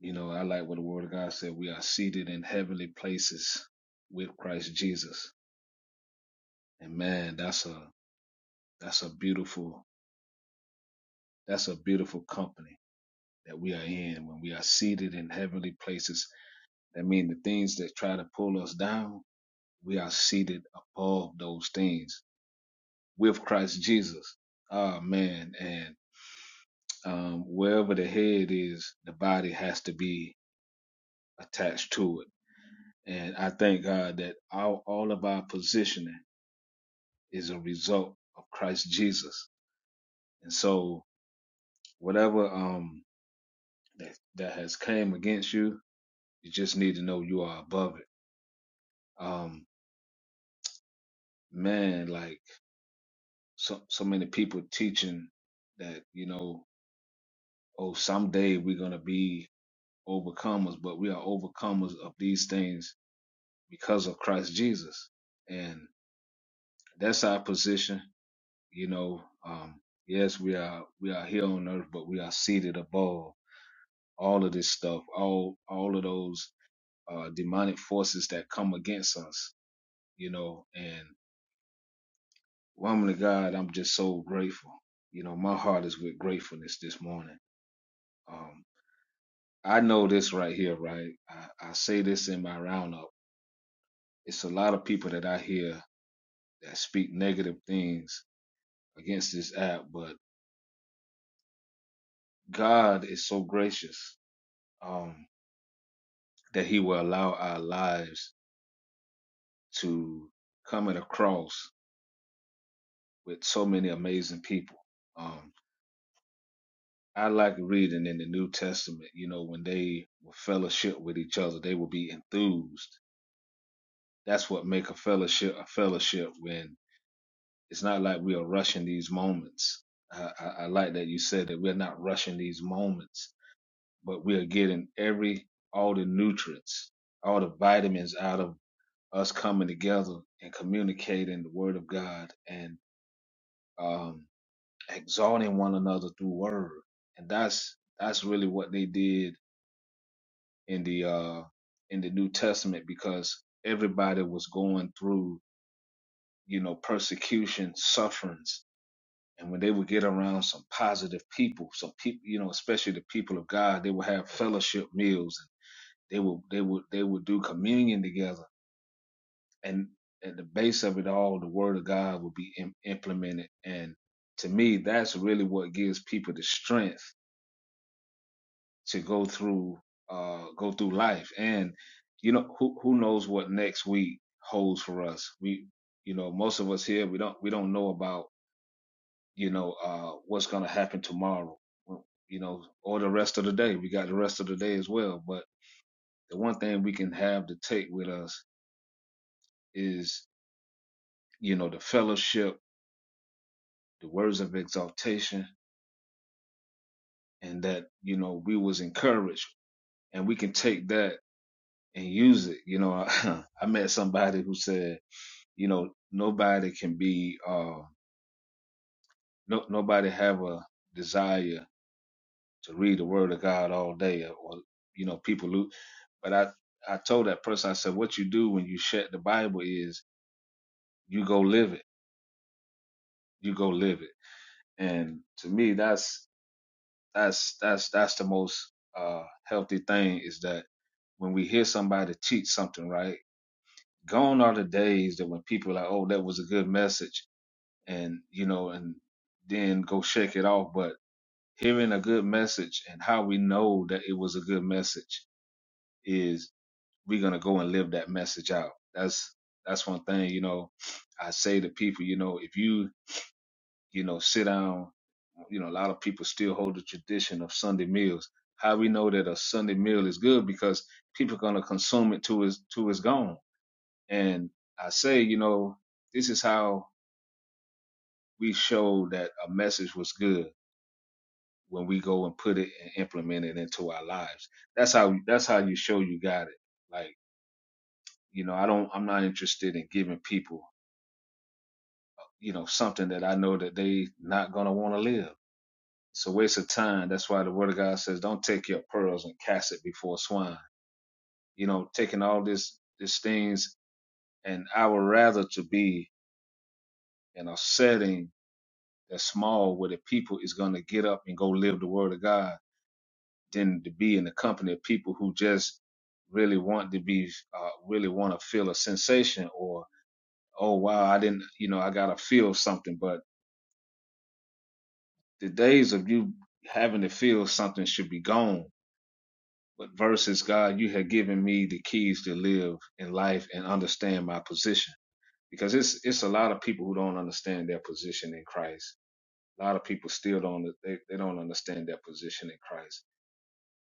G: you know, I like what the Word of God said: we are seated in heavenly places with Christ Jesus. And man, that's a that's a beautiful that's a beautiful company that we are in when we are seated in heavenly places. That means the things that try to pull us down, we are seated above those things with Christ Jesus. Ah man, and um, wherever the head is, the body has to be attached to it. And I thank God that all, all of our positioning is a result of Christ Jesus. And so whatever um, that, that has came against you, you just need to know you are above it. Um, man, like so, so many people teaching that, you know, oh, someday we're going to be overcomers, but we are overcomers of these things because of Christ Jesus. and. that's our position. You know, um, yes, we are we are here on earth, but we are seated above all of this stuff, all all of those uh, demonic forces that come against us. You know, and woman of God, I'm just so grateful. You know, my heart is with gratefulness this morning. Um, I know this right here, right? I, I say this in my roundup. It's a lot of people that I hear that speak negative things against this app, but God is so gracious. Um, that he will allow our lives to come at a cross with so many amazing people. Um, I like reading in the New Testament, you know, when they will fellowship with each other, they will be enthused. That's what make a fellowship a fellowship when it's not like we are rushing these moments. I, I, I like that you said that we're not rushing these moments, but we are getting every all the nutrients, all the vitamins out of us coming together and communicating the word of God and um, exalting one another through word. And that's that's really what they did in the uh, in the New Testament because everybody was going through you know persecution, sufferings. And when they would get around some positive people, some people, you know, especially the people of God, they would have fellowship meals. They would, they would, they would do communion together and at the base of it all, the word of God will be im- implemented. And to me, that's really what gives people the strength to go through, uh, go through life. And you know, who who knows what next week holds for us? We, you know, most of us here, we don't we don't know about you know uh, what's going to happen tomorrow, Well, you know, or the rest of the day. We got the rest of the day as well. But the one thing we can have to take with us is you know the fellowship the words of exaltation and that you know we was encouraged and we can take that and use it you know [laughs] i, met somebody who said you know nobody can be uh no, nobody have a desire to read the word of god all day or you know people lose but i i told that person i said what you do when you shut the bible is you go live it you go live it and to me that's That's that's that's the most uh healthy thing is that when we hear somebody teach something, right? Gone are the days that when people are like, oh, that was a good message, and you know, and then go shake it off. But hearing a good message and how we know that it was a good message is we're gonna go and live that message out. That's that's one thing, you know. I say to people, you know, if you you know, sit down. You know, a lot of people still hold the tradition of Sunday meals. How we know that a Sunday meal is good because people are gonna consume it till it's till it's gone. And I say, you know, this is how we show that a message was good when we go and put it and implement it into our lives. That's how that's how you show you got it. Like, you know, I don't I'm not interested in giving people, you know, something that I know that they not gonna wanna live It's a waste of time. That's why the word of God says, don't take your pearls and cast it before swine. You know, taking all this, these things, and I would rather to be in a setting that's small where the people is going to get up and go live the word of God than to be in the company of people who just really want to be, uh, really want to feel a sensation or, oh, wow, I didn't, you know, I got to feel something. But the days of you having to feel something should be gone But versus God, you have given me the keys to live in life and understand my position. Because it's it's a lot of people who don't understand their position in Christ. A lot of people still don't they, they don't understand their position in Christ.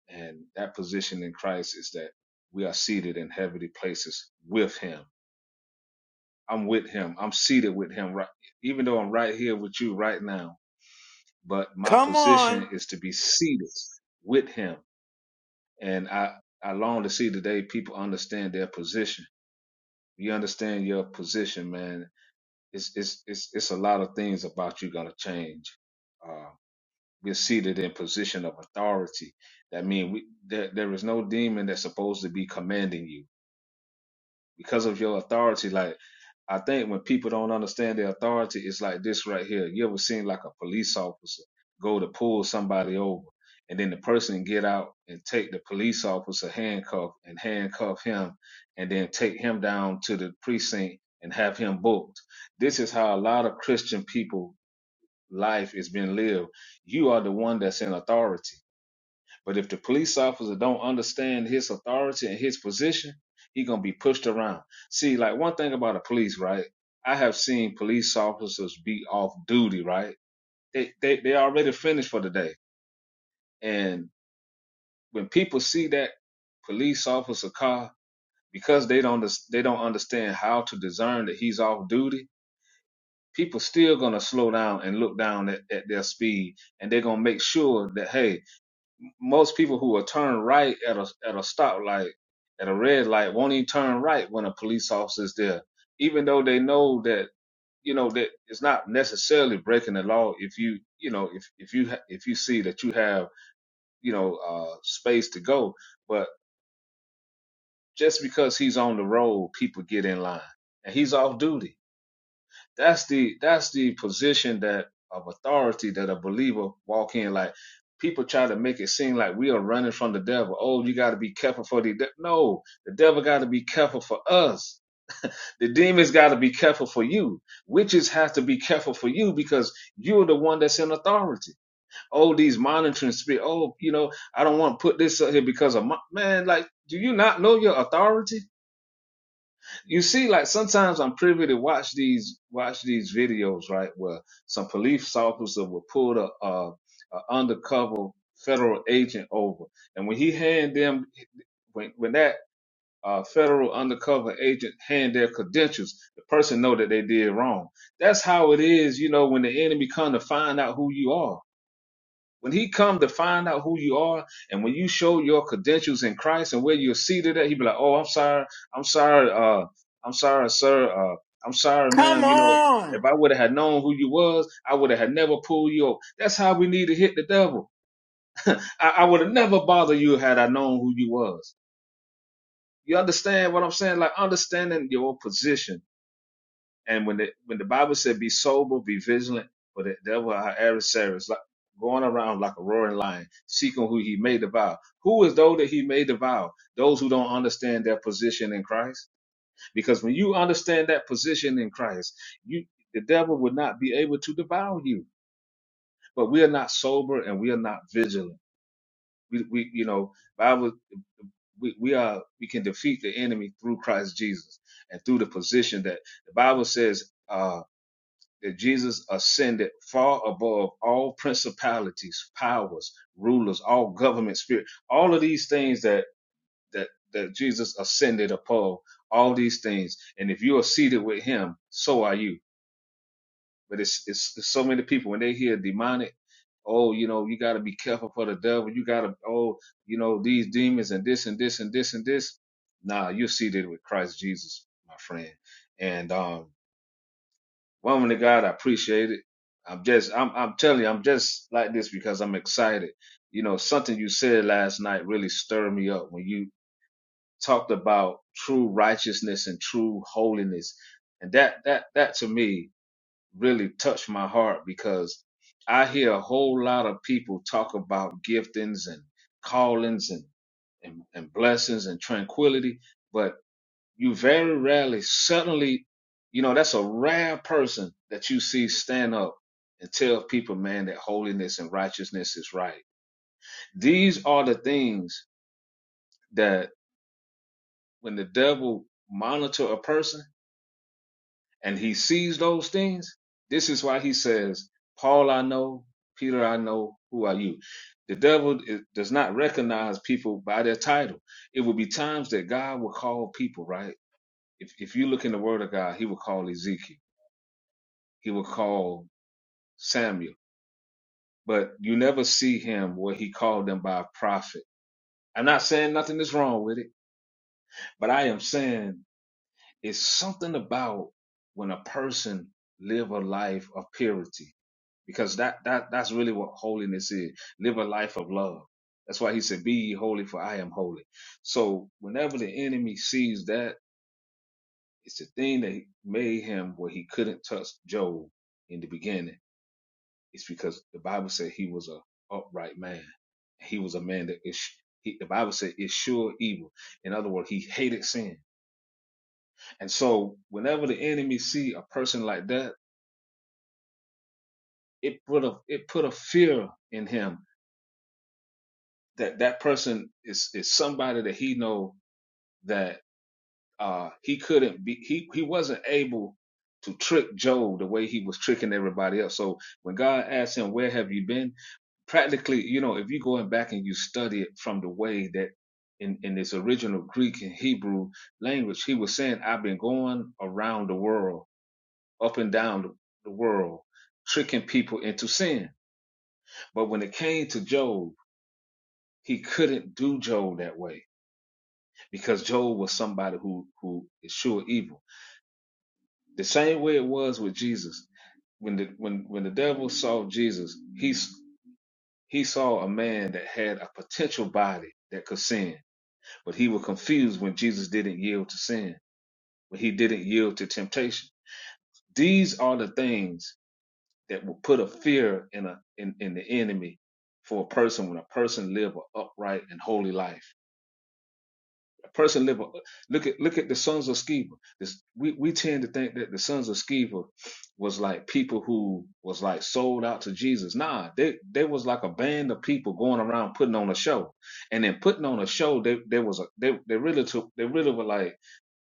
G: And that position in Christ is that we are seated in heavenly places with him. I'm with him. I'm seated with him right even though I'm right here with you right now, but my
A: Come on.
G: position is to be seated with him. And I, I long to see today people understand their position you understand your position, man, it's it's it's it's a lot of things about you gonna change. Uh, we're seated in position of authority. That means we there there is no demon that's supposed to be commanding you because of your authority. Like I think when people don't understand their authority, it's like this right here. You ever seen like a police officer go to pull somebody over and then the person get out and take the police officer handcuff and handcuff him and then take him down to the precinct and have him booked. This is how a lot of Christian people life is being lived. You are the one that's in authority but if the police officer don't understand his authority and his position, he gonna be pushed around. See, like one thing about the police, right? I have seen police officers be off duty, right? They they they already finished for the day, and when people see that police officer car, because they don't they don't understand how to discern that he's off duty, people still gonna slow down and look down at, at their speed, and they're gonna make sure that hey, most people who will turn right at a at a stoplight, at a red light, won't even turn right when a police officer's there, even though they know that you know that it's not necessarily breaking the law if you you know if if you ha- if you see that you have you know uh space to go, but just because he's on the road, people get in line, and he's off duty that's the that's the position that of authority that a believer walk in like people try to make it seem like we are running from the devil oh you got to be careful for the de-. no the devil got to be careful for us the demons got to be careful for you witches have to be careful for you because you're the one that's in authority oh these monitoring spirit oh you know i don't want to put this up here because of my man like do you not know your authority you see, like sometimes I'm privy to watch these watch these videos, right, where some police officer will pull a, a, a undercover federal agent over, and when he hand them when when that uh, federal undercover agent hand their credentials, the person know that they did wrong. That's how it is, you know, when the enemy come to find out who you are when he come to find out who you are, and when you show your credentials in Christ and where you're seated at, he be like, "Oh, I'm sorry, I'm sorry, uh, I'm sorry, sir, uh, I'm sorry,
A: Come
G: ma'am. You know,
A: on.
G: if I would have had known who you was, I would have had never pulled you up. That's how we need to hit the devil. I, I would have never bothered you had I known who you was. You understand what I'm saying? Like understanding your position and when the when the Bible said, "Be sober, be vigilant," for the devil our adversary is like going around like a roaring lion, seeking who he may devour. Who is those that he may devour? Those who don't understand their position in Christ. Because when you understand that position in Christ, you the devil would not be able to devour you. But we are not sober and we are not vigilant. We, we you know, Bible. We, we are we can defeat the enemy through Christ Jesus and through the position that the Bible says. Uh, that Jesus ascended far above all principalities, powers, rulers, all government spirit, all of these things that that that Jesus ascended above, all these things. And if you are seated with him, so are you. But it's it's, it's so many people when they hear demonic, oh, you know, you gotta be careful for the devil, you gotta oh, you know, these demons and this and this and this and this. Nah, you're seated with Christ Jesus, my friend. And um Woman of God, I appreciate it. I'm just, I'm, I'm telling you, I'm just like this because I'm excited. You know, something you said last night really stirred me up when you talked about true righteousness and true holiness. And that, that, that to me really touched my heart because I hear a whole lot of people talk about giftings and callings and, and, and blessings and tranquility. but. You very rarely, suddenly, you know, that's a rare person that you see stand up and tell people, man, that holiness and righteousness is right. These are the things that when the devil monitor a person and he sees those things, this is why he says, Paul, I know, Peter, I know, who are you? The devil i- does not recognize people by their title. It will be times that God will call people, right? If, if you look in the word of God, he will call Ezekiel. he would call Samuel. But you never see him where he called them by a prophet. I'm not saying nothing is wrong with it, but I am saying it's something about when a person live a life of purity because that that that's really what holiness is. Live a life of love. That's why he said, "Be ye holy, for I am holy." So whenever the enemy sees that, it's the thing that made him where he couldn't touch Job in the beginning It's because the Bible said he was a upright man. He was a man that is he, the Bible said is sure evil. In other words, he hated sin. And so whenever the enemy see a person like that, it put a it put a fear in him that that person is is somebody that he know that Uh, he couldn't be, he, he wasn't able to trick Job the way he was tricking everybody else. So when God asked him, where have you been? Practically, you know, if you going back and you study it from the way that in, in its original Greek and Hebrew language, he was saying, I've been going around the world, up and down the the world, tricking people into sin. But when it came to Job, he couldn't do Job that way because Job was somebody who, who is sure evil. The same way it was with Jesus. When the when when the devil saw Jesus, he he saw a man that had a potential body that could sin, but he was confused when Jesus didn't yield to sin, when he didn't yield to temptation. These are the things that will put a fear in a in, in the enemy for a person when a person live an upright and holy life. person live. Look at look at the sons of Sceva. This we we tend to think that the sons of Sceva was like people who was like sold out to Jesus. Nah, they they was like a band of people going around putting on a show, and then putting on a show. They there was a they they really took they really were like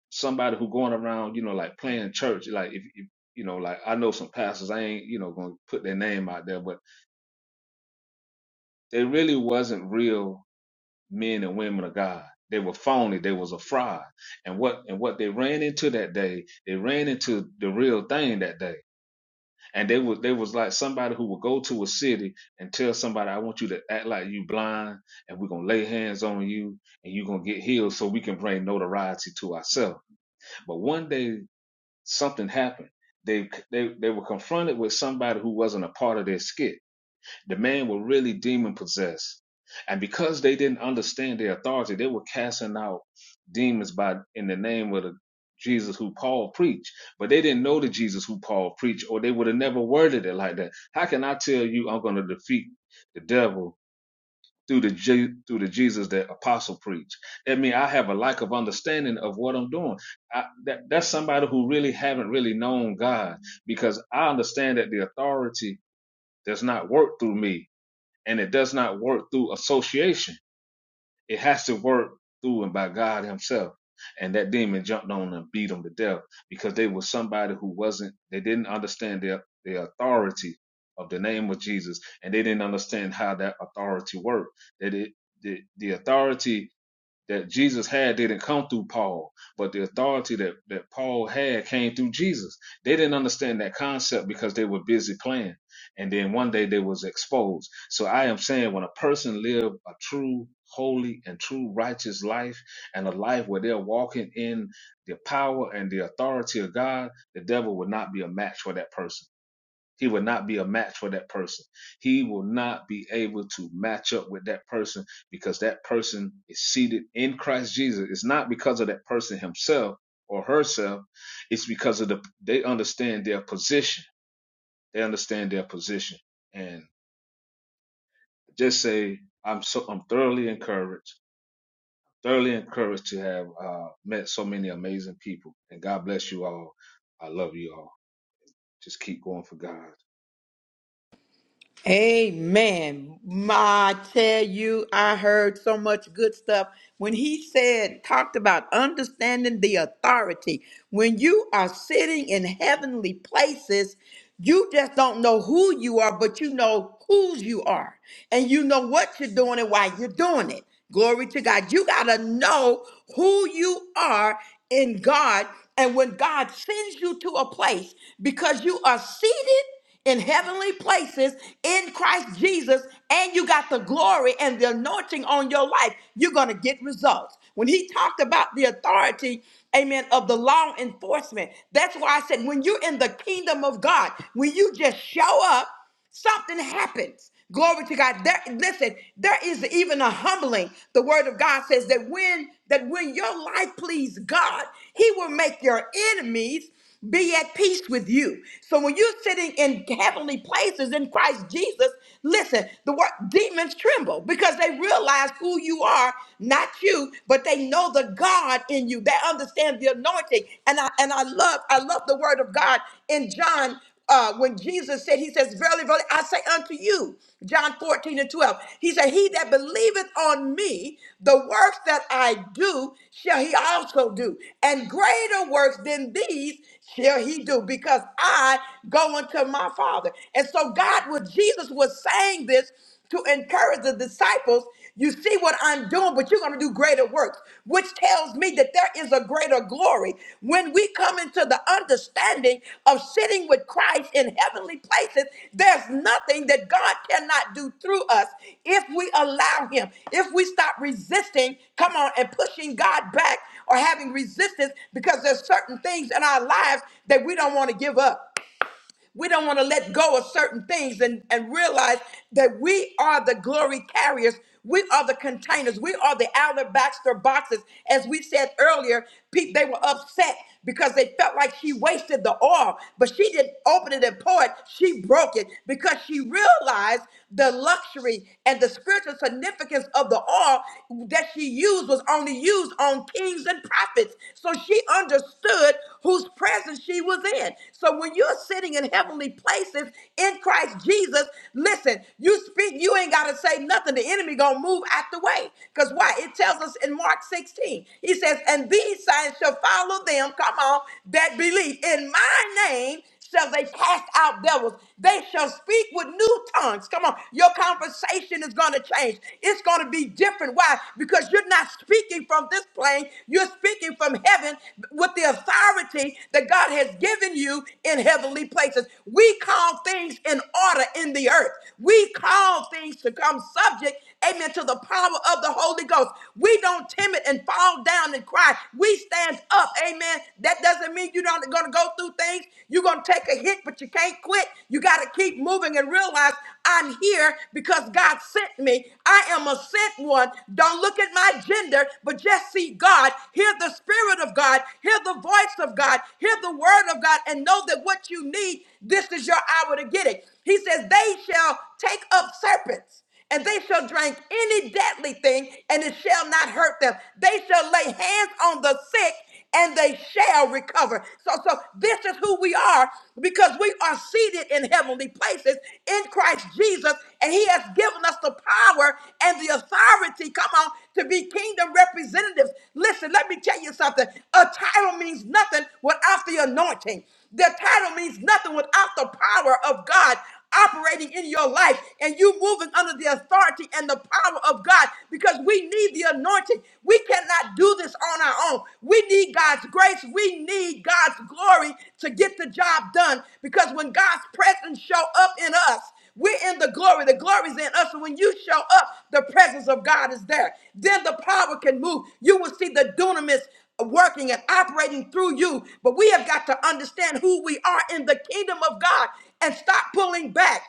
G: somebody who going around you know like playing church. Like if, if you know like I know some pastors I ain't you know gonna put their name out there, but they really wasn't real men and women of God. They were phony. They was a fraud. And what and what they ran into that day, they ran into the real thing that day. And they was they was like somebody who would go to a city and tell somebody, "I want you to act like you blind, and we're gonna lay hands on you, and you're gonna get healed, so we can bring notoriety to ourselves." But one day something happened. They they they were confronted with somebody who wasn't a part of their skit the man were really demon possessed. And because they didn't understand their authority, they were casting out demons by in the name of the Jesus who Paul preached. But they didn't know the Jesus who Paul preached, or they would have never worded it like that. How can I tell you I'm going to defeat the devil through the Je- through the Jesus that apostle preached? That means I have a lack of understanding of what I'm doing. I, that, that's somebody who really haven't really known God, because I understand that the authority does not work through me and it does not work through association. It has to work through and by God Himself. And that demon jumped on and beat them to death because they were somebody who wasn't. They didn't understand their the authority of the name of Jesus, and they didn't understand how that authority worked. That it the, the authority that Jesus had didn't come through Paul, but the authority that, that Paul had came through Jesus. They didn't understand that concept because they were busy playing. And then one day they was exposed. So I am saying when a person live a true, holy and true righteous life and a life where they're walking in the power and the authority of God, the devil would not be a match for that person he will not be a match for that person. He will not be able to match up with that person because that person is seated in Christ Jesus. It's not because of that person himself or herself. It's because of the they understand their position. They understand their position. And just say I'm so I'm thoroughly encouraged. Thoroughly encouraged to have uh, met so many amazing people. And God bless you all. I love you all. Just keep going for God. Uh,
A: Amen. Ma, I tell you, I heard so much good stuff. When he said, talked about understanding the authority, when you are sitting in heavenly places, you just don't know who you are, but you know whose you are. And you know what you're doing and why you're doing it. Glory to God. You got to know who you are in God. And when God sends you to a place because you are seated in heavenly places in Christ Jesus and you got the glory and the anointing on your life, you're going to get results. When he talked about the authority, amen, of the law enforcement, that's why I said when you're in the kingdom of God, when you just show up, something happens. Glory to God. There, listen, there is even a humbling. The word of God says that when that when your life please God, he will make your enemies be at peace with you. So when you're sitting in heavenly places in Christ Jesus, listen, the word demons tremble because they realize who you are, not you, but they know the God in you. They understand the anointing. And I and I love I love the word of God in John uh, when Jesus said, He says, Verily, verily, I say unto you, John 14 and 12, He said, He that believeth on me, the works that I do shall he also do, and greater works than these shall he do, because I go unto my Father. And so, God, what Jesus was saying this to encourage the disciples you see what I'm doing, but you're going to do greater works, which tells me that there is a greater glory. When we come into the understanding of sitting with Christ in heavenly places, there's nothing that God cannot do through us if we allow Him, if we stop resisting, come on, and pushing God back or having resistance because there's certain things in our lives that we don't want to give up. We don't want to let go of certain things and, and realize that we are the glory carriers. We are the containers. We are the outer Baxter boxes. As we said earlier, pe- they were upset because they felt like she wasted the oil, but she didn't open it and pour it. She broke it because she realized the luxury and the spiritual significance of the oil that she used was only used on kings and prophets. So she understood whose presence she was in. So when you're sitting in heavenly places in Christ Jesus, listen, you speak, you ain't gotta say nothing. The enemy gonna move out the way. Because why? It tells us in Mark 16, he says, and these signs shall follow them, come on, that believe in my name shall they cast out devils. They shall speak with new tongues. Come on, your conversation is going to change. It's going to be different. Why? Because you're not speaking from this plane. You're speaking from heaven with the authority that God has given you in heavenly places. We call things in order in the earth. We call things to come subject Amen. To the power of the Holy Ghost. We don't timid and fall down and cry. We stand up. Amen. That doesn't mean you're not going to go through things. You're going to take a hit, but you can't quit. You got to keep moving and realize I'm here because God sent me. I am a sent one. Don't look at my gender, but just see God. Hear the Spirit of God. Hear the voice of God. Hear the word of God and know that what you need, this is your hour to get it. He says, They shall take up serpents and they shall drink any deadly thing, and it shall not hurt them. They shall lay hands on the sick, and they shall recover. So, so this is who we are because we are seated in heavenly places in Christ Jesus, and He has given us the power and the authority. Come on, to be kingdom representatives. Listen, let me tell you something. A title means nothing without the anointing. The title means nothing without the power of God operating in your life and you moving under the authority and the power of God because we need the anointing. We cannot do this on our own. We need God's grace. We need God's glory to get the job done because when God's presence show up in us, we're in the glory. The glory's in us. And when you show up, the presence of God is there. Then the power can move. You will see the dunamis working and operating through you. But we have got to understand who we are in the kingdom of God and stop pulling back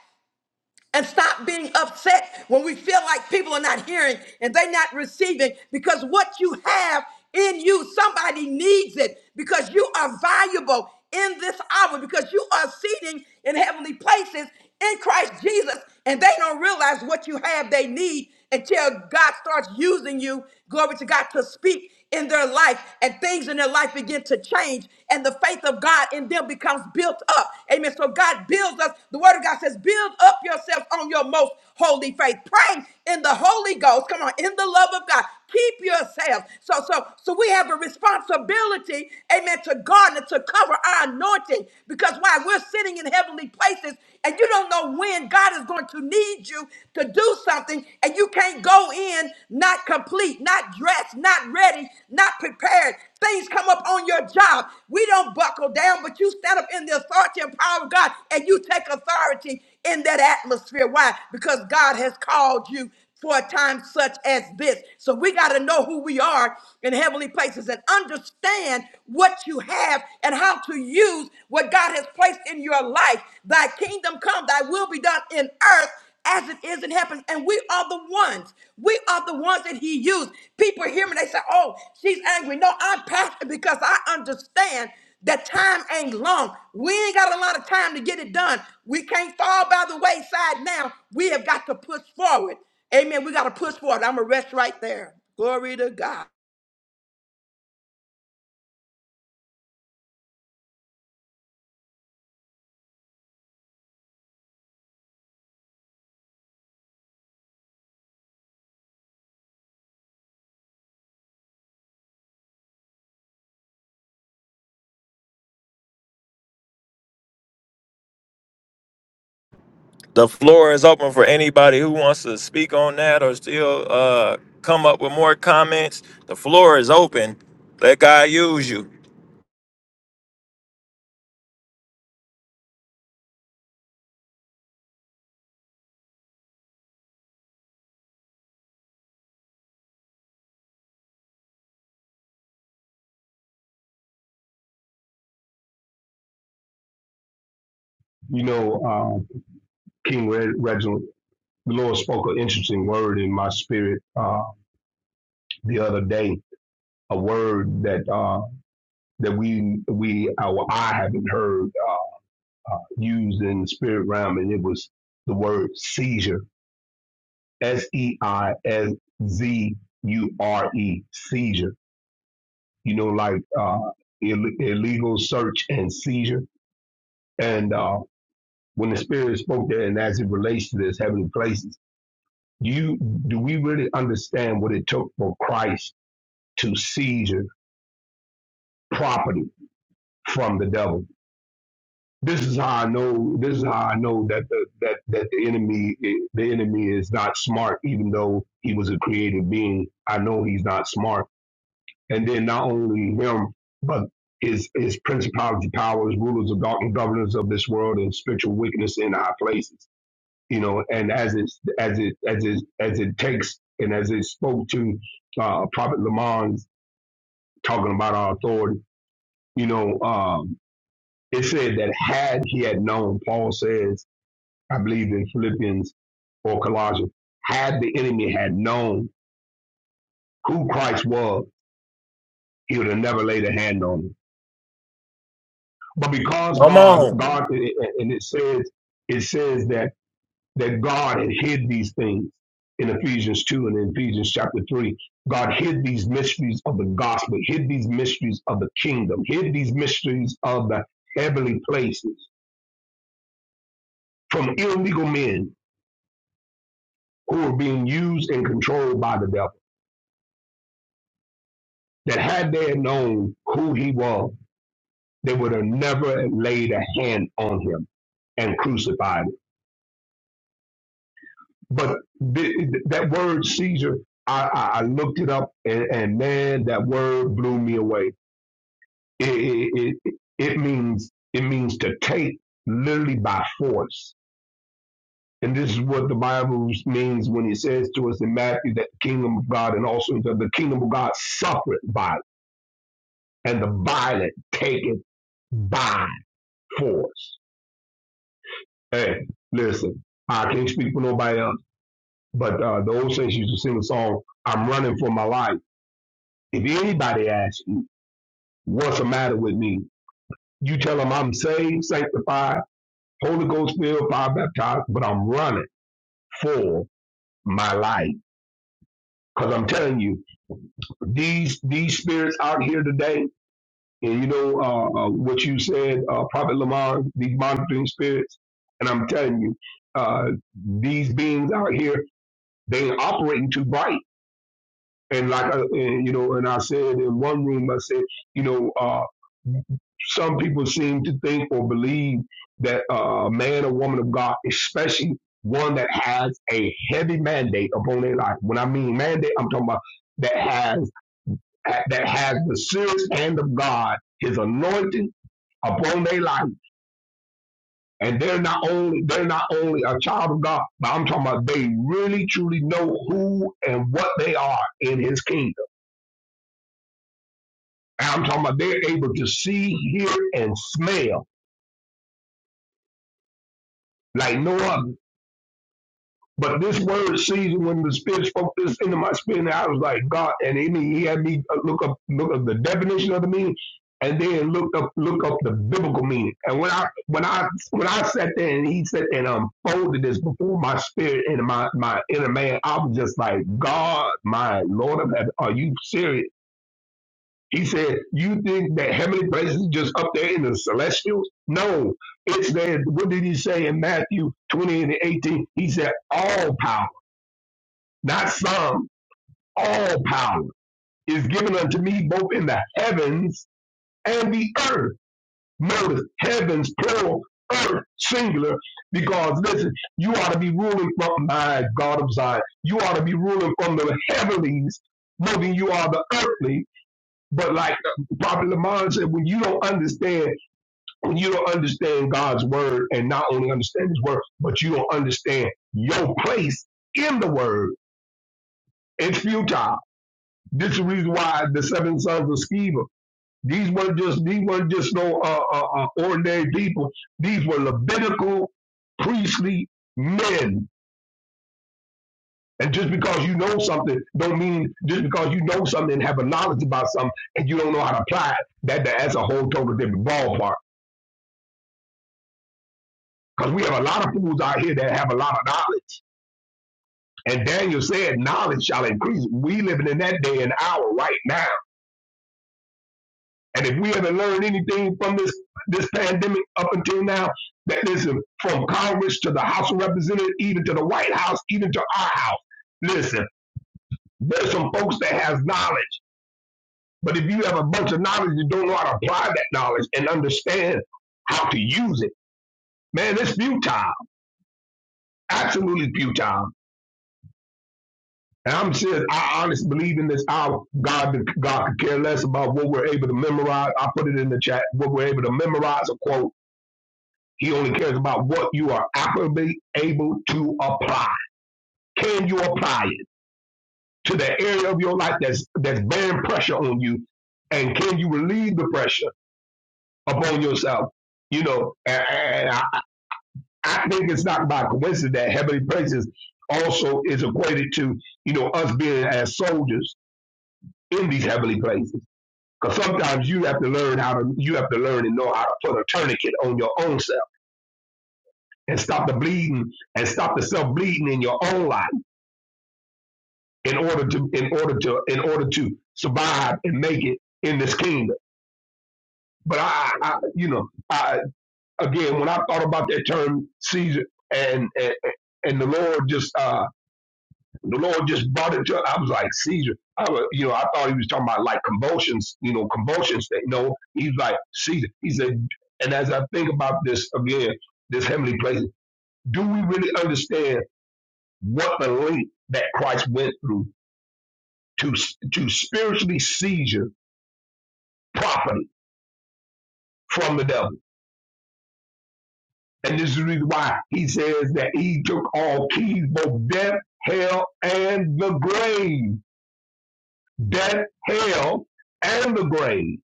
A: and stop being upset when we feel like people are not hearing and they're not receiving because what you have in you, somebody needs it because you are valuable in this hour because you are seating in heavenly places in Christ Jesus and they don't realize what you have they need until God starts using you, glory to God, to speak in their life and things in their life begin to change and the faith of God in them becomes built up. Amen. So God builds us. The word of God says, build up yourselves on your most holy faith. Pray in the Holy Ghost. Come on, in the love of God. Keep yourselves. So, so, so we have a responsibility, amen, to guard and to cover our anointing. Because why? We're sitting in heavenly places and you don't know when God is going to need you to do something and you can't go in not complete, not dressed, not ready, not prepared. Things come up on your job. We don't buckle down, but you stand up in the authority and power of God and you take authority in that atmosphere. Why? Because God has called you for a time such as this. So we got to know who we are in heavenly places and understand what you have and how to use what God has placed in your life. Thy kingdom come, thy will be done in earth as it is in heaven. And we are the ones. We are the ones that he used. People hear me, they say, oh, she's angry. No, I'm passionate because I understand that time ain't long. We ain't got a lot of time to get it done. We can't fall by the wayside now. We have got to push forward. Amen. We got to push forward. I'm going to rest right there. Glory to God.
C: The floor is open for anybody who wants to speak on that or still uh, come up with more comments. The floor is open. Let God use you.
F: You know, uh, King Reg- Reginald, the Lord spoke an interesting word in my spirit uh, the other day. A word that uh, that we we our I haven't heard uh, uh, used in the spirit realm, and it was the word seizure. S E I S Z U R E seizure. You know, like uh, Ill- illegal search and seizure. And uh, when the Spirit spoke there, and as it relates to this heavenly places, do you do we really understand what it took for Christ to seizure property from the devil? This is how I know. This is how I know that the that that the enemy eh, the enemy is not smart. Even though he was a created being, I know he's not smart. And then not only him, but his his principality, powers, rulers of darkness, governors of this world, and spiritual wickedness in high places you know, and as it as it as it as it takes and as it spoke to uh, Prophet Lamont's talking about our authority, you know, um, it said that had he had known, Paul says, I believe in Philippians or Colossians, had the enemy had known who Christ was, he would have never laid a hand on him. But because
C: Come
F: God,
C: on.
F: God, and it says, it says that that God had hid these things in Ephesians 2 and in Ephesians chapter 3. God hid these mysteries of the gospel, hid these mysteries of the kingdom, hid these mysteries of the heavenly places from illegal men who were being used and controlled by the devil. That had they known who he was, they would have never laid a hand on him and crucified him. But th- th- that word Caesar, I, I, I looked it up and, and man, that word blew me away It, it, it, it means it means to take literally by force. And this is what the Bible means when it says to us in Matthew that the kingdom of God and also that the kingdom of God suffereth violence, and the violent take it by force. Hey, listen, I can't speak for nobody else, but uh, the old saints used to sing a song, I'm running for my life. If anybody asks you, what's the matter with me? You tell them I'm saved, sanctified, Holy Ghost filled, fire baptized, but I'm running for my life. Cause I'm telling you, these these spirits out here today, and you know uh, uh, what you said, uh, Prophet Lamar, these monitoring spirits, and I'm telling you, uh, these beings out here, they operating too bright. And like, uh, and, you know, and I said in one room, I said, you know, uh, some people seem to think or believe that uh, a man or woman of God, especially one that has a heavy mandate upon their life. When I mean mandate, I'm talking about that has that has the serious hand of God, His anointing upon their life, and they're not only they're not only a child of God, but I'm talking about they really truly know who and what they are in His kingdom. And I'm talking about they're able to see, hear, and smell like no other But this word season, when the Spirit spoke this into my spirit, I was like, God, and he, he had me uh, look up look up the definition of the meaning, and then look up look up the biblical meaning. And when I when I when I sat there and he sat there and unfolded this before my spirit and my my inner man, I was just like, God, my Lord of heaven, are you serious? He said, "You think that heavenly places is just up there in the celestials? No, it's there. What did he say in Matthew twenty and eighteen? He said, "All power." not some, all power is given unto me both in the heavens and the earth. Notice heavens, plural, earth, singular, because listen, you ought to be ruling from my God of Zion. You ought to be ruling from the heavenlies more than you are the earthly. But like Prophet Lamont said, when you don't understand, when you don't understand God's word and not only understand his word, but you don't understand your place in the word, it's futile This is the reason why the seven sons of Sceva. These weren't just these weren't just no uh, uh, uh, ordinary people. These were Levitical priestly men. And just because you know something, don't mean just because you know something and have a knowledge about something and you don't know how to apply it. That that's a whole total different ballpark. Because we have a lot of fools out here that have a lot of knowledge. And Daniel said, "Knowledge shall increase." We living in that day and hour right now And if we haven't learned anything from this this pandemic up until now, that listen, from Congress to the House of Representatives, even to the White House, even to our house, listen, there's some folks that has knowledge. But if you have a bunch of knowledge, you don't know how to apply that knowledge and understand how to use it. Man, it's futile. Absolutely futile. And I'm serious. I honestly believe in this hour. God, God could care less about what we're able to memorize. I put it in the chat. What we're able to memorize a quote He only cares about what you are actively able to apply. Can you apply it to the area of your life that's that's bearing pressure on you, and can you relieve the pressure upon yourself? You know, and, and I, I think it's not by coincidence that heavenly places also is equated to you know us being as soldiers in these heavenly places. Because sometimes you have to learn how to you have to learn and know how to put a tourniquet on your own self and stop the bleeding and stop the self bleeding in your own life in order to in order to in order to survive and make it in this kingdom. But I, I you know, I again when I thought about that term Caesar and and, and the Lord just uh the Lord just brought it to I was like Caesar. I was, you know, I thought he was talking about like convulsions, you know, convulsions that no, he's like Caesar. He said and as I think about this again, this heavenly place, do we really understand what the link that Christ went through to to spiritually seizure? property from the devil. And this is the reason why he says that he took all keys, both death, hell, and the grave. Death, hell, and the grave.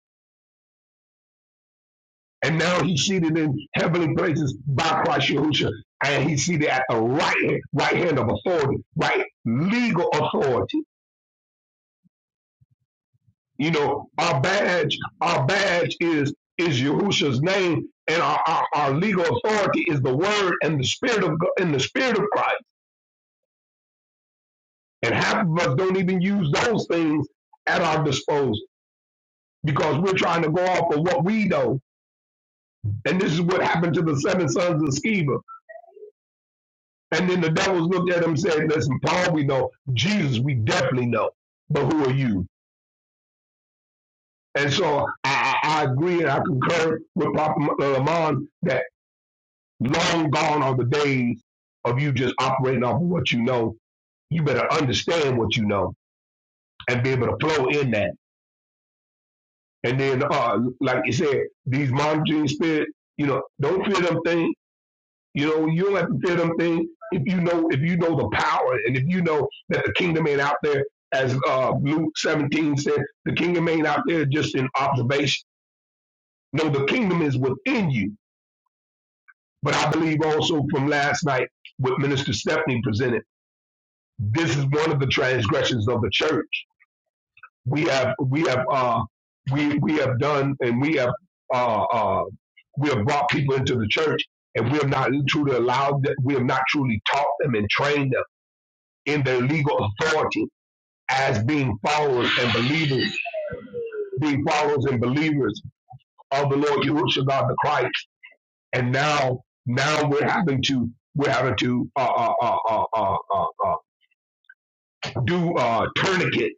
F: And now he's seated in heavenly places by Christ Yahushua. And he's seated at the right hand, right hand of authority, right legal authority. You know, our badge, our badge is is Yahusha's name, and our, our, our legal authority is the word and the spirit of Go- and the spirit of Christ. And half of us don't even use those things at our disposal because we're trying to go off of what we know. And this is what happened to the seven sons of Sceva. And then the devils looked at him and said, Listen, Paul, we know. Jesus, we definitely know. But who are you? And so I, I I agree and I concur with Papa uh, Lamont that long gone are the days of you just operating off of what you know. You better understand what you know and be able to flow in that And then, uh, like you said, these monitoring spirits, you know, don't fear them thing. You know, you don't have to fear them thing if you know if you know the power and if you know that the kingdom ain't out there, as uh, Luke 17 said, the kingdom ain't out there just in observation. No, the kingdom is within you. But I believe also from last night, what Minister Stephanie presented, this is one of the transgressions of the church we have we have uh we we have done and we have uh uh we have brought people into the church and we have not truly allowed that we have not truly taught them and trained them in their legal authority as being followers and believers being followers and believers of the Lord Yahushua God the Christ and now now we're having to we're having to uh uh uh uh uh, uh, uh do uh tourniquet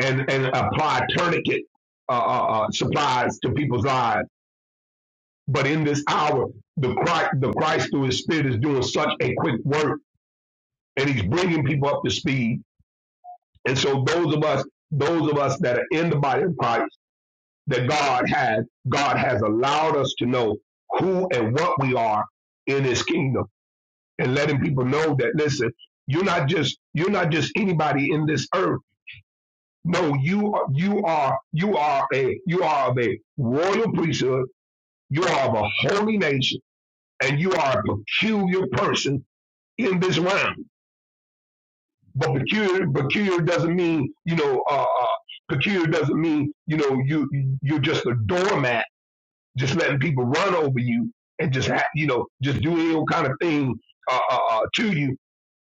F: and and apply tourniquet uh, uh, uh supplies to people's eyes. But in this hour, the Christ, the Christ through His Spirit is doing such a quick work, and He's bringing people up to speed. And so, those of us, those of us that are in the body of Christ, that God has, God has allowed us to know who and what we are in His kingdom, and letting people know that listen, you're not just you're not just anybody in this earth. No, you are, you are you are a you are of a royal priesthood. You are of a holy nation, and you are a peculiar person In this round, But peculiar, peculiar doesn't mean you know. Uh, uh, peculiar doesn't mean you know you you're just a doormat, just letting people run over you and just ha- you know just do any old kind of thing uh, uh, uh, to you.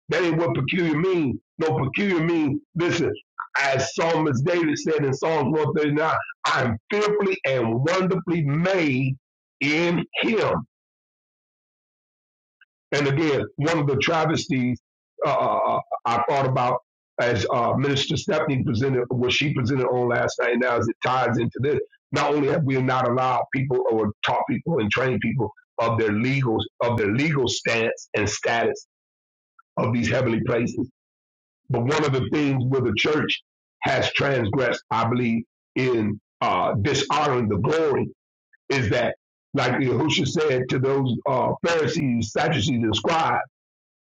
F: That ain't what peculiar mean. No, peculiar mean. Listen, as Psalmist David said in Psalms 139, I'm fearfully and wonderfully made in Him. And again, one of the travesties uh, uh, uh, I thought about as uh, Minister Stephanie presented what she presented on last night, and now as it ties into this, not only have we not allowed people or taught people and trained people of their legal of their legal stance and status of these heavenly places, but one of the things where the church has transgressed, I believe, in uh, dishonoring the glory is that, like Yahushua said to those uh, Pharisees, Sadducees, and scribes.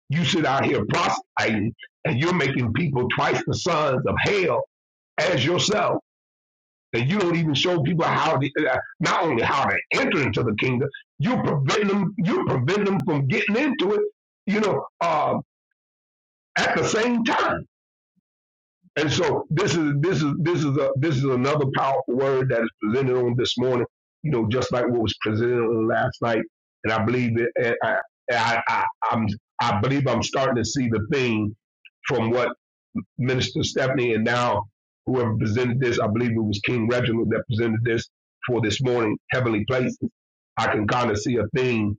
F: You sit out here prostituting and you're making people twice the sons of hell as yourself. And you don't even show people how to, uh, not only how to enter into the kingdom, you prevent them, you prevent them from getting into it, you know, uh, at the same time. And so this is this is this is a this is another powerful word that is presented on this morning, you know, just like what was presented on last night. And I believe it. And I, I, I, I'm I believe I'm starting to see the theme from what Minister Stephanie, and now whoever presented this, I believe it was King Reginald that presented this for this morning, Heavenly Places. I can kind of see a theme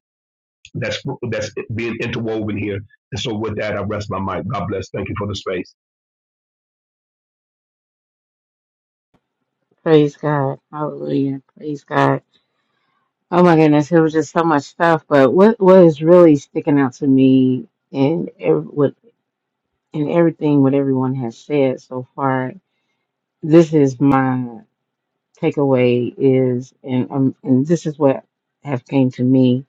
F: that's that's being interwoven here. And so with that, I rest my mic. God bless. Thank you for the space.
B: Praise God. Hallelujah. Praise God. Oh my goodness, it was just so much stuff. But what what is really sticking out to me in ev- what in everything what everyone has said so far, this is my takeaway is and um, and this is what have came to me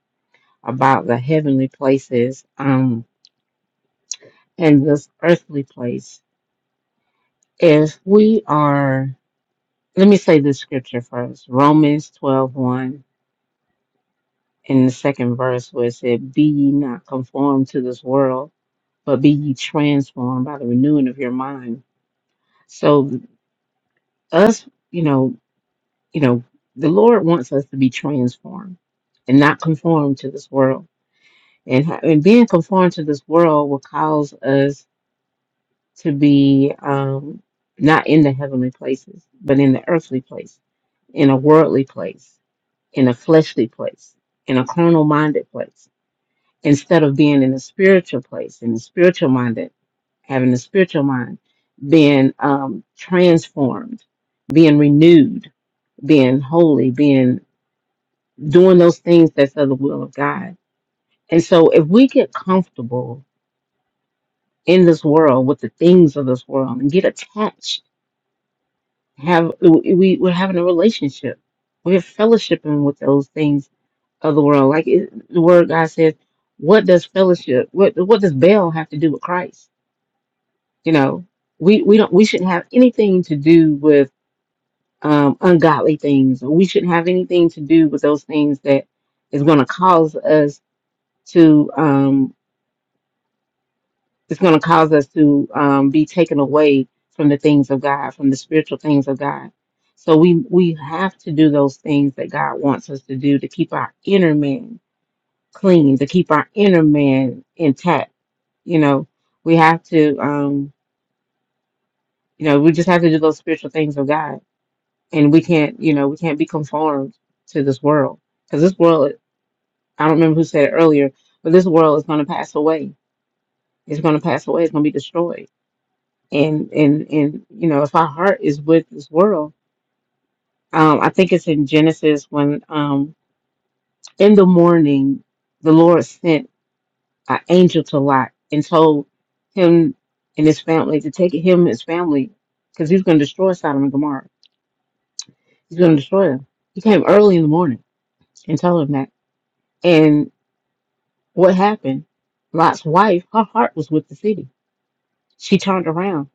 B: about the heavenly places. Um in this earthly place. If we are, let me say this scripture first Romans twelve one, in the second verse, where it said, Be ye not conformed to this world, but be ye transformed by the renewing of your mind. So, us, you know, you know, the Lord wants us to be transformed and not conformed to this world. And, ha- and being conformed to this world will cause us to be um, not in the heavenly places, but in the earthly place, in a worldly place, in a fleshly place, in a carnal minded place, instead of being in a spiritual place, in the spiritual minded, having the spiritual mind, being um, transformed, being renewed, being holy, being doing those things that's of the will of God. And so if we get comfortable in this world with the things of this world and get attached have we we're having a relationship. We're fellowshipping with those things of the world. Like it, the word God says, what does fellowship? What what does Baal have to do with Christ? You know, we we don't we shouldn't have anything to do with um, ungodly things. We shouldn't have anything to do with those things that is going to cause us to. um, It's going to cause us to um, be taken away from the things of God, from the spiritual things of God. So we we have to do those things that God wants us to do to keep our inner man clean, to keep our inner man intact. You know, we have to, um, you know, we just have to do those spiritual things of God, and we can't, you know, we can't be conformed to this world because this world. I don't remember who said it earlier, but this world is going to pass away. It's going to pass away. It's going to be destroyed and and and you know if our heart is with this world um i think it's in genesis when um in the morning the lord sent an angel to lot and told him and his family to take him and his family because he's going to destroy sodom and gomorrah he's going to destroy them he came early in the morning and told him that and what happened lot's wife her heart was with the city she turned around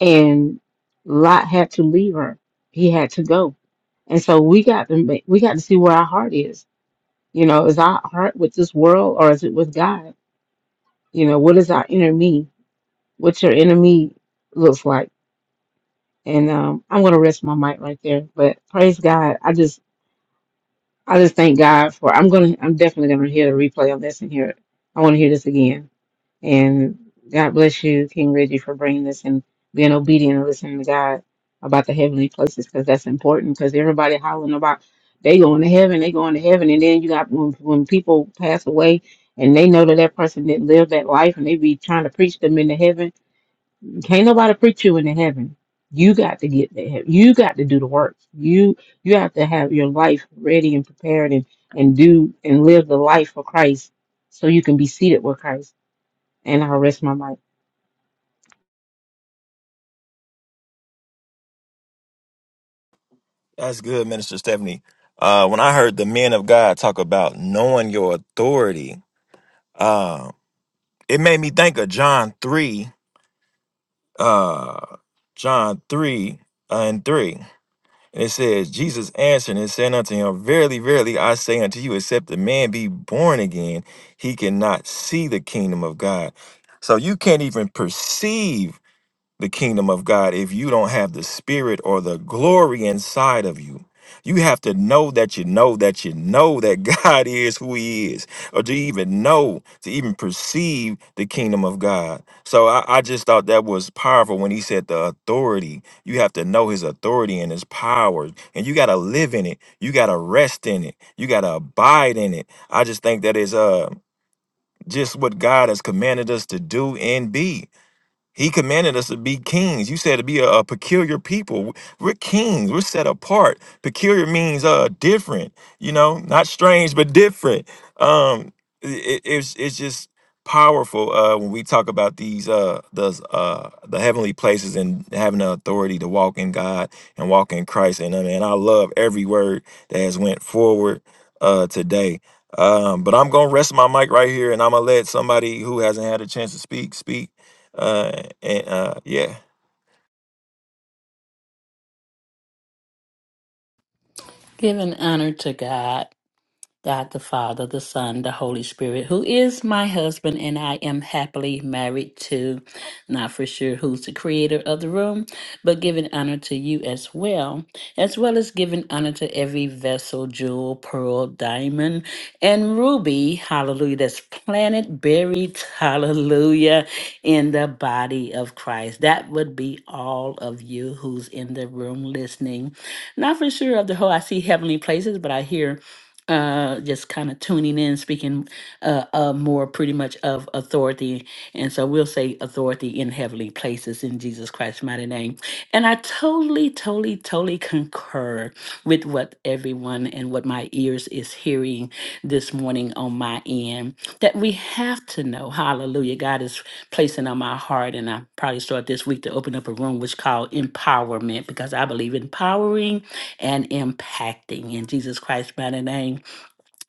B: and lot had to leave her he had to go And so we got to make, we got to see where our heart is. You know, is our heart with this world or is it with God? You know, what is our inner me? What your inner me looks like? And um, I'm gonna rest my mic right there. But praise God, I just I just thank God for. I'm gonna I'm definitely gonna hear the replay on this and hear it. I want to hear this again. And God bless you, King Reggie, for bringing this and being obedient and listening to God about the heavenly places because that's important. Because everybody hollering about they going to heaven, they going to heaven, and then you got when, when people pass away and they know that that person didn't live that life, and they be trying to preach them into heaven. Can't nobody preach you into heaven. You got to get to heaven. You got to do the work. You you have to have your life ready and prepared and and do and live the life for Christ so you can be seated with Christ. And I will rest my mind.
C: That's good, Minister Stephanie. Uh, when I heard the men of God talk about knowing your authority, it made me think of John 3, uh, John 3 and 3. And it says, Jesus answered and said unto him, Verily, verily, I say unto you, except a man be born again, he cannot see the kingdom of God. So you can't even perceive the kingdom of God if you don't have the spirit or the glory inside of you. You have to know that you know that you know that [laughs] God is who He is, or to even know, to even perceive the kingdom of God. So I, I just thought that was powerful when He said the authority. You have to know His authority and His power, and you got to live in it. You got to rest in it. You got to abide in it. I just think that is uh just what God has commanded us to do and be. He commanded us to be kings. You said to be a, a peculiar people. We're kings. We're set apart. Peculiar means uh different. You know, not strange, but different. Um, it, it's it's just powerful uh when we talk about these uh those uh the heavenly places and having the authority to walk in God and walk in Christ. And I mean, I love every word that has went forward uh today. Um, but I'm gonna rest my mic right here, and I'm gonna let somebody who hasn't had a chance to speak speak. Uh, and uh, yeah,
H: Giving honor to God. God the Father, the Son, the Holy Spirit, who is my husband, and I am happily married to. Not for sure who's the creator of the room, but giving honor to you as well, as well as giving honor to every vessel, jewel, pearl, diamond, and ruby, hallelujah, that's planted, buried, hallelujah, in the body of Christ. That would be all of you who's in the room listening. Not for sure of the whole, I see heavenly places, but I hear uh just kind of tuning in speaking uh, uh more pretty much of authority and so we'll say authority in heavenly places in jesus christ's mighty name and i totally totally totally concur with what everyone and what my ears is is hearing this morning on my end that we have to know. Hallelujah. God is placing on my heart, and I probably start this week to open up a room which called empowerment because I believe in empowering and impacting in Jesus Christ's mighty name.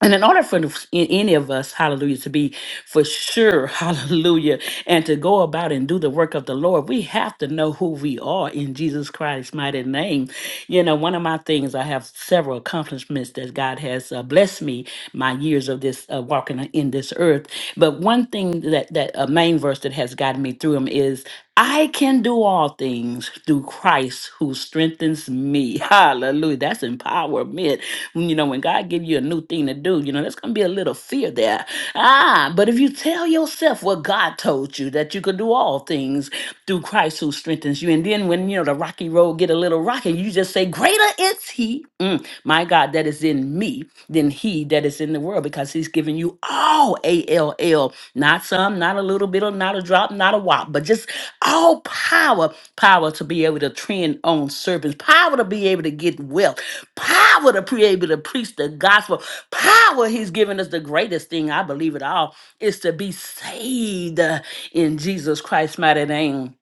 H: And in order for the- in- any of us, hallelujah, to be for sure, [laughs] hallelujah, and to go about and do the work of the Lord, we have to know who we are in Jesus Christ's mighty name. You know, one of my things, I have several accomplishments that God has uh, blessed me my years of this uh, walking in this earth. But one thing that that a main verse that has gotten me through them is. I can do can do all things through Christ who strengthens me. [laughs] Hallelujah. That's empowerment. You know, when God give you a new thing to do, you know, there's going to be a little fear there. Ah, but if you tell yourself what God told you, that you could do all things through Christ who strengthens you. And then when, you know, the rocky road get a little rocky, you just say, greater is he, mm, my God, that is in me he that is in the world because he's given you all ALL, not some, not a little bit, or not a drop, not a wop, but just all power power to be able to trend on serpents, power to be able to get wealth, power to be able to preach the gospel, power he's given us the greatest thing, I believe it all, is to be saved uh, in Jesus Christ's mighty name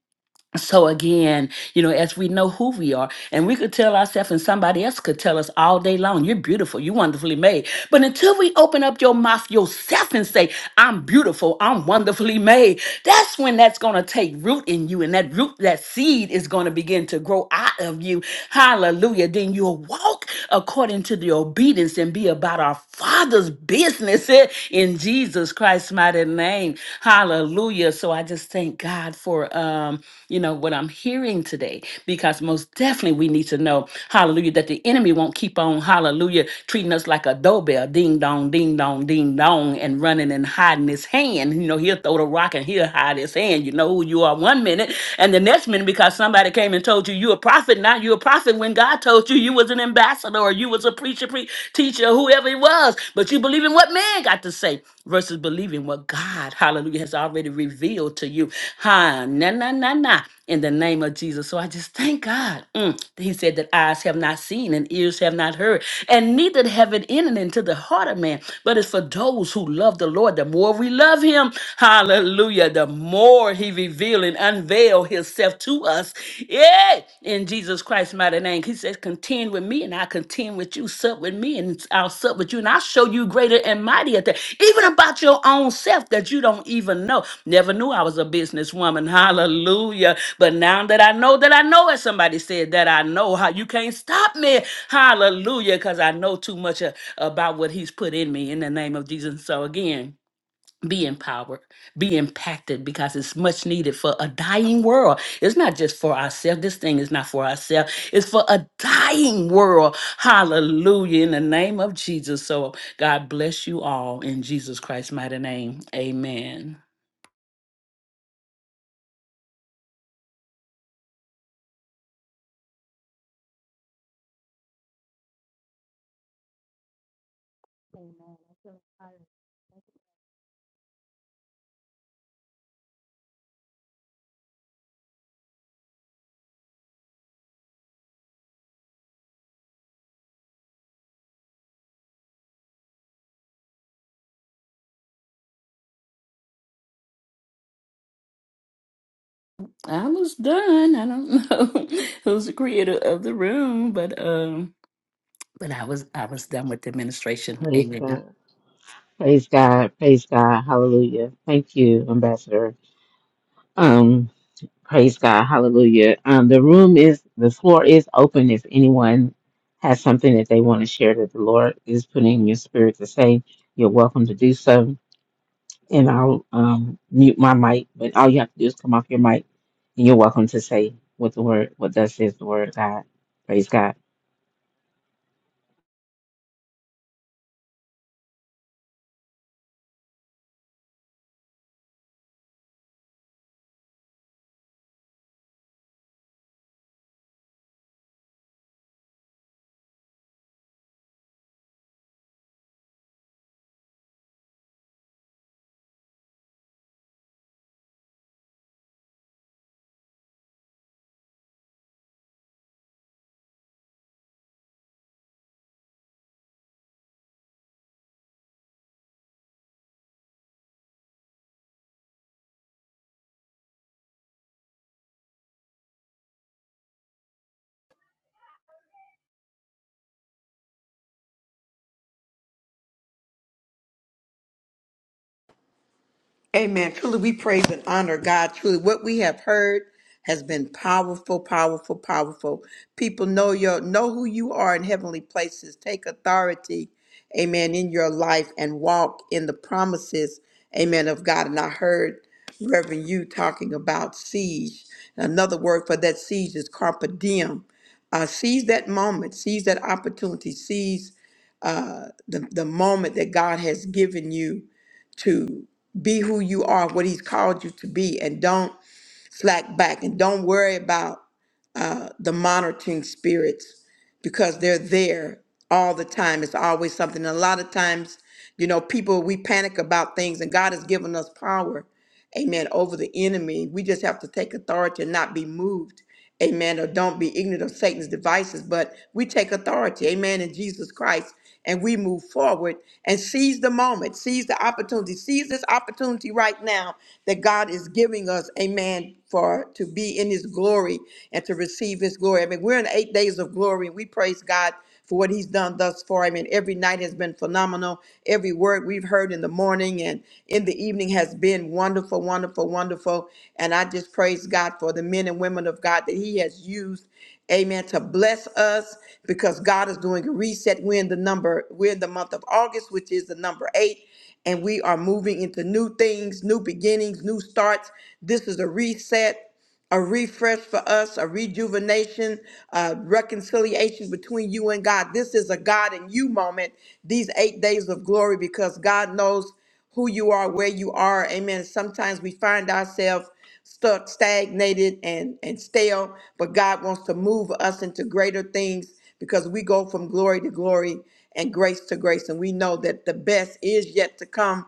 H: so again, you know, as we know who we are, and we could tell ourselves, and somebody else could tell us all day long, "You're beautiful, you're wonderfully made." But until we open up your mouth yourself and say, "I'm beautiful, I'm wonderfully made," that's when that's going to take root in you, and that root, that seed, is going to begin to grow out of you. Hallelujah! Then you'll walk according to the obedience and be about our Father's business eh, in Jesus. Jesus Christ's mighty name. Hallelujah. So I just thank God for um, you know, what I'm hearing today because most definitely we need to know, hallelujah, that the enemy won't keep on, hallelujah, treating us like a doorbell, ding dong, ding dong, ding dong, and running and hiding his hand. You know, he'll throw the rock and he'll hide his hand. You know who you are one minute and the next minute because somebody came and told you you a prophet, Now you a prophet when God told you you was an ambassador apostle or you was a preacher, pre- teacher, whoever it was, but you believe in what man got to say versus believing what God, hallelujah, has already revealed to you. Ha, na, na, na, na, in the name of Jesus. So I just thank God. Mm. He said that eyes have not seen and ears have not heard, and neither have it entered into the heart of man. But it's for those who love the Lord. The more we love him, hallelujah, the more he reveal and unveil his himself to us. Yeah, in Jesus Christ's mighty name. He says, contend with me and I contend with you. Sup with me and I'll sup with you. And I'll show you greater and mightier things, even about your own self that you don't even know. Never knew I was a businesswoman. Hallelujah. But now that I know that I know it, somebody said that I know how you can't stop me. Hallelujah. Because I know too much uh, about what he's put in me in the name of Jesus. So again, be empowered, be impacted because it's much needed for a dying world. It's not just for ourselves. This thing is not for ourselves. It's for a dying world. Hallelujah. In the name of Jesus. So God bless you all in Jesus Christ's mighty name. Amen.
E: Amen. I feel inspired. Thank
H: I was done. I don't know [laughs] who's the creator of the room, but um but I was I was done with the administration.
B: Praise
H: Amen.
B: God. Praise God. Praise God. Hallelujah. Thank you, Ambassador. Um, praise God. Hallelujah. Um, the room is, the floor is open if anyone has something that they want to share that the Lord is putting in your spirit to say, you're welcome to do so. And I'll um, mute my mic, but all you have to do is come off your mic and you're welcome to say what the word, what thus is the word of God. Praise God.
A: Amen. Truly, we praise and honor God. Truly, what we have heard has been powerful, powerful, powerful. People know your know who you are in heavenly places. Take authority, Amen, in your life and walk in the promises, Amen, of God. And I heard Reverend you talking about siege. Another word for that siege is carpe diem. Uh, seize that moment, seize that opportunity, seize uh, the the moment that God has given you to be who you are, what He's called you to be, and don't slack back and don't worry about uh, the monitoring spirits because they're there all the time. It's always something. And a lot of times, you know, people, we panic about things, and God has given us power amen, over the enemy. We just have to take authority and not be moved, amen, or don't be ignorant of Satan's devices, but we take authority, amen, in Jesus Christ, and we move forward and seize the moment, seize the opportunity, seize this opportunity right now that God is giving us, amen, for to be in his glory and to receive his glory. I mean, we're in eight days of glory, and we praise God for what he's done thus far. I mean, every night has been phenomenal. Every word we've heard in the morning and in the evening has been wonderful, wonderful, wonderful. And I just praise God for the men and women of God that he has used Amen. To bless us because God is doing a reset. We're in the number, we're in the month of August, which is the number eight, and we are moving into new things, new beginnings, new starts. This is a reset a refresh for us, a rejuvenation, uh, reconciliation between you and God. This is a God and you moment, these eight days of glory, because God knows who you are, where you are. Amen. Sometimes we find ourselves stuck, stagnated, and, and stale, but God wants to move us into greater things because we go from glory to glory and grace to grace. And we know that the best is yet to come.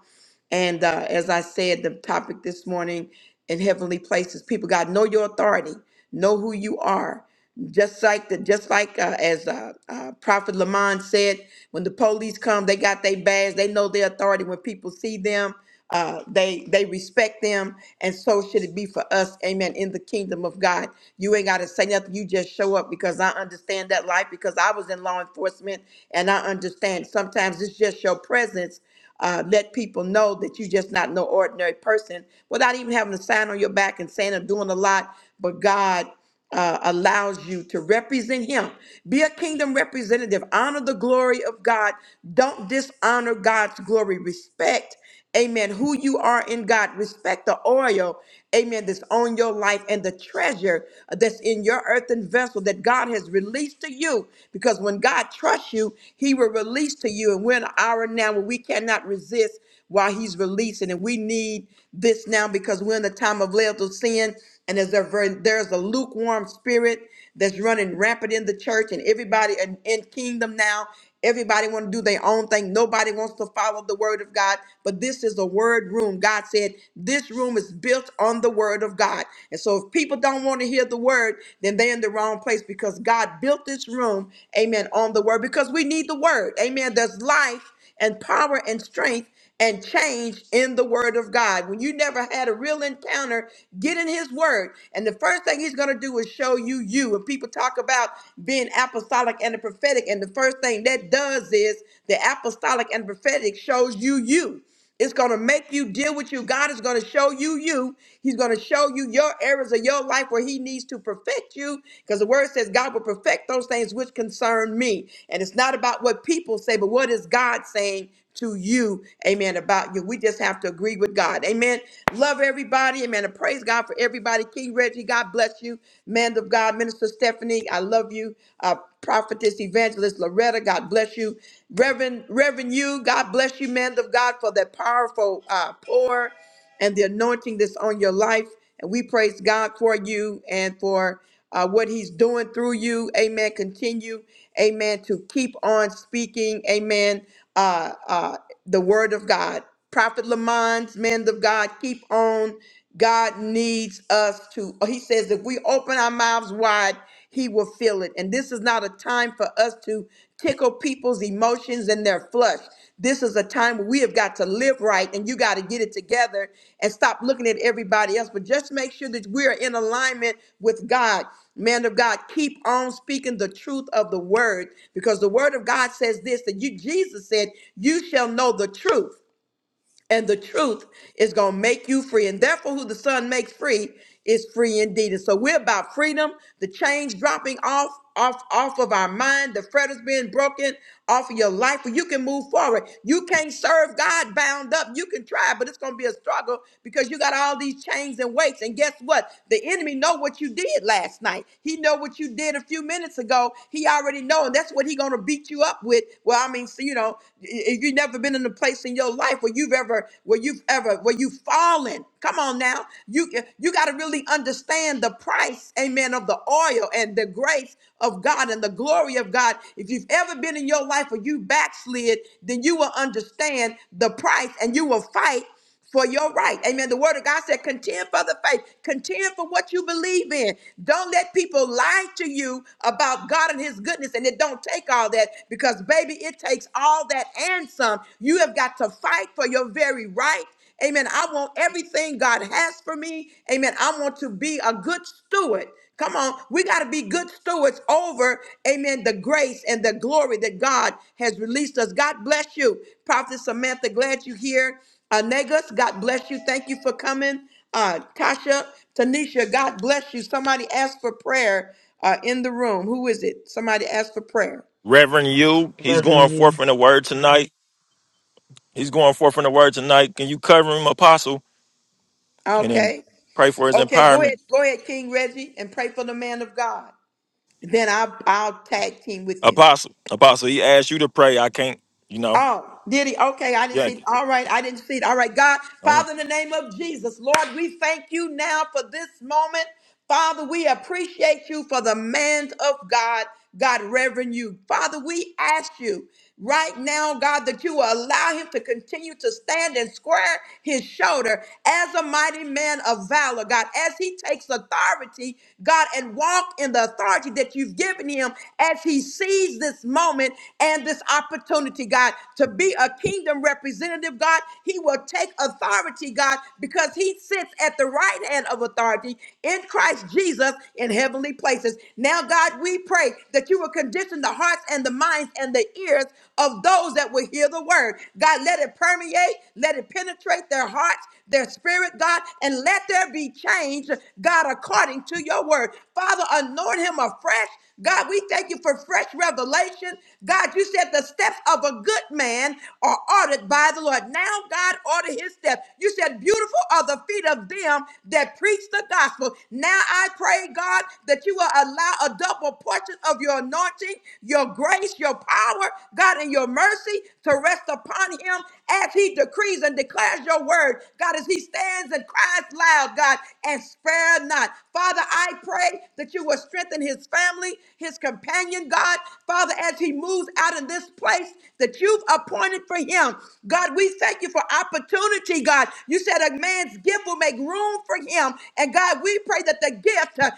A: And uh, as I said, the topic this morning in heavenly places, people got know your authority, know who you are just like the just like uh, as uh, uh, prophet lamont said when the police come they got their badge they know their authority when people see them uh, they they respect them and so should it be for us amen in the kingdom of god you ain't got to say nothing you just show up because i understand that life because i was in law enforcement and i understand sometimes it's just your presence uh, let people know that you're just not no ordinary person without even having a sign on your back and saying or doing a lot but god uh, allows you to represent him. Be a kingdom representative. Honor the glory of God. Don't dishonor God's glory. Respect, amen, who you are in God. Respect the oil, amen, that's on your life and the treasure that's in your earthen vessel that God has released to you. Because when God trusts you, he will release to you. And we're in an hour now where we cannot resist while he's releasing. And we need this now because we're in the time of lethal sin. And there's a, ver- there's a lukewarm spirit that's running rampant in the church and everybody in, in kingdom now. Everybody want to do their own thing. Nobody wants to follow the word of God. But this is a word room. God said this room is built on the word of God. And so if people don't want to hear the word, then they're in the wrong place because God built this room, amen, on the word because we need the word. Amen. There's life and power and strength and change in the word of God. When you never had a real encounter, get in his word. And the first thing he's going to do is show you you. And people talk about being apostolic and the prophetic. And the first thing that does is the apostolic and prophetic shows you you. It's going to make you deal with you. God is going to show you you. He's going to show you your areas of your life where He needs to perfect you because the word says God will perfect those things which concern me. And it's not about what people say, but what is God saying to you, amen, about you. We just have to agree with God, amen. Love everybody, amen. And praise God for everybody. King Reggie, God bless you. Man of God, Minister Stephanie, I love you. Uh, prophetess Evangelist, Evangelist Loretta. God bless you. Reverend, Reverend you, God bless you, man of God, for that powerful uh, pour and the anointing that's on your life. And we praise God for you and for uh, what he's doing through you. Amen. Continue, amen, to keep on speaking. Amen. Uh, uh, the word of God. Prophet Lamont, man of God, keep on. God needs us to, he says, if we open our mouths wide, he will feel it. And this is not a time for us to tickle people's emotions and their flush. This is a time where we have got to live right and you got to get it together and stop looking at everybody else. But just make sure that we're in alignment with God. Man of God, keep on speaking the truth of the word because the word of God says this that you, Jesus said, you shall know the truth and the truth is going to make you free. And therefore, who the Son makes free is free indeed. And so we're about freedom, the chains dropping off, off, off of our mind, the fetters being broken off of your life, where you can move forward. You can't serve God bound up. You can try, but it's going to be a struggle because you got all these chains and weights. And guess what? The enemy know what you did last night. He know what you did a few minutes ago. He already know, and that's what he going to beat you up with. Well, I mean, so, you know, if you never been been in a place in your life where you've ever, where you've ever, where you've fallen. Come on now. You you got to really understand the price, amen, of the oil and the grace of God and the glory of God. If you've ever been in your life where you backslid, then you will understand the price and you will fight for your right. Amen. The word of God said, contend for the faith, contend for what you believe in. Don't let people lie to you about God and his goodness. And it don't take all that because, baby, it takes all that and some. You have got to fight for your very right. Amen. I want everything God has for me. Amen. I want to be a good steward. Come on, we got to be good stewards over, amen, the grace and the glory that God has released us. God bless you, Prophet Samantha. Glad you're here. Uh, Negus, God bless you. Thank you for coming. Uh, Tasha, Tanisha, God bless you. Somebody asked for prayer uh, in the room. Who is it? Somebody asked for prayer.
C: Reverend you, he's going
B: Loving
C: forth
B: you.
C: in the word tonight. He's going forth in the word tonight. Can you cover him, Apostle, and then
A: Okay.
C: pray for his
A: Okay, go ahead.
C: empowerment,
A: Go ahead, King Reggie, and pray for the man of God. Then I'll, I'll tag team with you.
C: Apostle? Apostle, he asked you to pray. I can't, you know,
A: Oh, did he? Okay, I didn't see. it.
C: yanking.
A: All right, I didn't see it. All right, God, Father, in the name of Jesus, Lord, we thank you now for this moment. Father, we appreciate you for the man of God, God, Reverend you. Father, we ask you right now, God, that you will allow him to continue to stand and square his shoulder as a mighty man of valor, God, as he takes authority, God, and walk in the authority that you've given him him as he sees this moment and this opportunity, God, to be a kingdom representative, God. He will take authority, God, because he sits at the right hand of authority in Christ Jesus in heavenly places. Now, God, we pray that you will condition the hearts and the minds and the ears of those that will hear the word. God, let it permeate, let it penetrate their hearts, their spirit, God, and let there be change, God, according to your word. Father, anoint him afresh God, we thank you for fresh revelation. God, you said the steps of a good man are ordered by the Lord. Now, God, order his steps. You said, Beautiful are the feet of them that preach the gospel. Now, I pray, God, that you will allow a double portion of your anointing, your grace, your power, God, and your mercy to rest upon him as he decrees and declares your word. God, as he stands and cries loud, God. God, and spare not. Father, I pray that you will strengthen his family, his companion, God. Father, as he moves out of this place that you've appointed for him, God, we thank you for opportunity, God. You said a man's gift will make room for him. And God, we pray that the gift uh,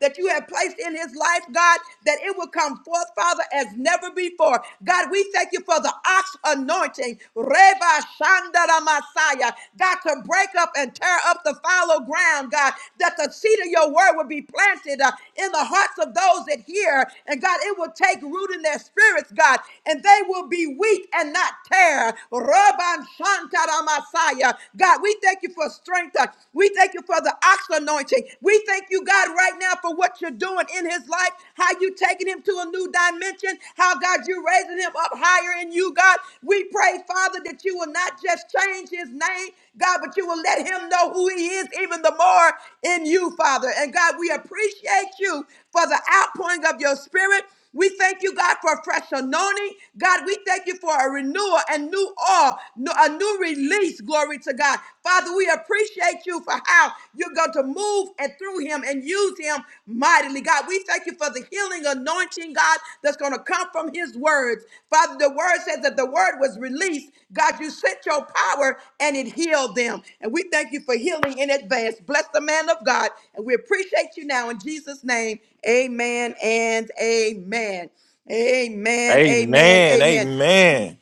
A: that you have placed in his life, God, that it will come forth, Father, as never before need for. God, we thank you for the ox anointing, Reba Shandara Messiah, God, to break up and tear up the fallow ground, God, that the seed of your word would be planted uh, in the hearts of those that hear. And God, it will take root in their spirits, God, and they will be weak and not tear. Rabban Shantara Messiah. God, we thank you for strength. uh, We thank you for the ox anointing. We thank you, God, right now now for what you're doing in his life, how you taking him to a new dimension, how God you raising him up higher in you, God. We pray, Father, that you will not just change his name, God, but you will let him know who he is even the more in you, Father. And God, we appreciate you for the outpouring of your spirit. We thank you, God, for a fresh anointing. God, we thank you for a renewal and new oil, no- a new release. Glory to God. Father, we appreciate you for how you're going to move and through him and use him mightily. God, we thank you for the healing anointing, God, that's going to come from his words. Father, the word says that the word was released. God, you sent your power and it healed them. And we thank you for healing in advance. Bless the man of God. And we appreciate you now in Jesus' name. Amen and amen. Amen, amen,
C: Amen.
A: amen.
C: Amen.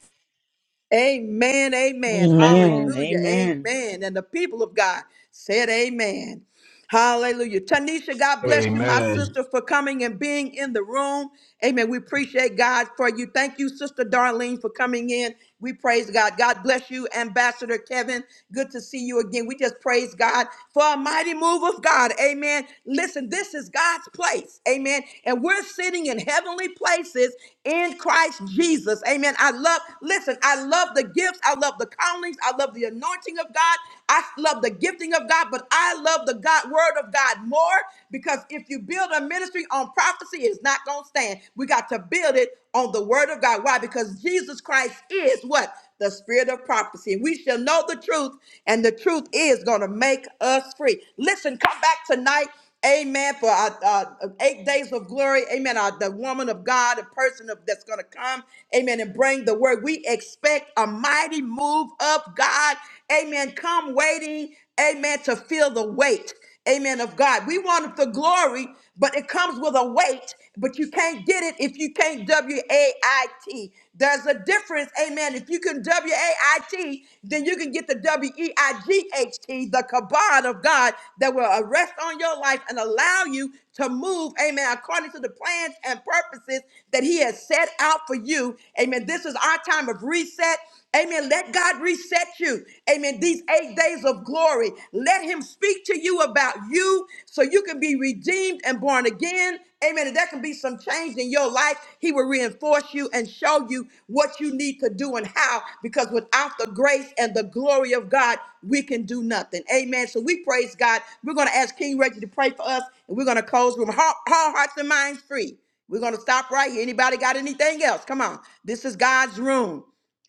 A: Amen, amen.
E: you.
B: Amen.
E: Amen.
A: Hallelujah,
B: Amen.
A: amen. And the people of God said, Amen. Hallelujah. Tanisha, God bless you, my
F: Amen.
A: sister, for coming and being in the room. Amen. We appreciate God for you. Thank you, Sister Darlene, for coming in. We praise God. God bless you, Ambassador Kevin. Good to see you again. We just praise God for a mighty move of God. Amen. Listen, this is God's place. Amen. And we're sitting in heavenly places in Christ Jesus. Amen. I love, listen, I love the gifts. I love the callings. I love the anointing of God. I love the gifting of God, but I love the God word of God more because if you build a ministry on prophecy, it's not going to stand. We got to build it on the word of God. Why? Because Jesus Christ is what? The spirit of prophecy. And we shall know the truth, and the truth is going to make us free. Listen, come back tonight. Amen. For our uh, eight days of glory. Amen. Our, the woman of God, the person of, that's going to come. Amen. And bring the word. We expect a mighty move of God. Amen. Come waiting. Amen. To feel the weight. Amen. Of God. We want the glory, but it comes with a weight. But you can't get it if you can't W A I T. There's a difference, amen. If you can W A I T, then you can get the W E I G H T, the kabod of God that will arrest on your life and allow you to move, amen, according to the plans and purposes that He has set out for you, amen. This is our time of reset. Amen. Let God reset you. Amen. These eight days of glory, let Him speak to you about you so you can be redeemed and born again. Amen. And there can be some change in your life. He will reinforce you and show you what you need to do and how, because without the grace and the glory of God, we can do nothing. Amen. So we praise God. We're going to ask King Reggie to pray for us, and we're going to close with heart, hearts and minds free. We're going to stop right here. Anybody got anything else? Come on. This is God's room.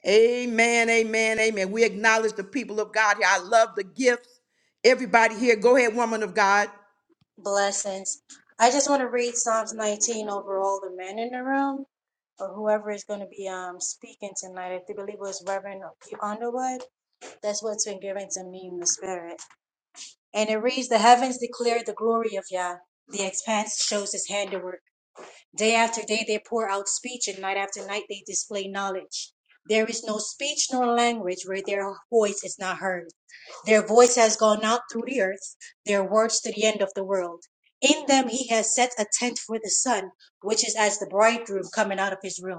A: Amen, amen, amen. We acknowledge the people of God here. I love the gifts. Everybody here, go ahead, woman of God.
E: Blessings. I just want to read Psalms 19 over all the men in the room or whoever is going to be um speaking tonight. I do believe it was Reverend Underwood. That's what's been given to me in the spirit. And it reads, The heavens declare the glory of Yah. The expanse shows his handiwork. Day after day they pour out speech, and night after night they display knowledge. There is no speech nor language where their voice is not heard. Their voice has gone out through the earth, their words to the end of the world. In them he has set a tent for the sun, which is as the bridegroom coming out of his room.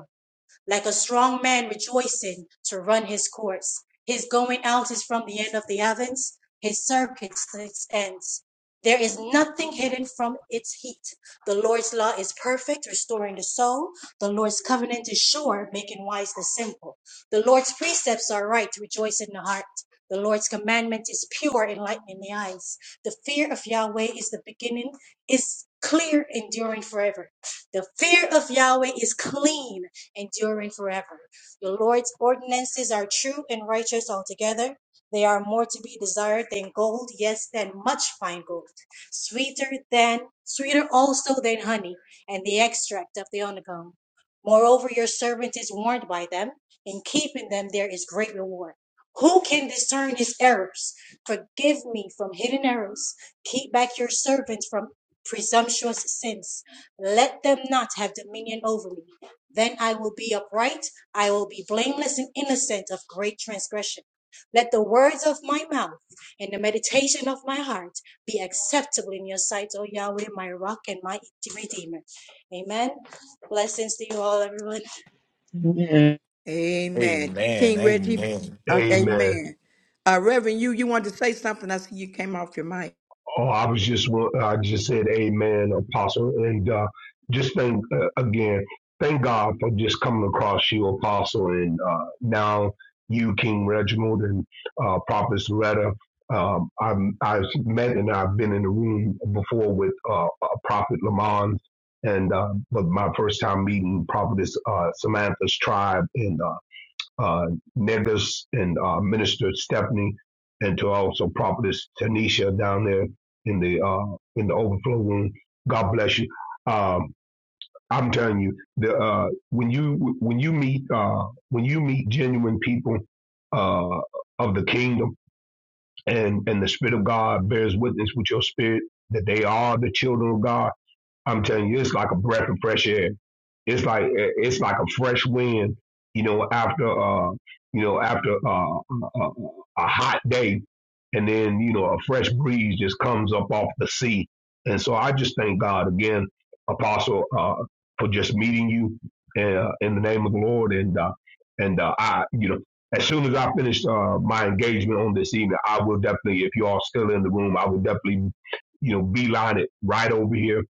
E: Like a strong man rejoicing to run his course, his going out is from the end of the heavens, his circumstance ends. There is nothing hidden from its heat. The Lord's law is perfect, restoring the soul. The Lord's covenant is sure, making wise the simple. The Lord's precepts are right, rejoice in the heart. The Lord's commandment is pure, enlightening the eyes. The fear of Yahweh is the beginning, is clear, enduring forever. The fear of Yahweh is clean, enduring forever. The Lord's ordinances are true and righteous altogether. They are more to be desired than gold, yes, than much fine gold, sweeter than sweeter also than honey, and the extract of the honeycomb. Moreover, your servant is warned by them. In keeping them, there is great reward. Who can discern his errors? Forgive me from hidden errors. Keep back your servant from presumptuous sins. Let them not have dominion over me. Then I will be upright, I will be blameless and innocent of great transgression. Let the words of my mouth and the meditation of my heart be acceptable in your sight, O Yahweh, my rock and my redeemer. Amen. Blessings to you all, everyone.
B: Amen.
A: Amen.
C: Amen.
A: King Reggie,
C: Amen.
A: uh,
F: Amen.
A: amen. Uh, Reverend, you you wanted to say something. I see you came off your mic.
F: Oh, I was just well, I just said amen, apostle, and uh, just thank uh, again, thank God for just coming across you, apostle, and uh, now you, King Reginald, and uh, Prophet Loretta. Um, I'm, I've met and I've been in the room before with uh, uh, Prophet Lamont, and uh, but my first time meeting Prophetess uh, Samantha's tribe, and. uh, uh, Negus and uh, Minister Stephanie, and to also Prophetess Tanisha down there in the uh, in the overflow room. God bless you. Um, I'm telling you, the uh, when you when you meet uh, when you meet genuine people uh, of the kingdom, and and the Spirit of God bears witness with your spirit that they are the children of God I'm telling you, it's like a breath of fresh air. It's like eh, it's like a fresh wind, you know, after uh, you know, after uh, a, a hot day, and then you know, a fresh breeze just comes up off the sea. And so I just thank God again, Apostle, uh, for just meeting you uh, in the name of the Lord. And uh, and uh, I, you know, as soon as I finish uh, my engagement on this evening, I will definitely, if you all still in the room, I will definitely, you know, beeline it right over here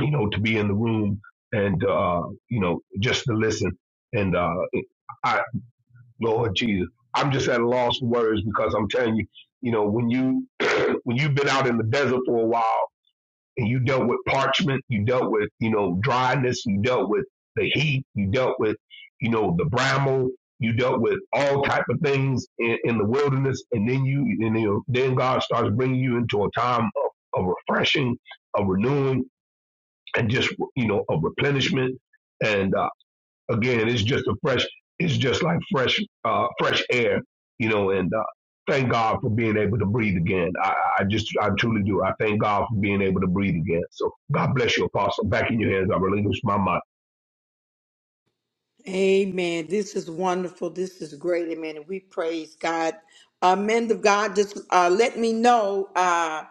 F: you know, to be in the room and, uh, you know, just to listen. And, uh, I, Lord Jesus, I'm just at a loss for words because I'm telling you, you know, when you, [clears throat] when you've been out in the desert for a while and you dealt with parchment, you dealt with, you know, dryness, you dealt with the heat, you dealt with, you know, the bramble, you dealt with all type of things in, in the wilderness. And then you, and you know, then God starts bringing you into a time of, of refreshing, of renewing and just you know a replenishment and uh, again it's just a fresh it's just like fresh uh, fresh air you know and uh, thank god for being able to breathe again I, I just i truly do i thank god for being able to breathe again so god bless you apostle back in your hands i relinquish my mind
A: Amen. This is wonderful. This is great. Amen. And we praise God. Uh, men of God, just uh, let me know uh,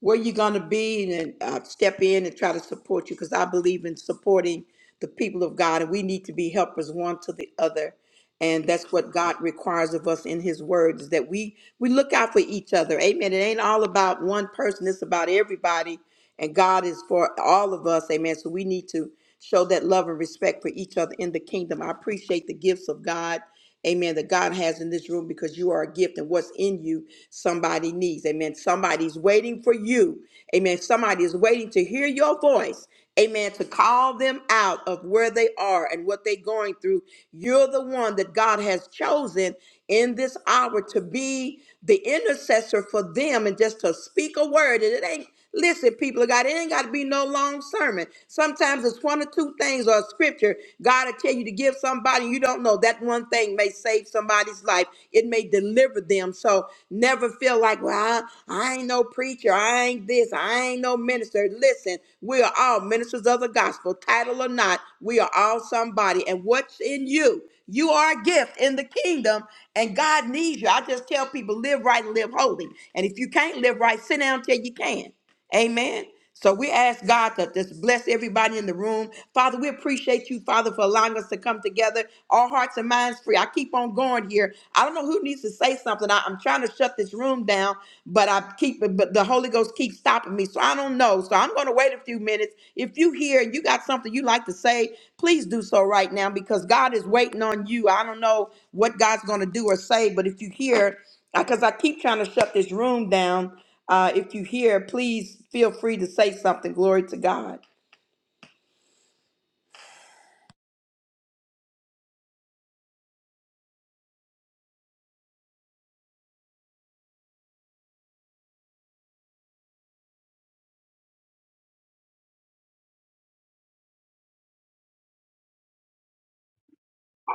A: where you're going to be and uh, step in and try to support you because I believe in supporting the people of God and we need to be helpers one to the other. And that's what God requires of us in His Word is that we we look out for each other. Amen. It ain't all about one person; it's about everybody. And God is for all of us, amen. So we need to show that love and respect for each other in the kingdom. I appreciate the gifts of God, amen, that God has in this room because you are a gift and what's in you, somebody needs, amen. Somebody's waiting for you, amen. Somebody is waiting to hear your voice, Amen. To call them out of where they are and what they're going through. You're the one that God has chosen in this hour to be the intercessor for them and just to speak a word. And it ain't, listen, people of God, it ain't got to be no long sermon. Sometimes it's one or two things or a scripture. God will tell you to give somebody you don't know. That one thing may save somebody's life. It may deliver them. So never feel like, well, I, I ain't no preacher. I ain't this. I ain't no minister. Listen, we are all ministers of the gospel, title or not. We are all somebody. And what's in you? You are a gift in the kingdom, and God needs you. I just tell people live right and live holy. And if you can't live right, sit down till you can. Amen. So we ask God to just bless everybody in the room. Father, we appreciate you, Father, for allowing us to come together, all hearts and minds free. I keep on going here. I don't know who needs to say something. I, am trying to shut this room down, but I keep but the Holy Ghost keeps stopping me. So I don't know. So I'm gonna wait a few minutes. If you hear, and you got something you like to say, please do so right now because God is waiting on you. I don't know what God's gonna do or say, but if you hear, because I keep trying to shut this room down. Uh, if you hear, please feel free to say something. Glory to God.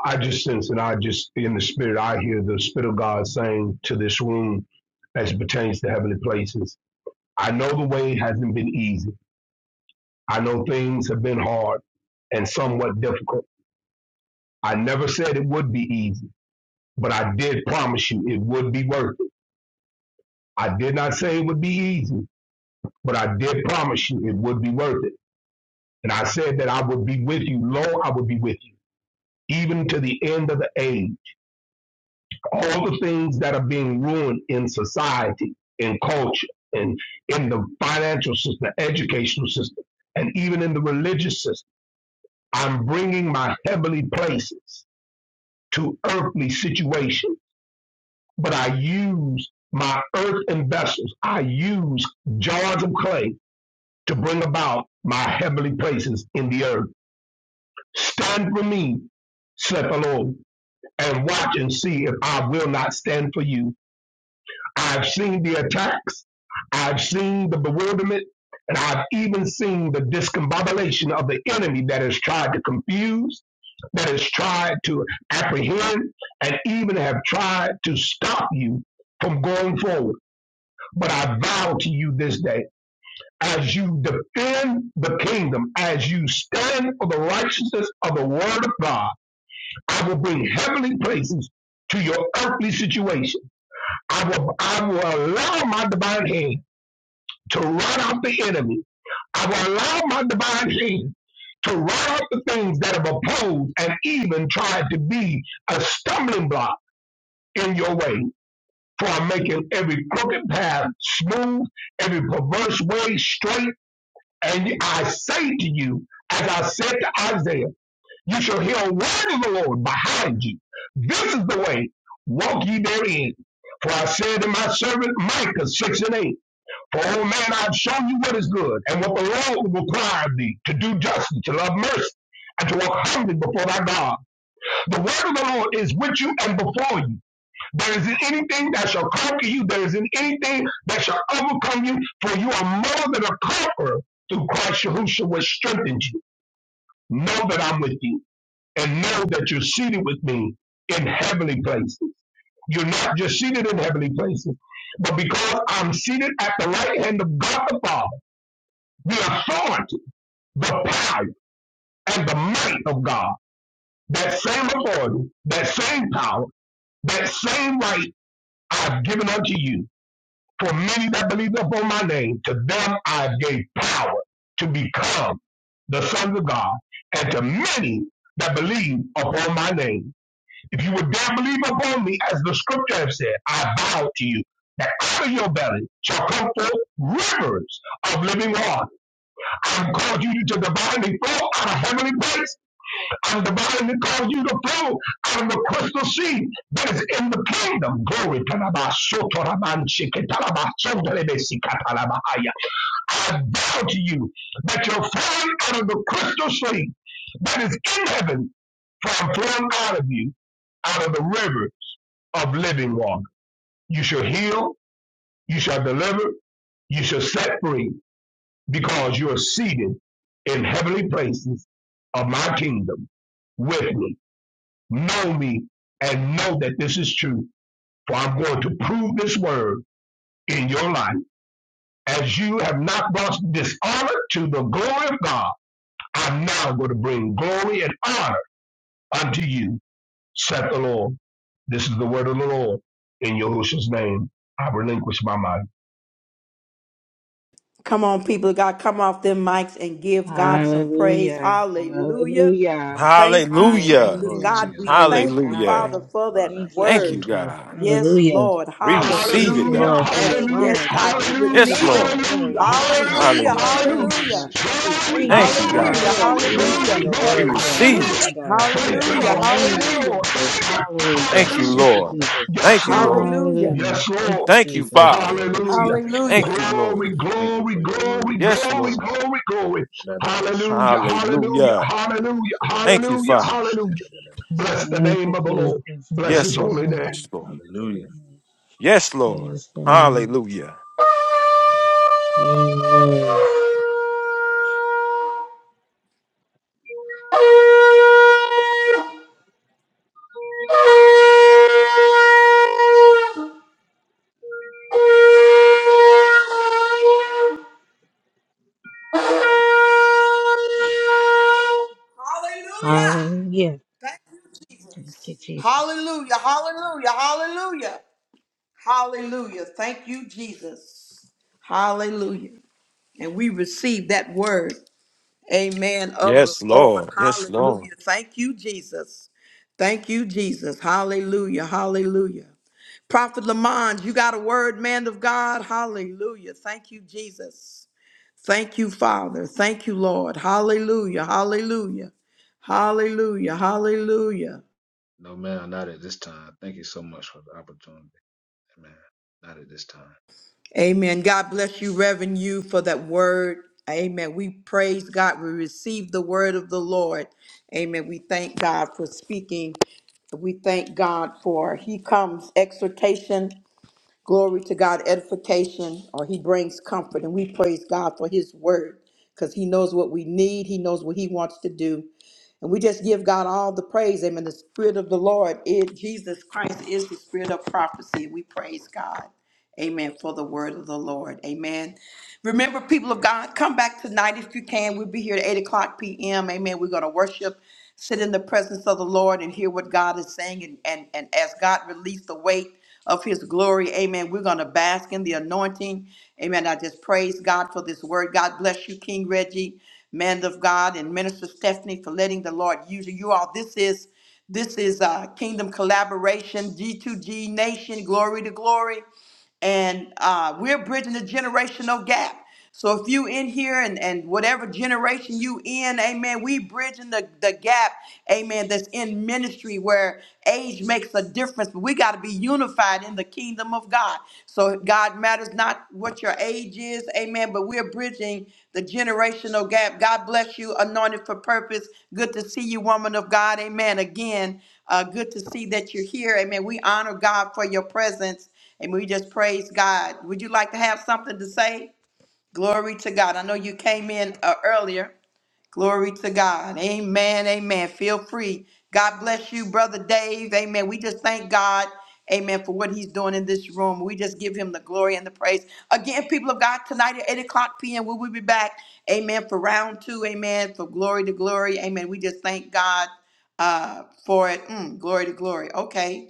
F: i just sense and i just in the spirit i hear the spirit of god saying to this room as it pertains to heavenly places i know the way hasn't been easy i know things have been hard and somewhat difficult I never said it would be easy, but I did promise you it would be worth it. I did not say it would be easy, but I did promise you it would be worth it. And I said that I would be with you. Lo, I would be with you, even to the end of the age. All the things that are being ruined in society, in culture, and in the financial system, educational system, and even in the religious system, I'm bringing my heavenly places to earthly situations but I use my earthen vessels. I use jars of clay to bring about my heavenly places in the earth. Stand for me, said the Lord, and watch and see if I will not stand for you. I've seen the attacks, I've seen the bewilderment, and I've even seen the discombobulation of the enemy that has tried to confuse, that has tried to apprehend, and even have tried to stop you from going forward. But I vow to you this day, as you defend the kingdom, as you stand for the righteousness of the word of God, I will bring heavenly places to your earthly situation. I will, I will allow my divine hand to run out the enemy. I will allow my divine hand to run out the things that have opposed and even tried to be a stumbling block in your way. For I'm making every crooked path smooth, every perverse way straight And I say to you, as I said to Isaiah, you shall hear a word of the Lord behind you. This is the way, walk ye therein. For I said to my servant Micah 6 and 8, For O man, I've shown you what is good, and what the Lord will require of thee, to do justice, to love mercy, and to walk humbly before thy God. The word of the Lord is with you and before you there isn't anything that shall conquer you. There isn't anything that shall overcome you, for you are more than a conqueror through Christ Yahushua, which strengthens you. Know that I'm with you, and know that you're seated with me in heavenly places. You're not just seated in heavenly places, but because I'm seated at the right hand of God the Father, the authority, the power, and the might of God, that same authority, that same power, that same right I've given unto you For many that believe upon my name, to them I gave power to become the sons of God, and to many that believe upon my name. If you would dare believe upon me, as the scripture has said, I vow to you that out of your belly shall come forth rivers of living water. I'm called you to the binding flow out of heavenly place and the Bible calls you to flow out of the crystal sea that is in the kingdom. Glory to the so so si- I vow to you that you're flowing out of the crystal sea that is in heaven, for I'm flowing out of you, out of the river of living water. You shall heal, you shall deliver, you shall set free, because you are seated in heavenly places of my kingdom with me. know me and know that this is true. For I'm going to prove this word in your life. As you have not brought dishonor to the glory of God, I'm now going to bring glory and honor unto you, saith the Lord. This is the word of the Lord. In Yahushua's name, I relinquish my mind.
A: Come on, people of God, come off them mics and give God some praise.
B: Hallelujah.
A: Hallelujah.
B: Hallelujah.
A: Thank you,
C: Hallelujah.
A: Jesus.
G: glory to
B: Hallelujah.
A: God,
G: your
A: we
G: name,
B: Praise
G: Father.
A: thank you,
C: Hallelujah.
A: Father,
B: God.
A: for
G: Lord,
A: that
G: I'm
B: Thank
G: a
B: you,
C: Thank
A: word.
C: you,
G: sort
B: Jesus.
C: God.
G: of
A: Yes,
B: Hallelujah.
A: Lord.
C: We
B: We
C: receive
B: thank
A: Hallelujah.
C: it,
B: you,
F: Hallelujah,
C: God.
B: Lord, for your
A: That's
G: so
F: hallelujah,
G: called
A: yes,
B: word,
A: God.
B: God.
A: We
B: We thank
F: hallelujah,
B: you
C: Yes,
B: for
A: receive
B: your
A: it.
C: Lord.
G: in the
F: hallelujah,
G: name
B: glory.
G: of
B: We thank you
G: Jesus.
B: for
A: Hallelujah.
C: Hallelujah.
B: your
F: hallelujah,
B: anointing,
A: Hallelujah.
B: God. We
F: hallelujah. Glory,
B: thank you
C: Thank you,
B: for
F: glory,
C: God.
B: God
A: Hallelujah.
E: Hallelujah.
B: for
G: Glory to
B: releasing
A: Hallelujah.
F: glory,
G: your
B: your
E: Glory
C: We
F: glory,
G: name,
F: glory.
B: word
E: be
B: and
E: to
G: Lord.
B: your
E: God.
C: receive it.
F: Hallelujah.
B: anointing, God.
E: We
G: Thank
F: Thank
G: you,
F: you,
B: In
E: thank
G: Lord
A: Hallelujah.
B: the
E: you,
F: Lord.
B: name
G: Jesus.
B: of
F: Thank you, Lord.
A: Hallelujah.
B: Jesus.
F: Thank you.
G: Glory
B: Hallelujah.
C: Thank you,
F: Hallelujah.
E: God.
B: Thank you,
C: Lord.
B: Jesus.
F: Yes,
C: Thank you,
E: Hallelujah.
F: Lord.
C: Lord.
A: Hallelujah.
B: Hallelujah.
F: Yes,
B: Thank
F: Lord.
B: you,
C: Thank you,
B: Jesus.
C: Father.
G: to
F: Hallelujah.
G: your name.
A: Hallelujah.
C: Thank you,
F: Glory,
C: Lord.
G: Thank you
F: glory,
G: for your word,
F: glory,
G: Lord
C: Yes,
F: glory,
C: Lord.
G: Jesus.
F: glory, glory. Hallelujah, hallelujah,
C: Hallelujah.
F: hallelujah,
C: Thank you,
F: hallelujah,
C: Father.
F: hallelujah. Bless the
B: Thank
F: name
B: you,
F: of the Lord.
B: Jesus.
F: Bless
B: Thank
F: his
C: Yes,
B: you,
C: Lord.
F: holy name.
C: Yes,
B: Lord.
C: Lord.
B: Thank you,
G: Hallelujah.
B: Lord.
C: Yes, Lord.
B: Praise God.
C: Hallelujah.
B: Yes. Hallelujah.
A: Thank you, Jesus.
B: Thank you, Jesus.
A: Hallelujah, hallelujah, hallelujah, hallelujah. Thank you, Jesus. Hallelujah. And we receive that word, amen, of the
C: Yes,
A: Lord.
C: Lord. Yes, Lord.
A: Hallelujah. Thank you, Jesus. Thank you, Jesus. Hallelujah, hallelujah. Prophet Lamont, you got a word, man of God. Hallelujah. Thank you, Jesus. Thank you, Father. Thank you, Lord. Hallelujah, hallelujah, hallelujah, hallelujah.
G: No, man, not at this time. Thank you so much for the opportunity. Amen. Not at this time.
A: Amen. God bless you, Reverend You, for that word. Amen. We praise God. We receive the word of the Lord. Amen. We thank God for speaking. We thank God for He comes exhortation, glory to God, edification, or He brings comfort. And we praise God for His word because He knows what we need. He knows what He wants to do. And we just give God all the praise. Amen. The Spirit of the Lord is Jesus Christ is the Spirit of prophecy. We praise God. Amen. For the word of the Lord. Amen. Remember, people of God, come back tonight if you can. We'll be here at 8 o'clock p.m. Amen. We're going to worship, sit in the presence of the Lord, and hear what God is saying. And, and, and as God release the weight of his glory, amen, we're going to bask in the anointing. Amen. I just praise God for this word. God bless you, King Reggie, man of God, and Minister Stephanie for letting the Lord use you. You all, this is. This is uh, Kingdom Collaboration, G2G Nation, Glory to Glory and uh, we're bridging the generational gap. So if you in here and, and whatever generation you in, amen, we bridging the, the gap, amen, that's in ministry where age makes a difference. We got to be unified in the kingdom of God. So God matters not what your age is, amen, but we're bridging the generational gap. God bless you, anointed for purpose. Good to see you, woman of God, amen. Again, uh, good to see that you're here, amen. We honor God for your presence. And we just praise God. Would you like to have something to say? Glory to God. I know you came in uh, earlier. Glory to God. Amen. Amen. Feel free. God bless you, Brother Dave. Amen. We just thank God. Amen. For what he's doing in this room. We just give him the glory and the praise. Again, people of God, tonight at 8 o'clock p.m., we will be back. Amen. For round two. Amen. For glory to glory. Amen. We just thank God uh, for it. Mm, glory to glory. Okay.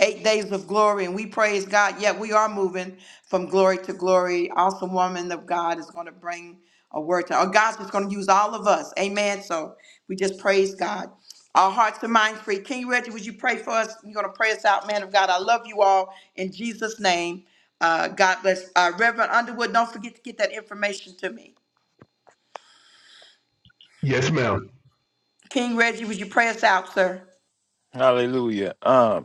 A: Eight days of glory. And we praise God. Yeah, we are moving from glory to glory. Awesome woman of God is going to bring a word to or God's just gonna use all of us. Amen. So we just praise God. Our hearts and minds free. King Reggie, would you pray for us? You're gonna pray us out, man of God. I love you all in Jesus' name. Uh, God bless. Uh, Reverend Underwood, don't forget to get that information to me.
F: Yes, ma'am.
A: King Reggie, would you pray us out, sir?
C: Hallelujah. Um,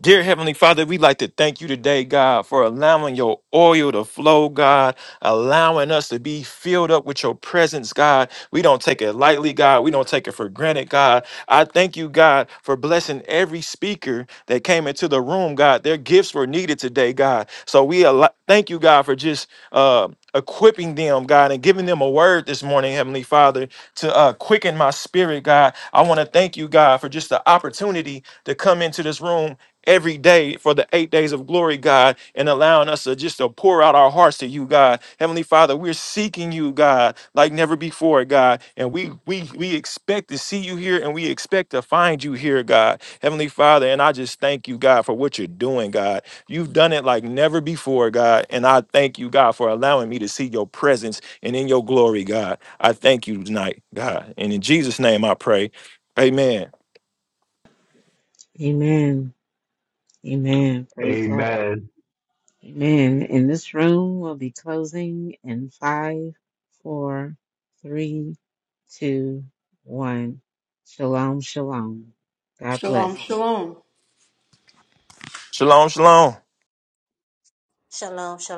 C: Dear Heavenly Father, we'd like to thank you today, God, for allowing your oil to flow, God, allowing us to be filled up with your presence, God. We don't take it lightly, God. We don't take it for granted, God. I thank you, God, for blessing every speaker that came into the room, God. Their gifts were needed today, God. So we al- thank you, God, for just uh, equipping them, God, and giving them a word this morning, Heavenly Father, to uh, quicken my spirit, God. I want to thank you, God, for just the opportunity to come into this room every day for the eight days of glory, God, and allowing us to just to pour out our hearts to you, God. Heavenly Father, we're seeking you, God, like never before, God. And we we we expect to see you here and we expect to find you here, God. Heavenly Father, and I just thank you, God, for what you're doing, God. You've done it like never before, God. And I thank you, God, for allowing me to see your presence and in your glory, God. I thank you tonight, God. And in Jesus' name I pray. Amen.
B: Amen. Amen. Praise God.
F: Amen.
B: Amen. And this room will be closing in five, four, three, two, one. Shalom, shalom. God bless.
A: Shalom, shalom.
C: Shalom, shalom.
E: Shalom, shalom.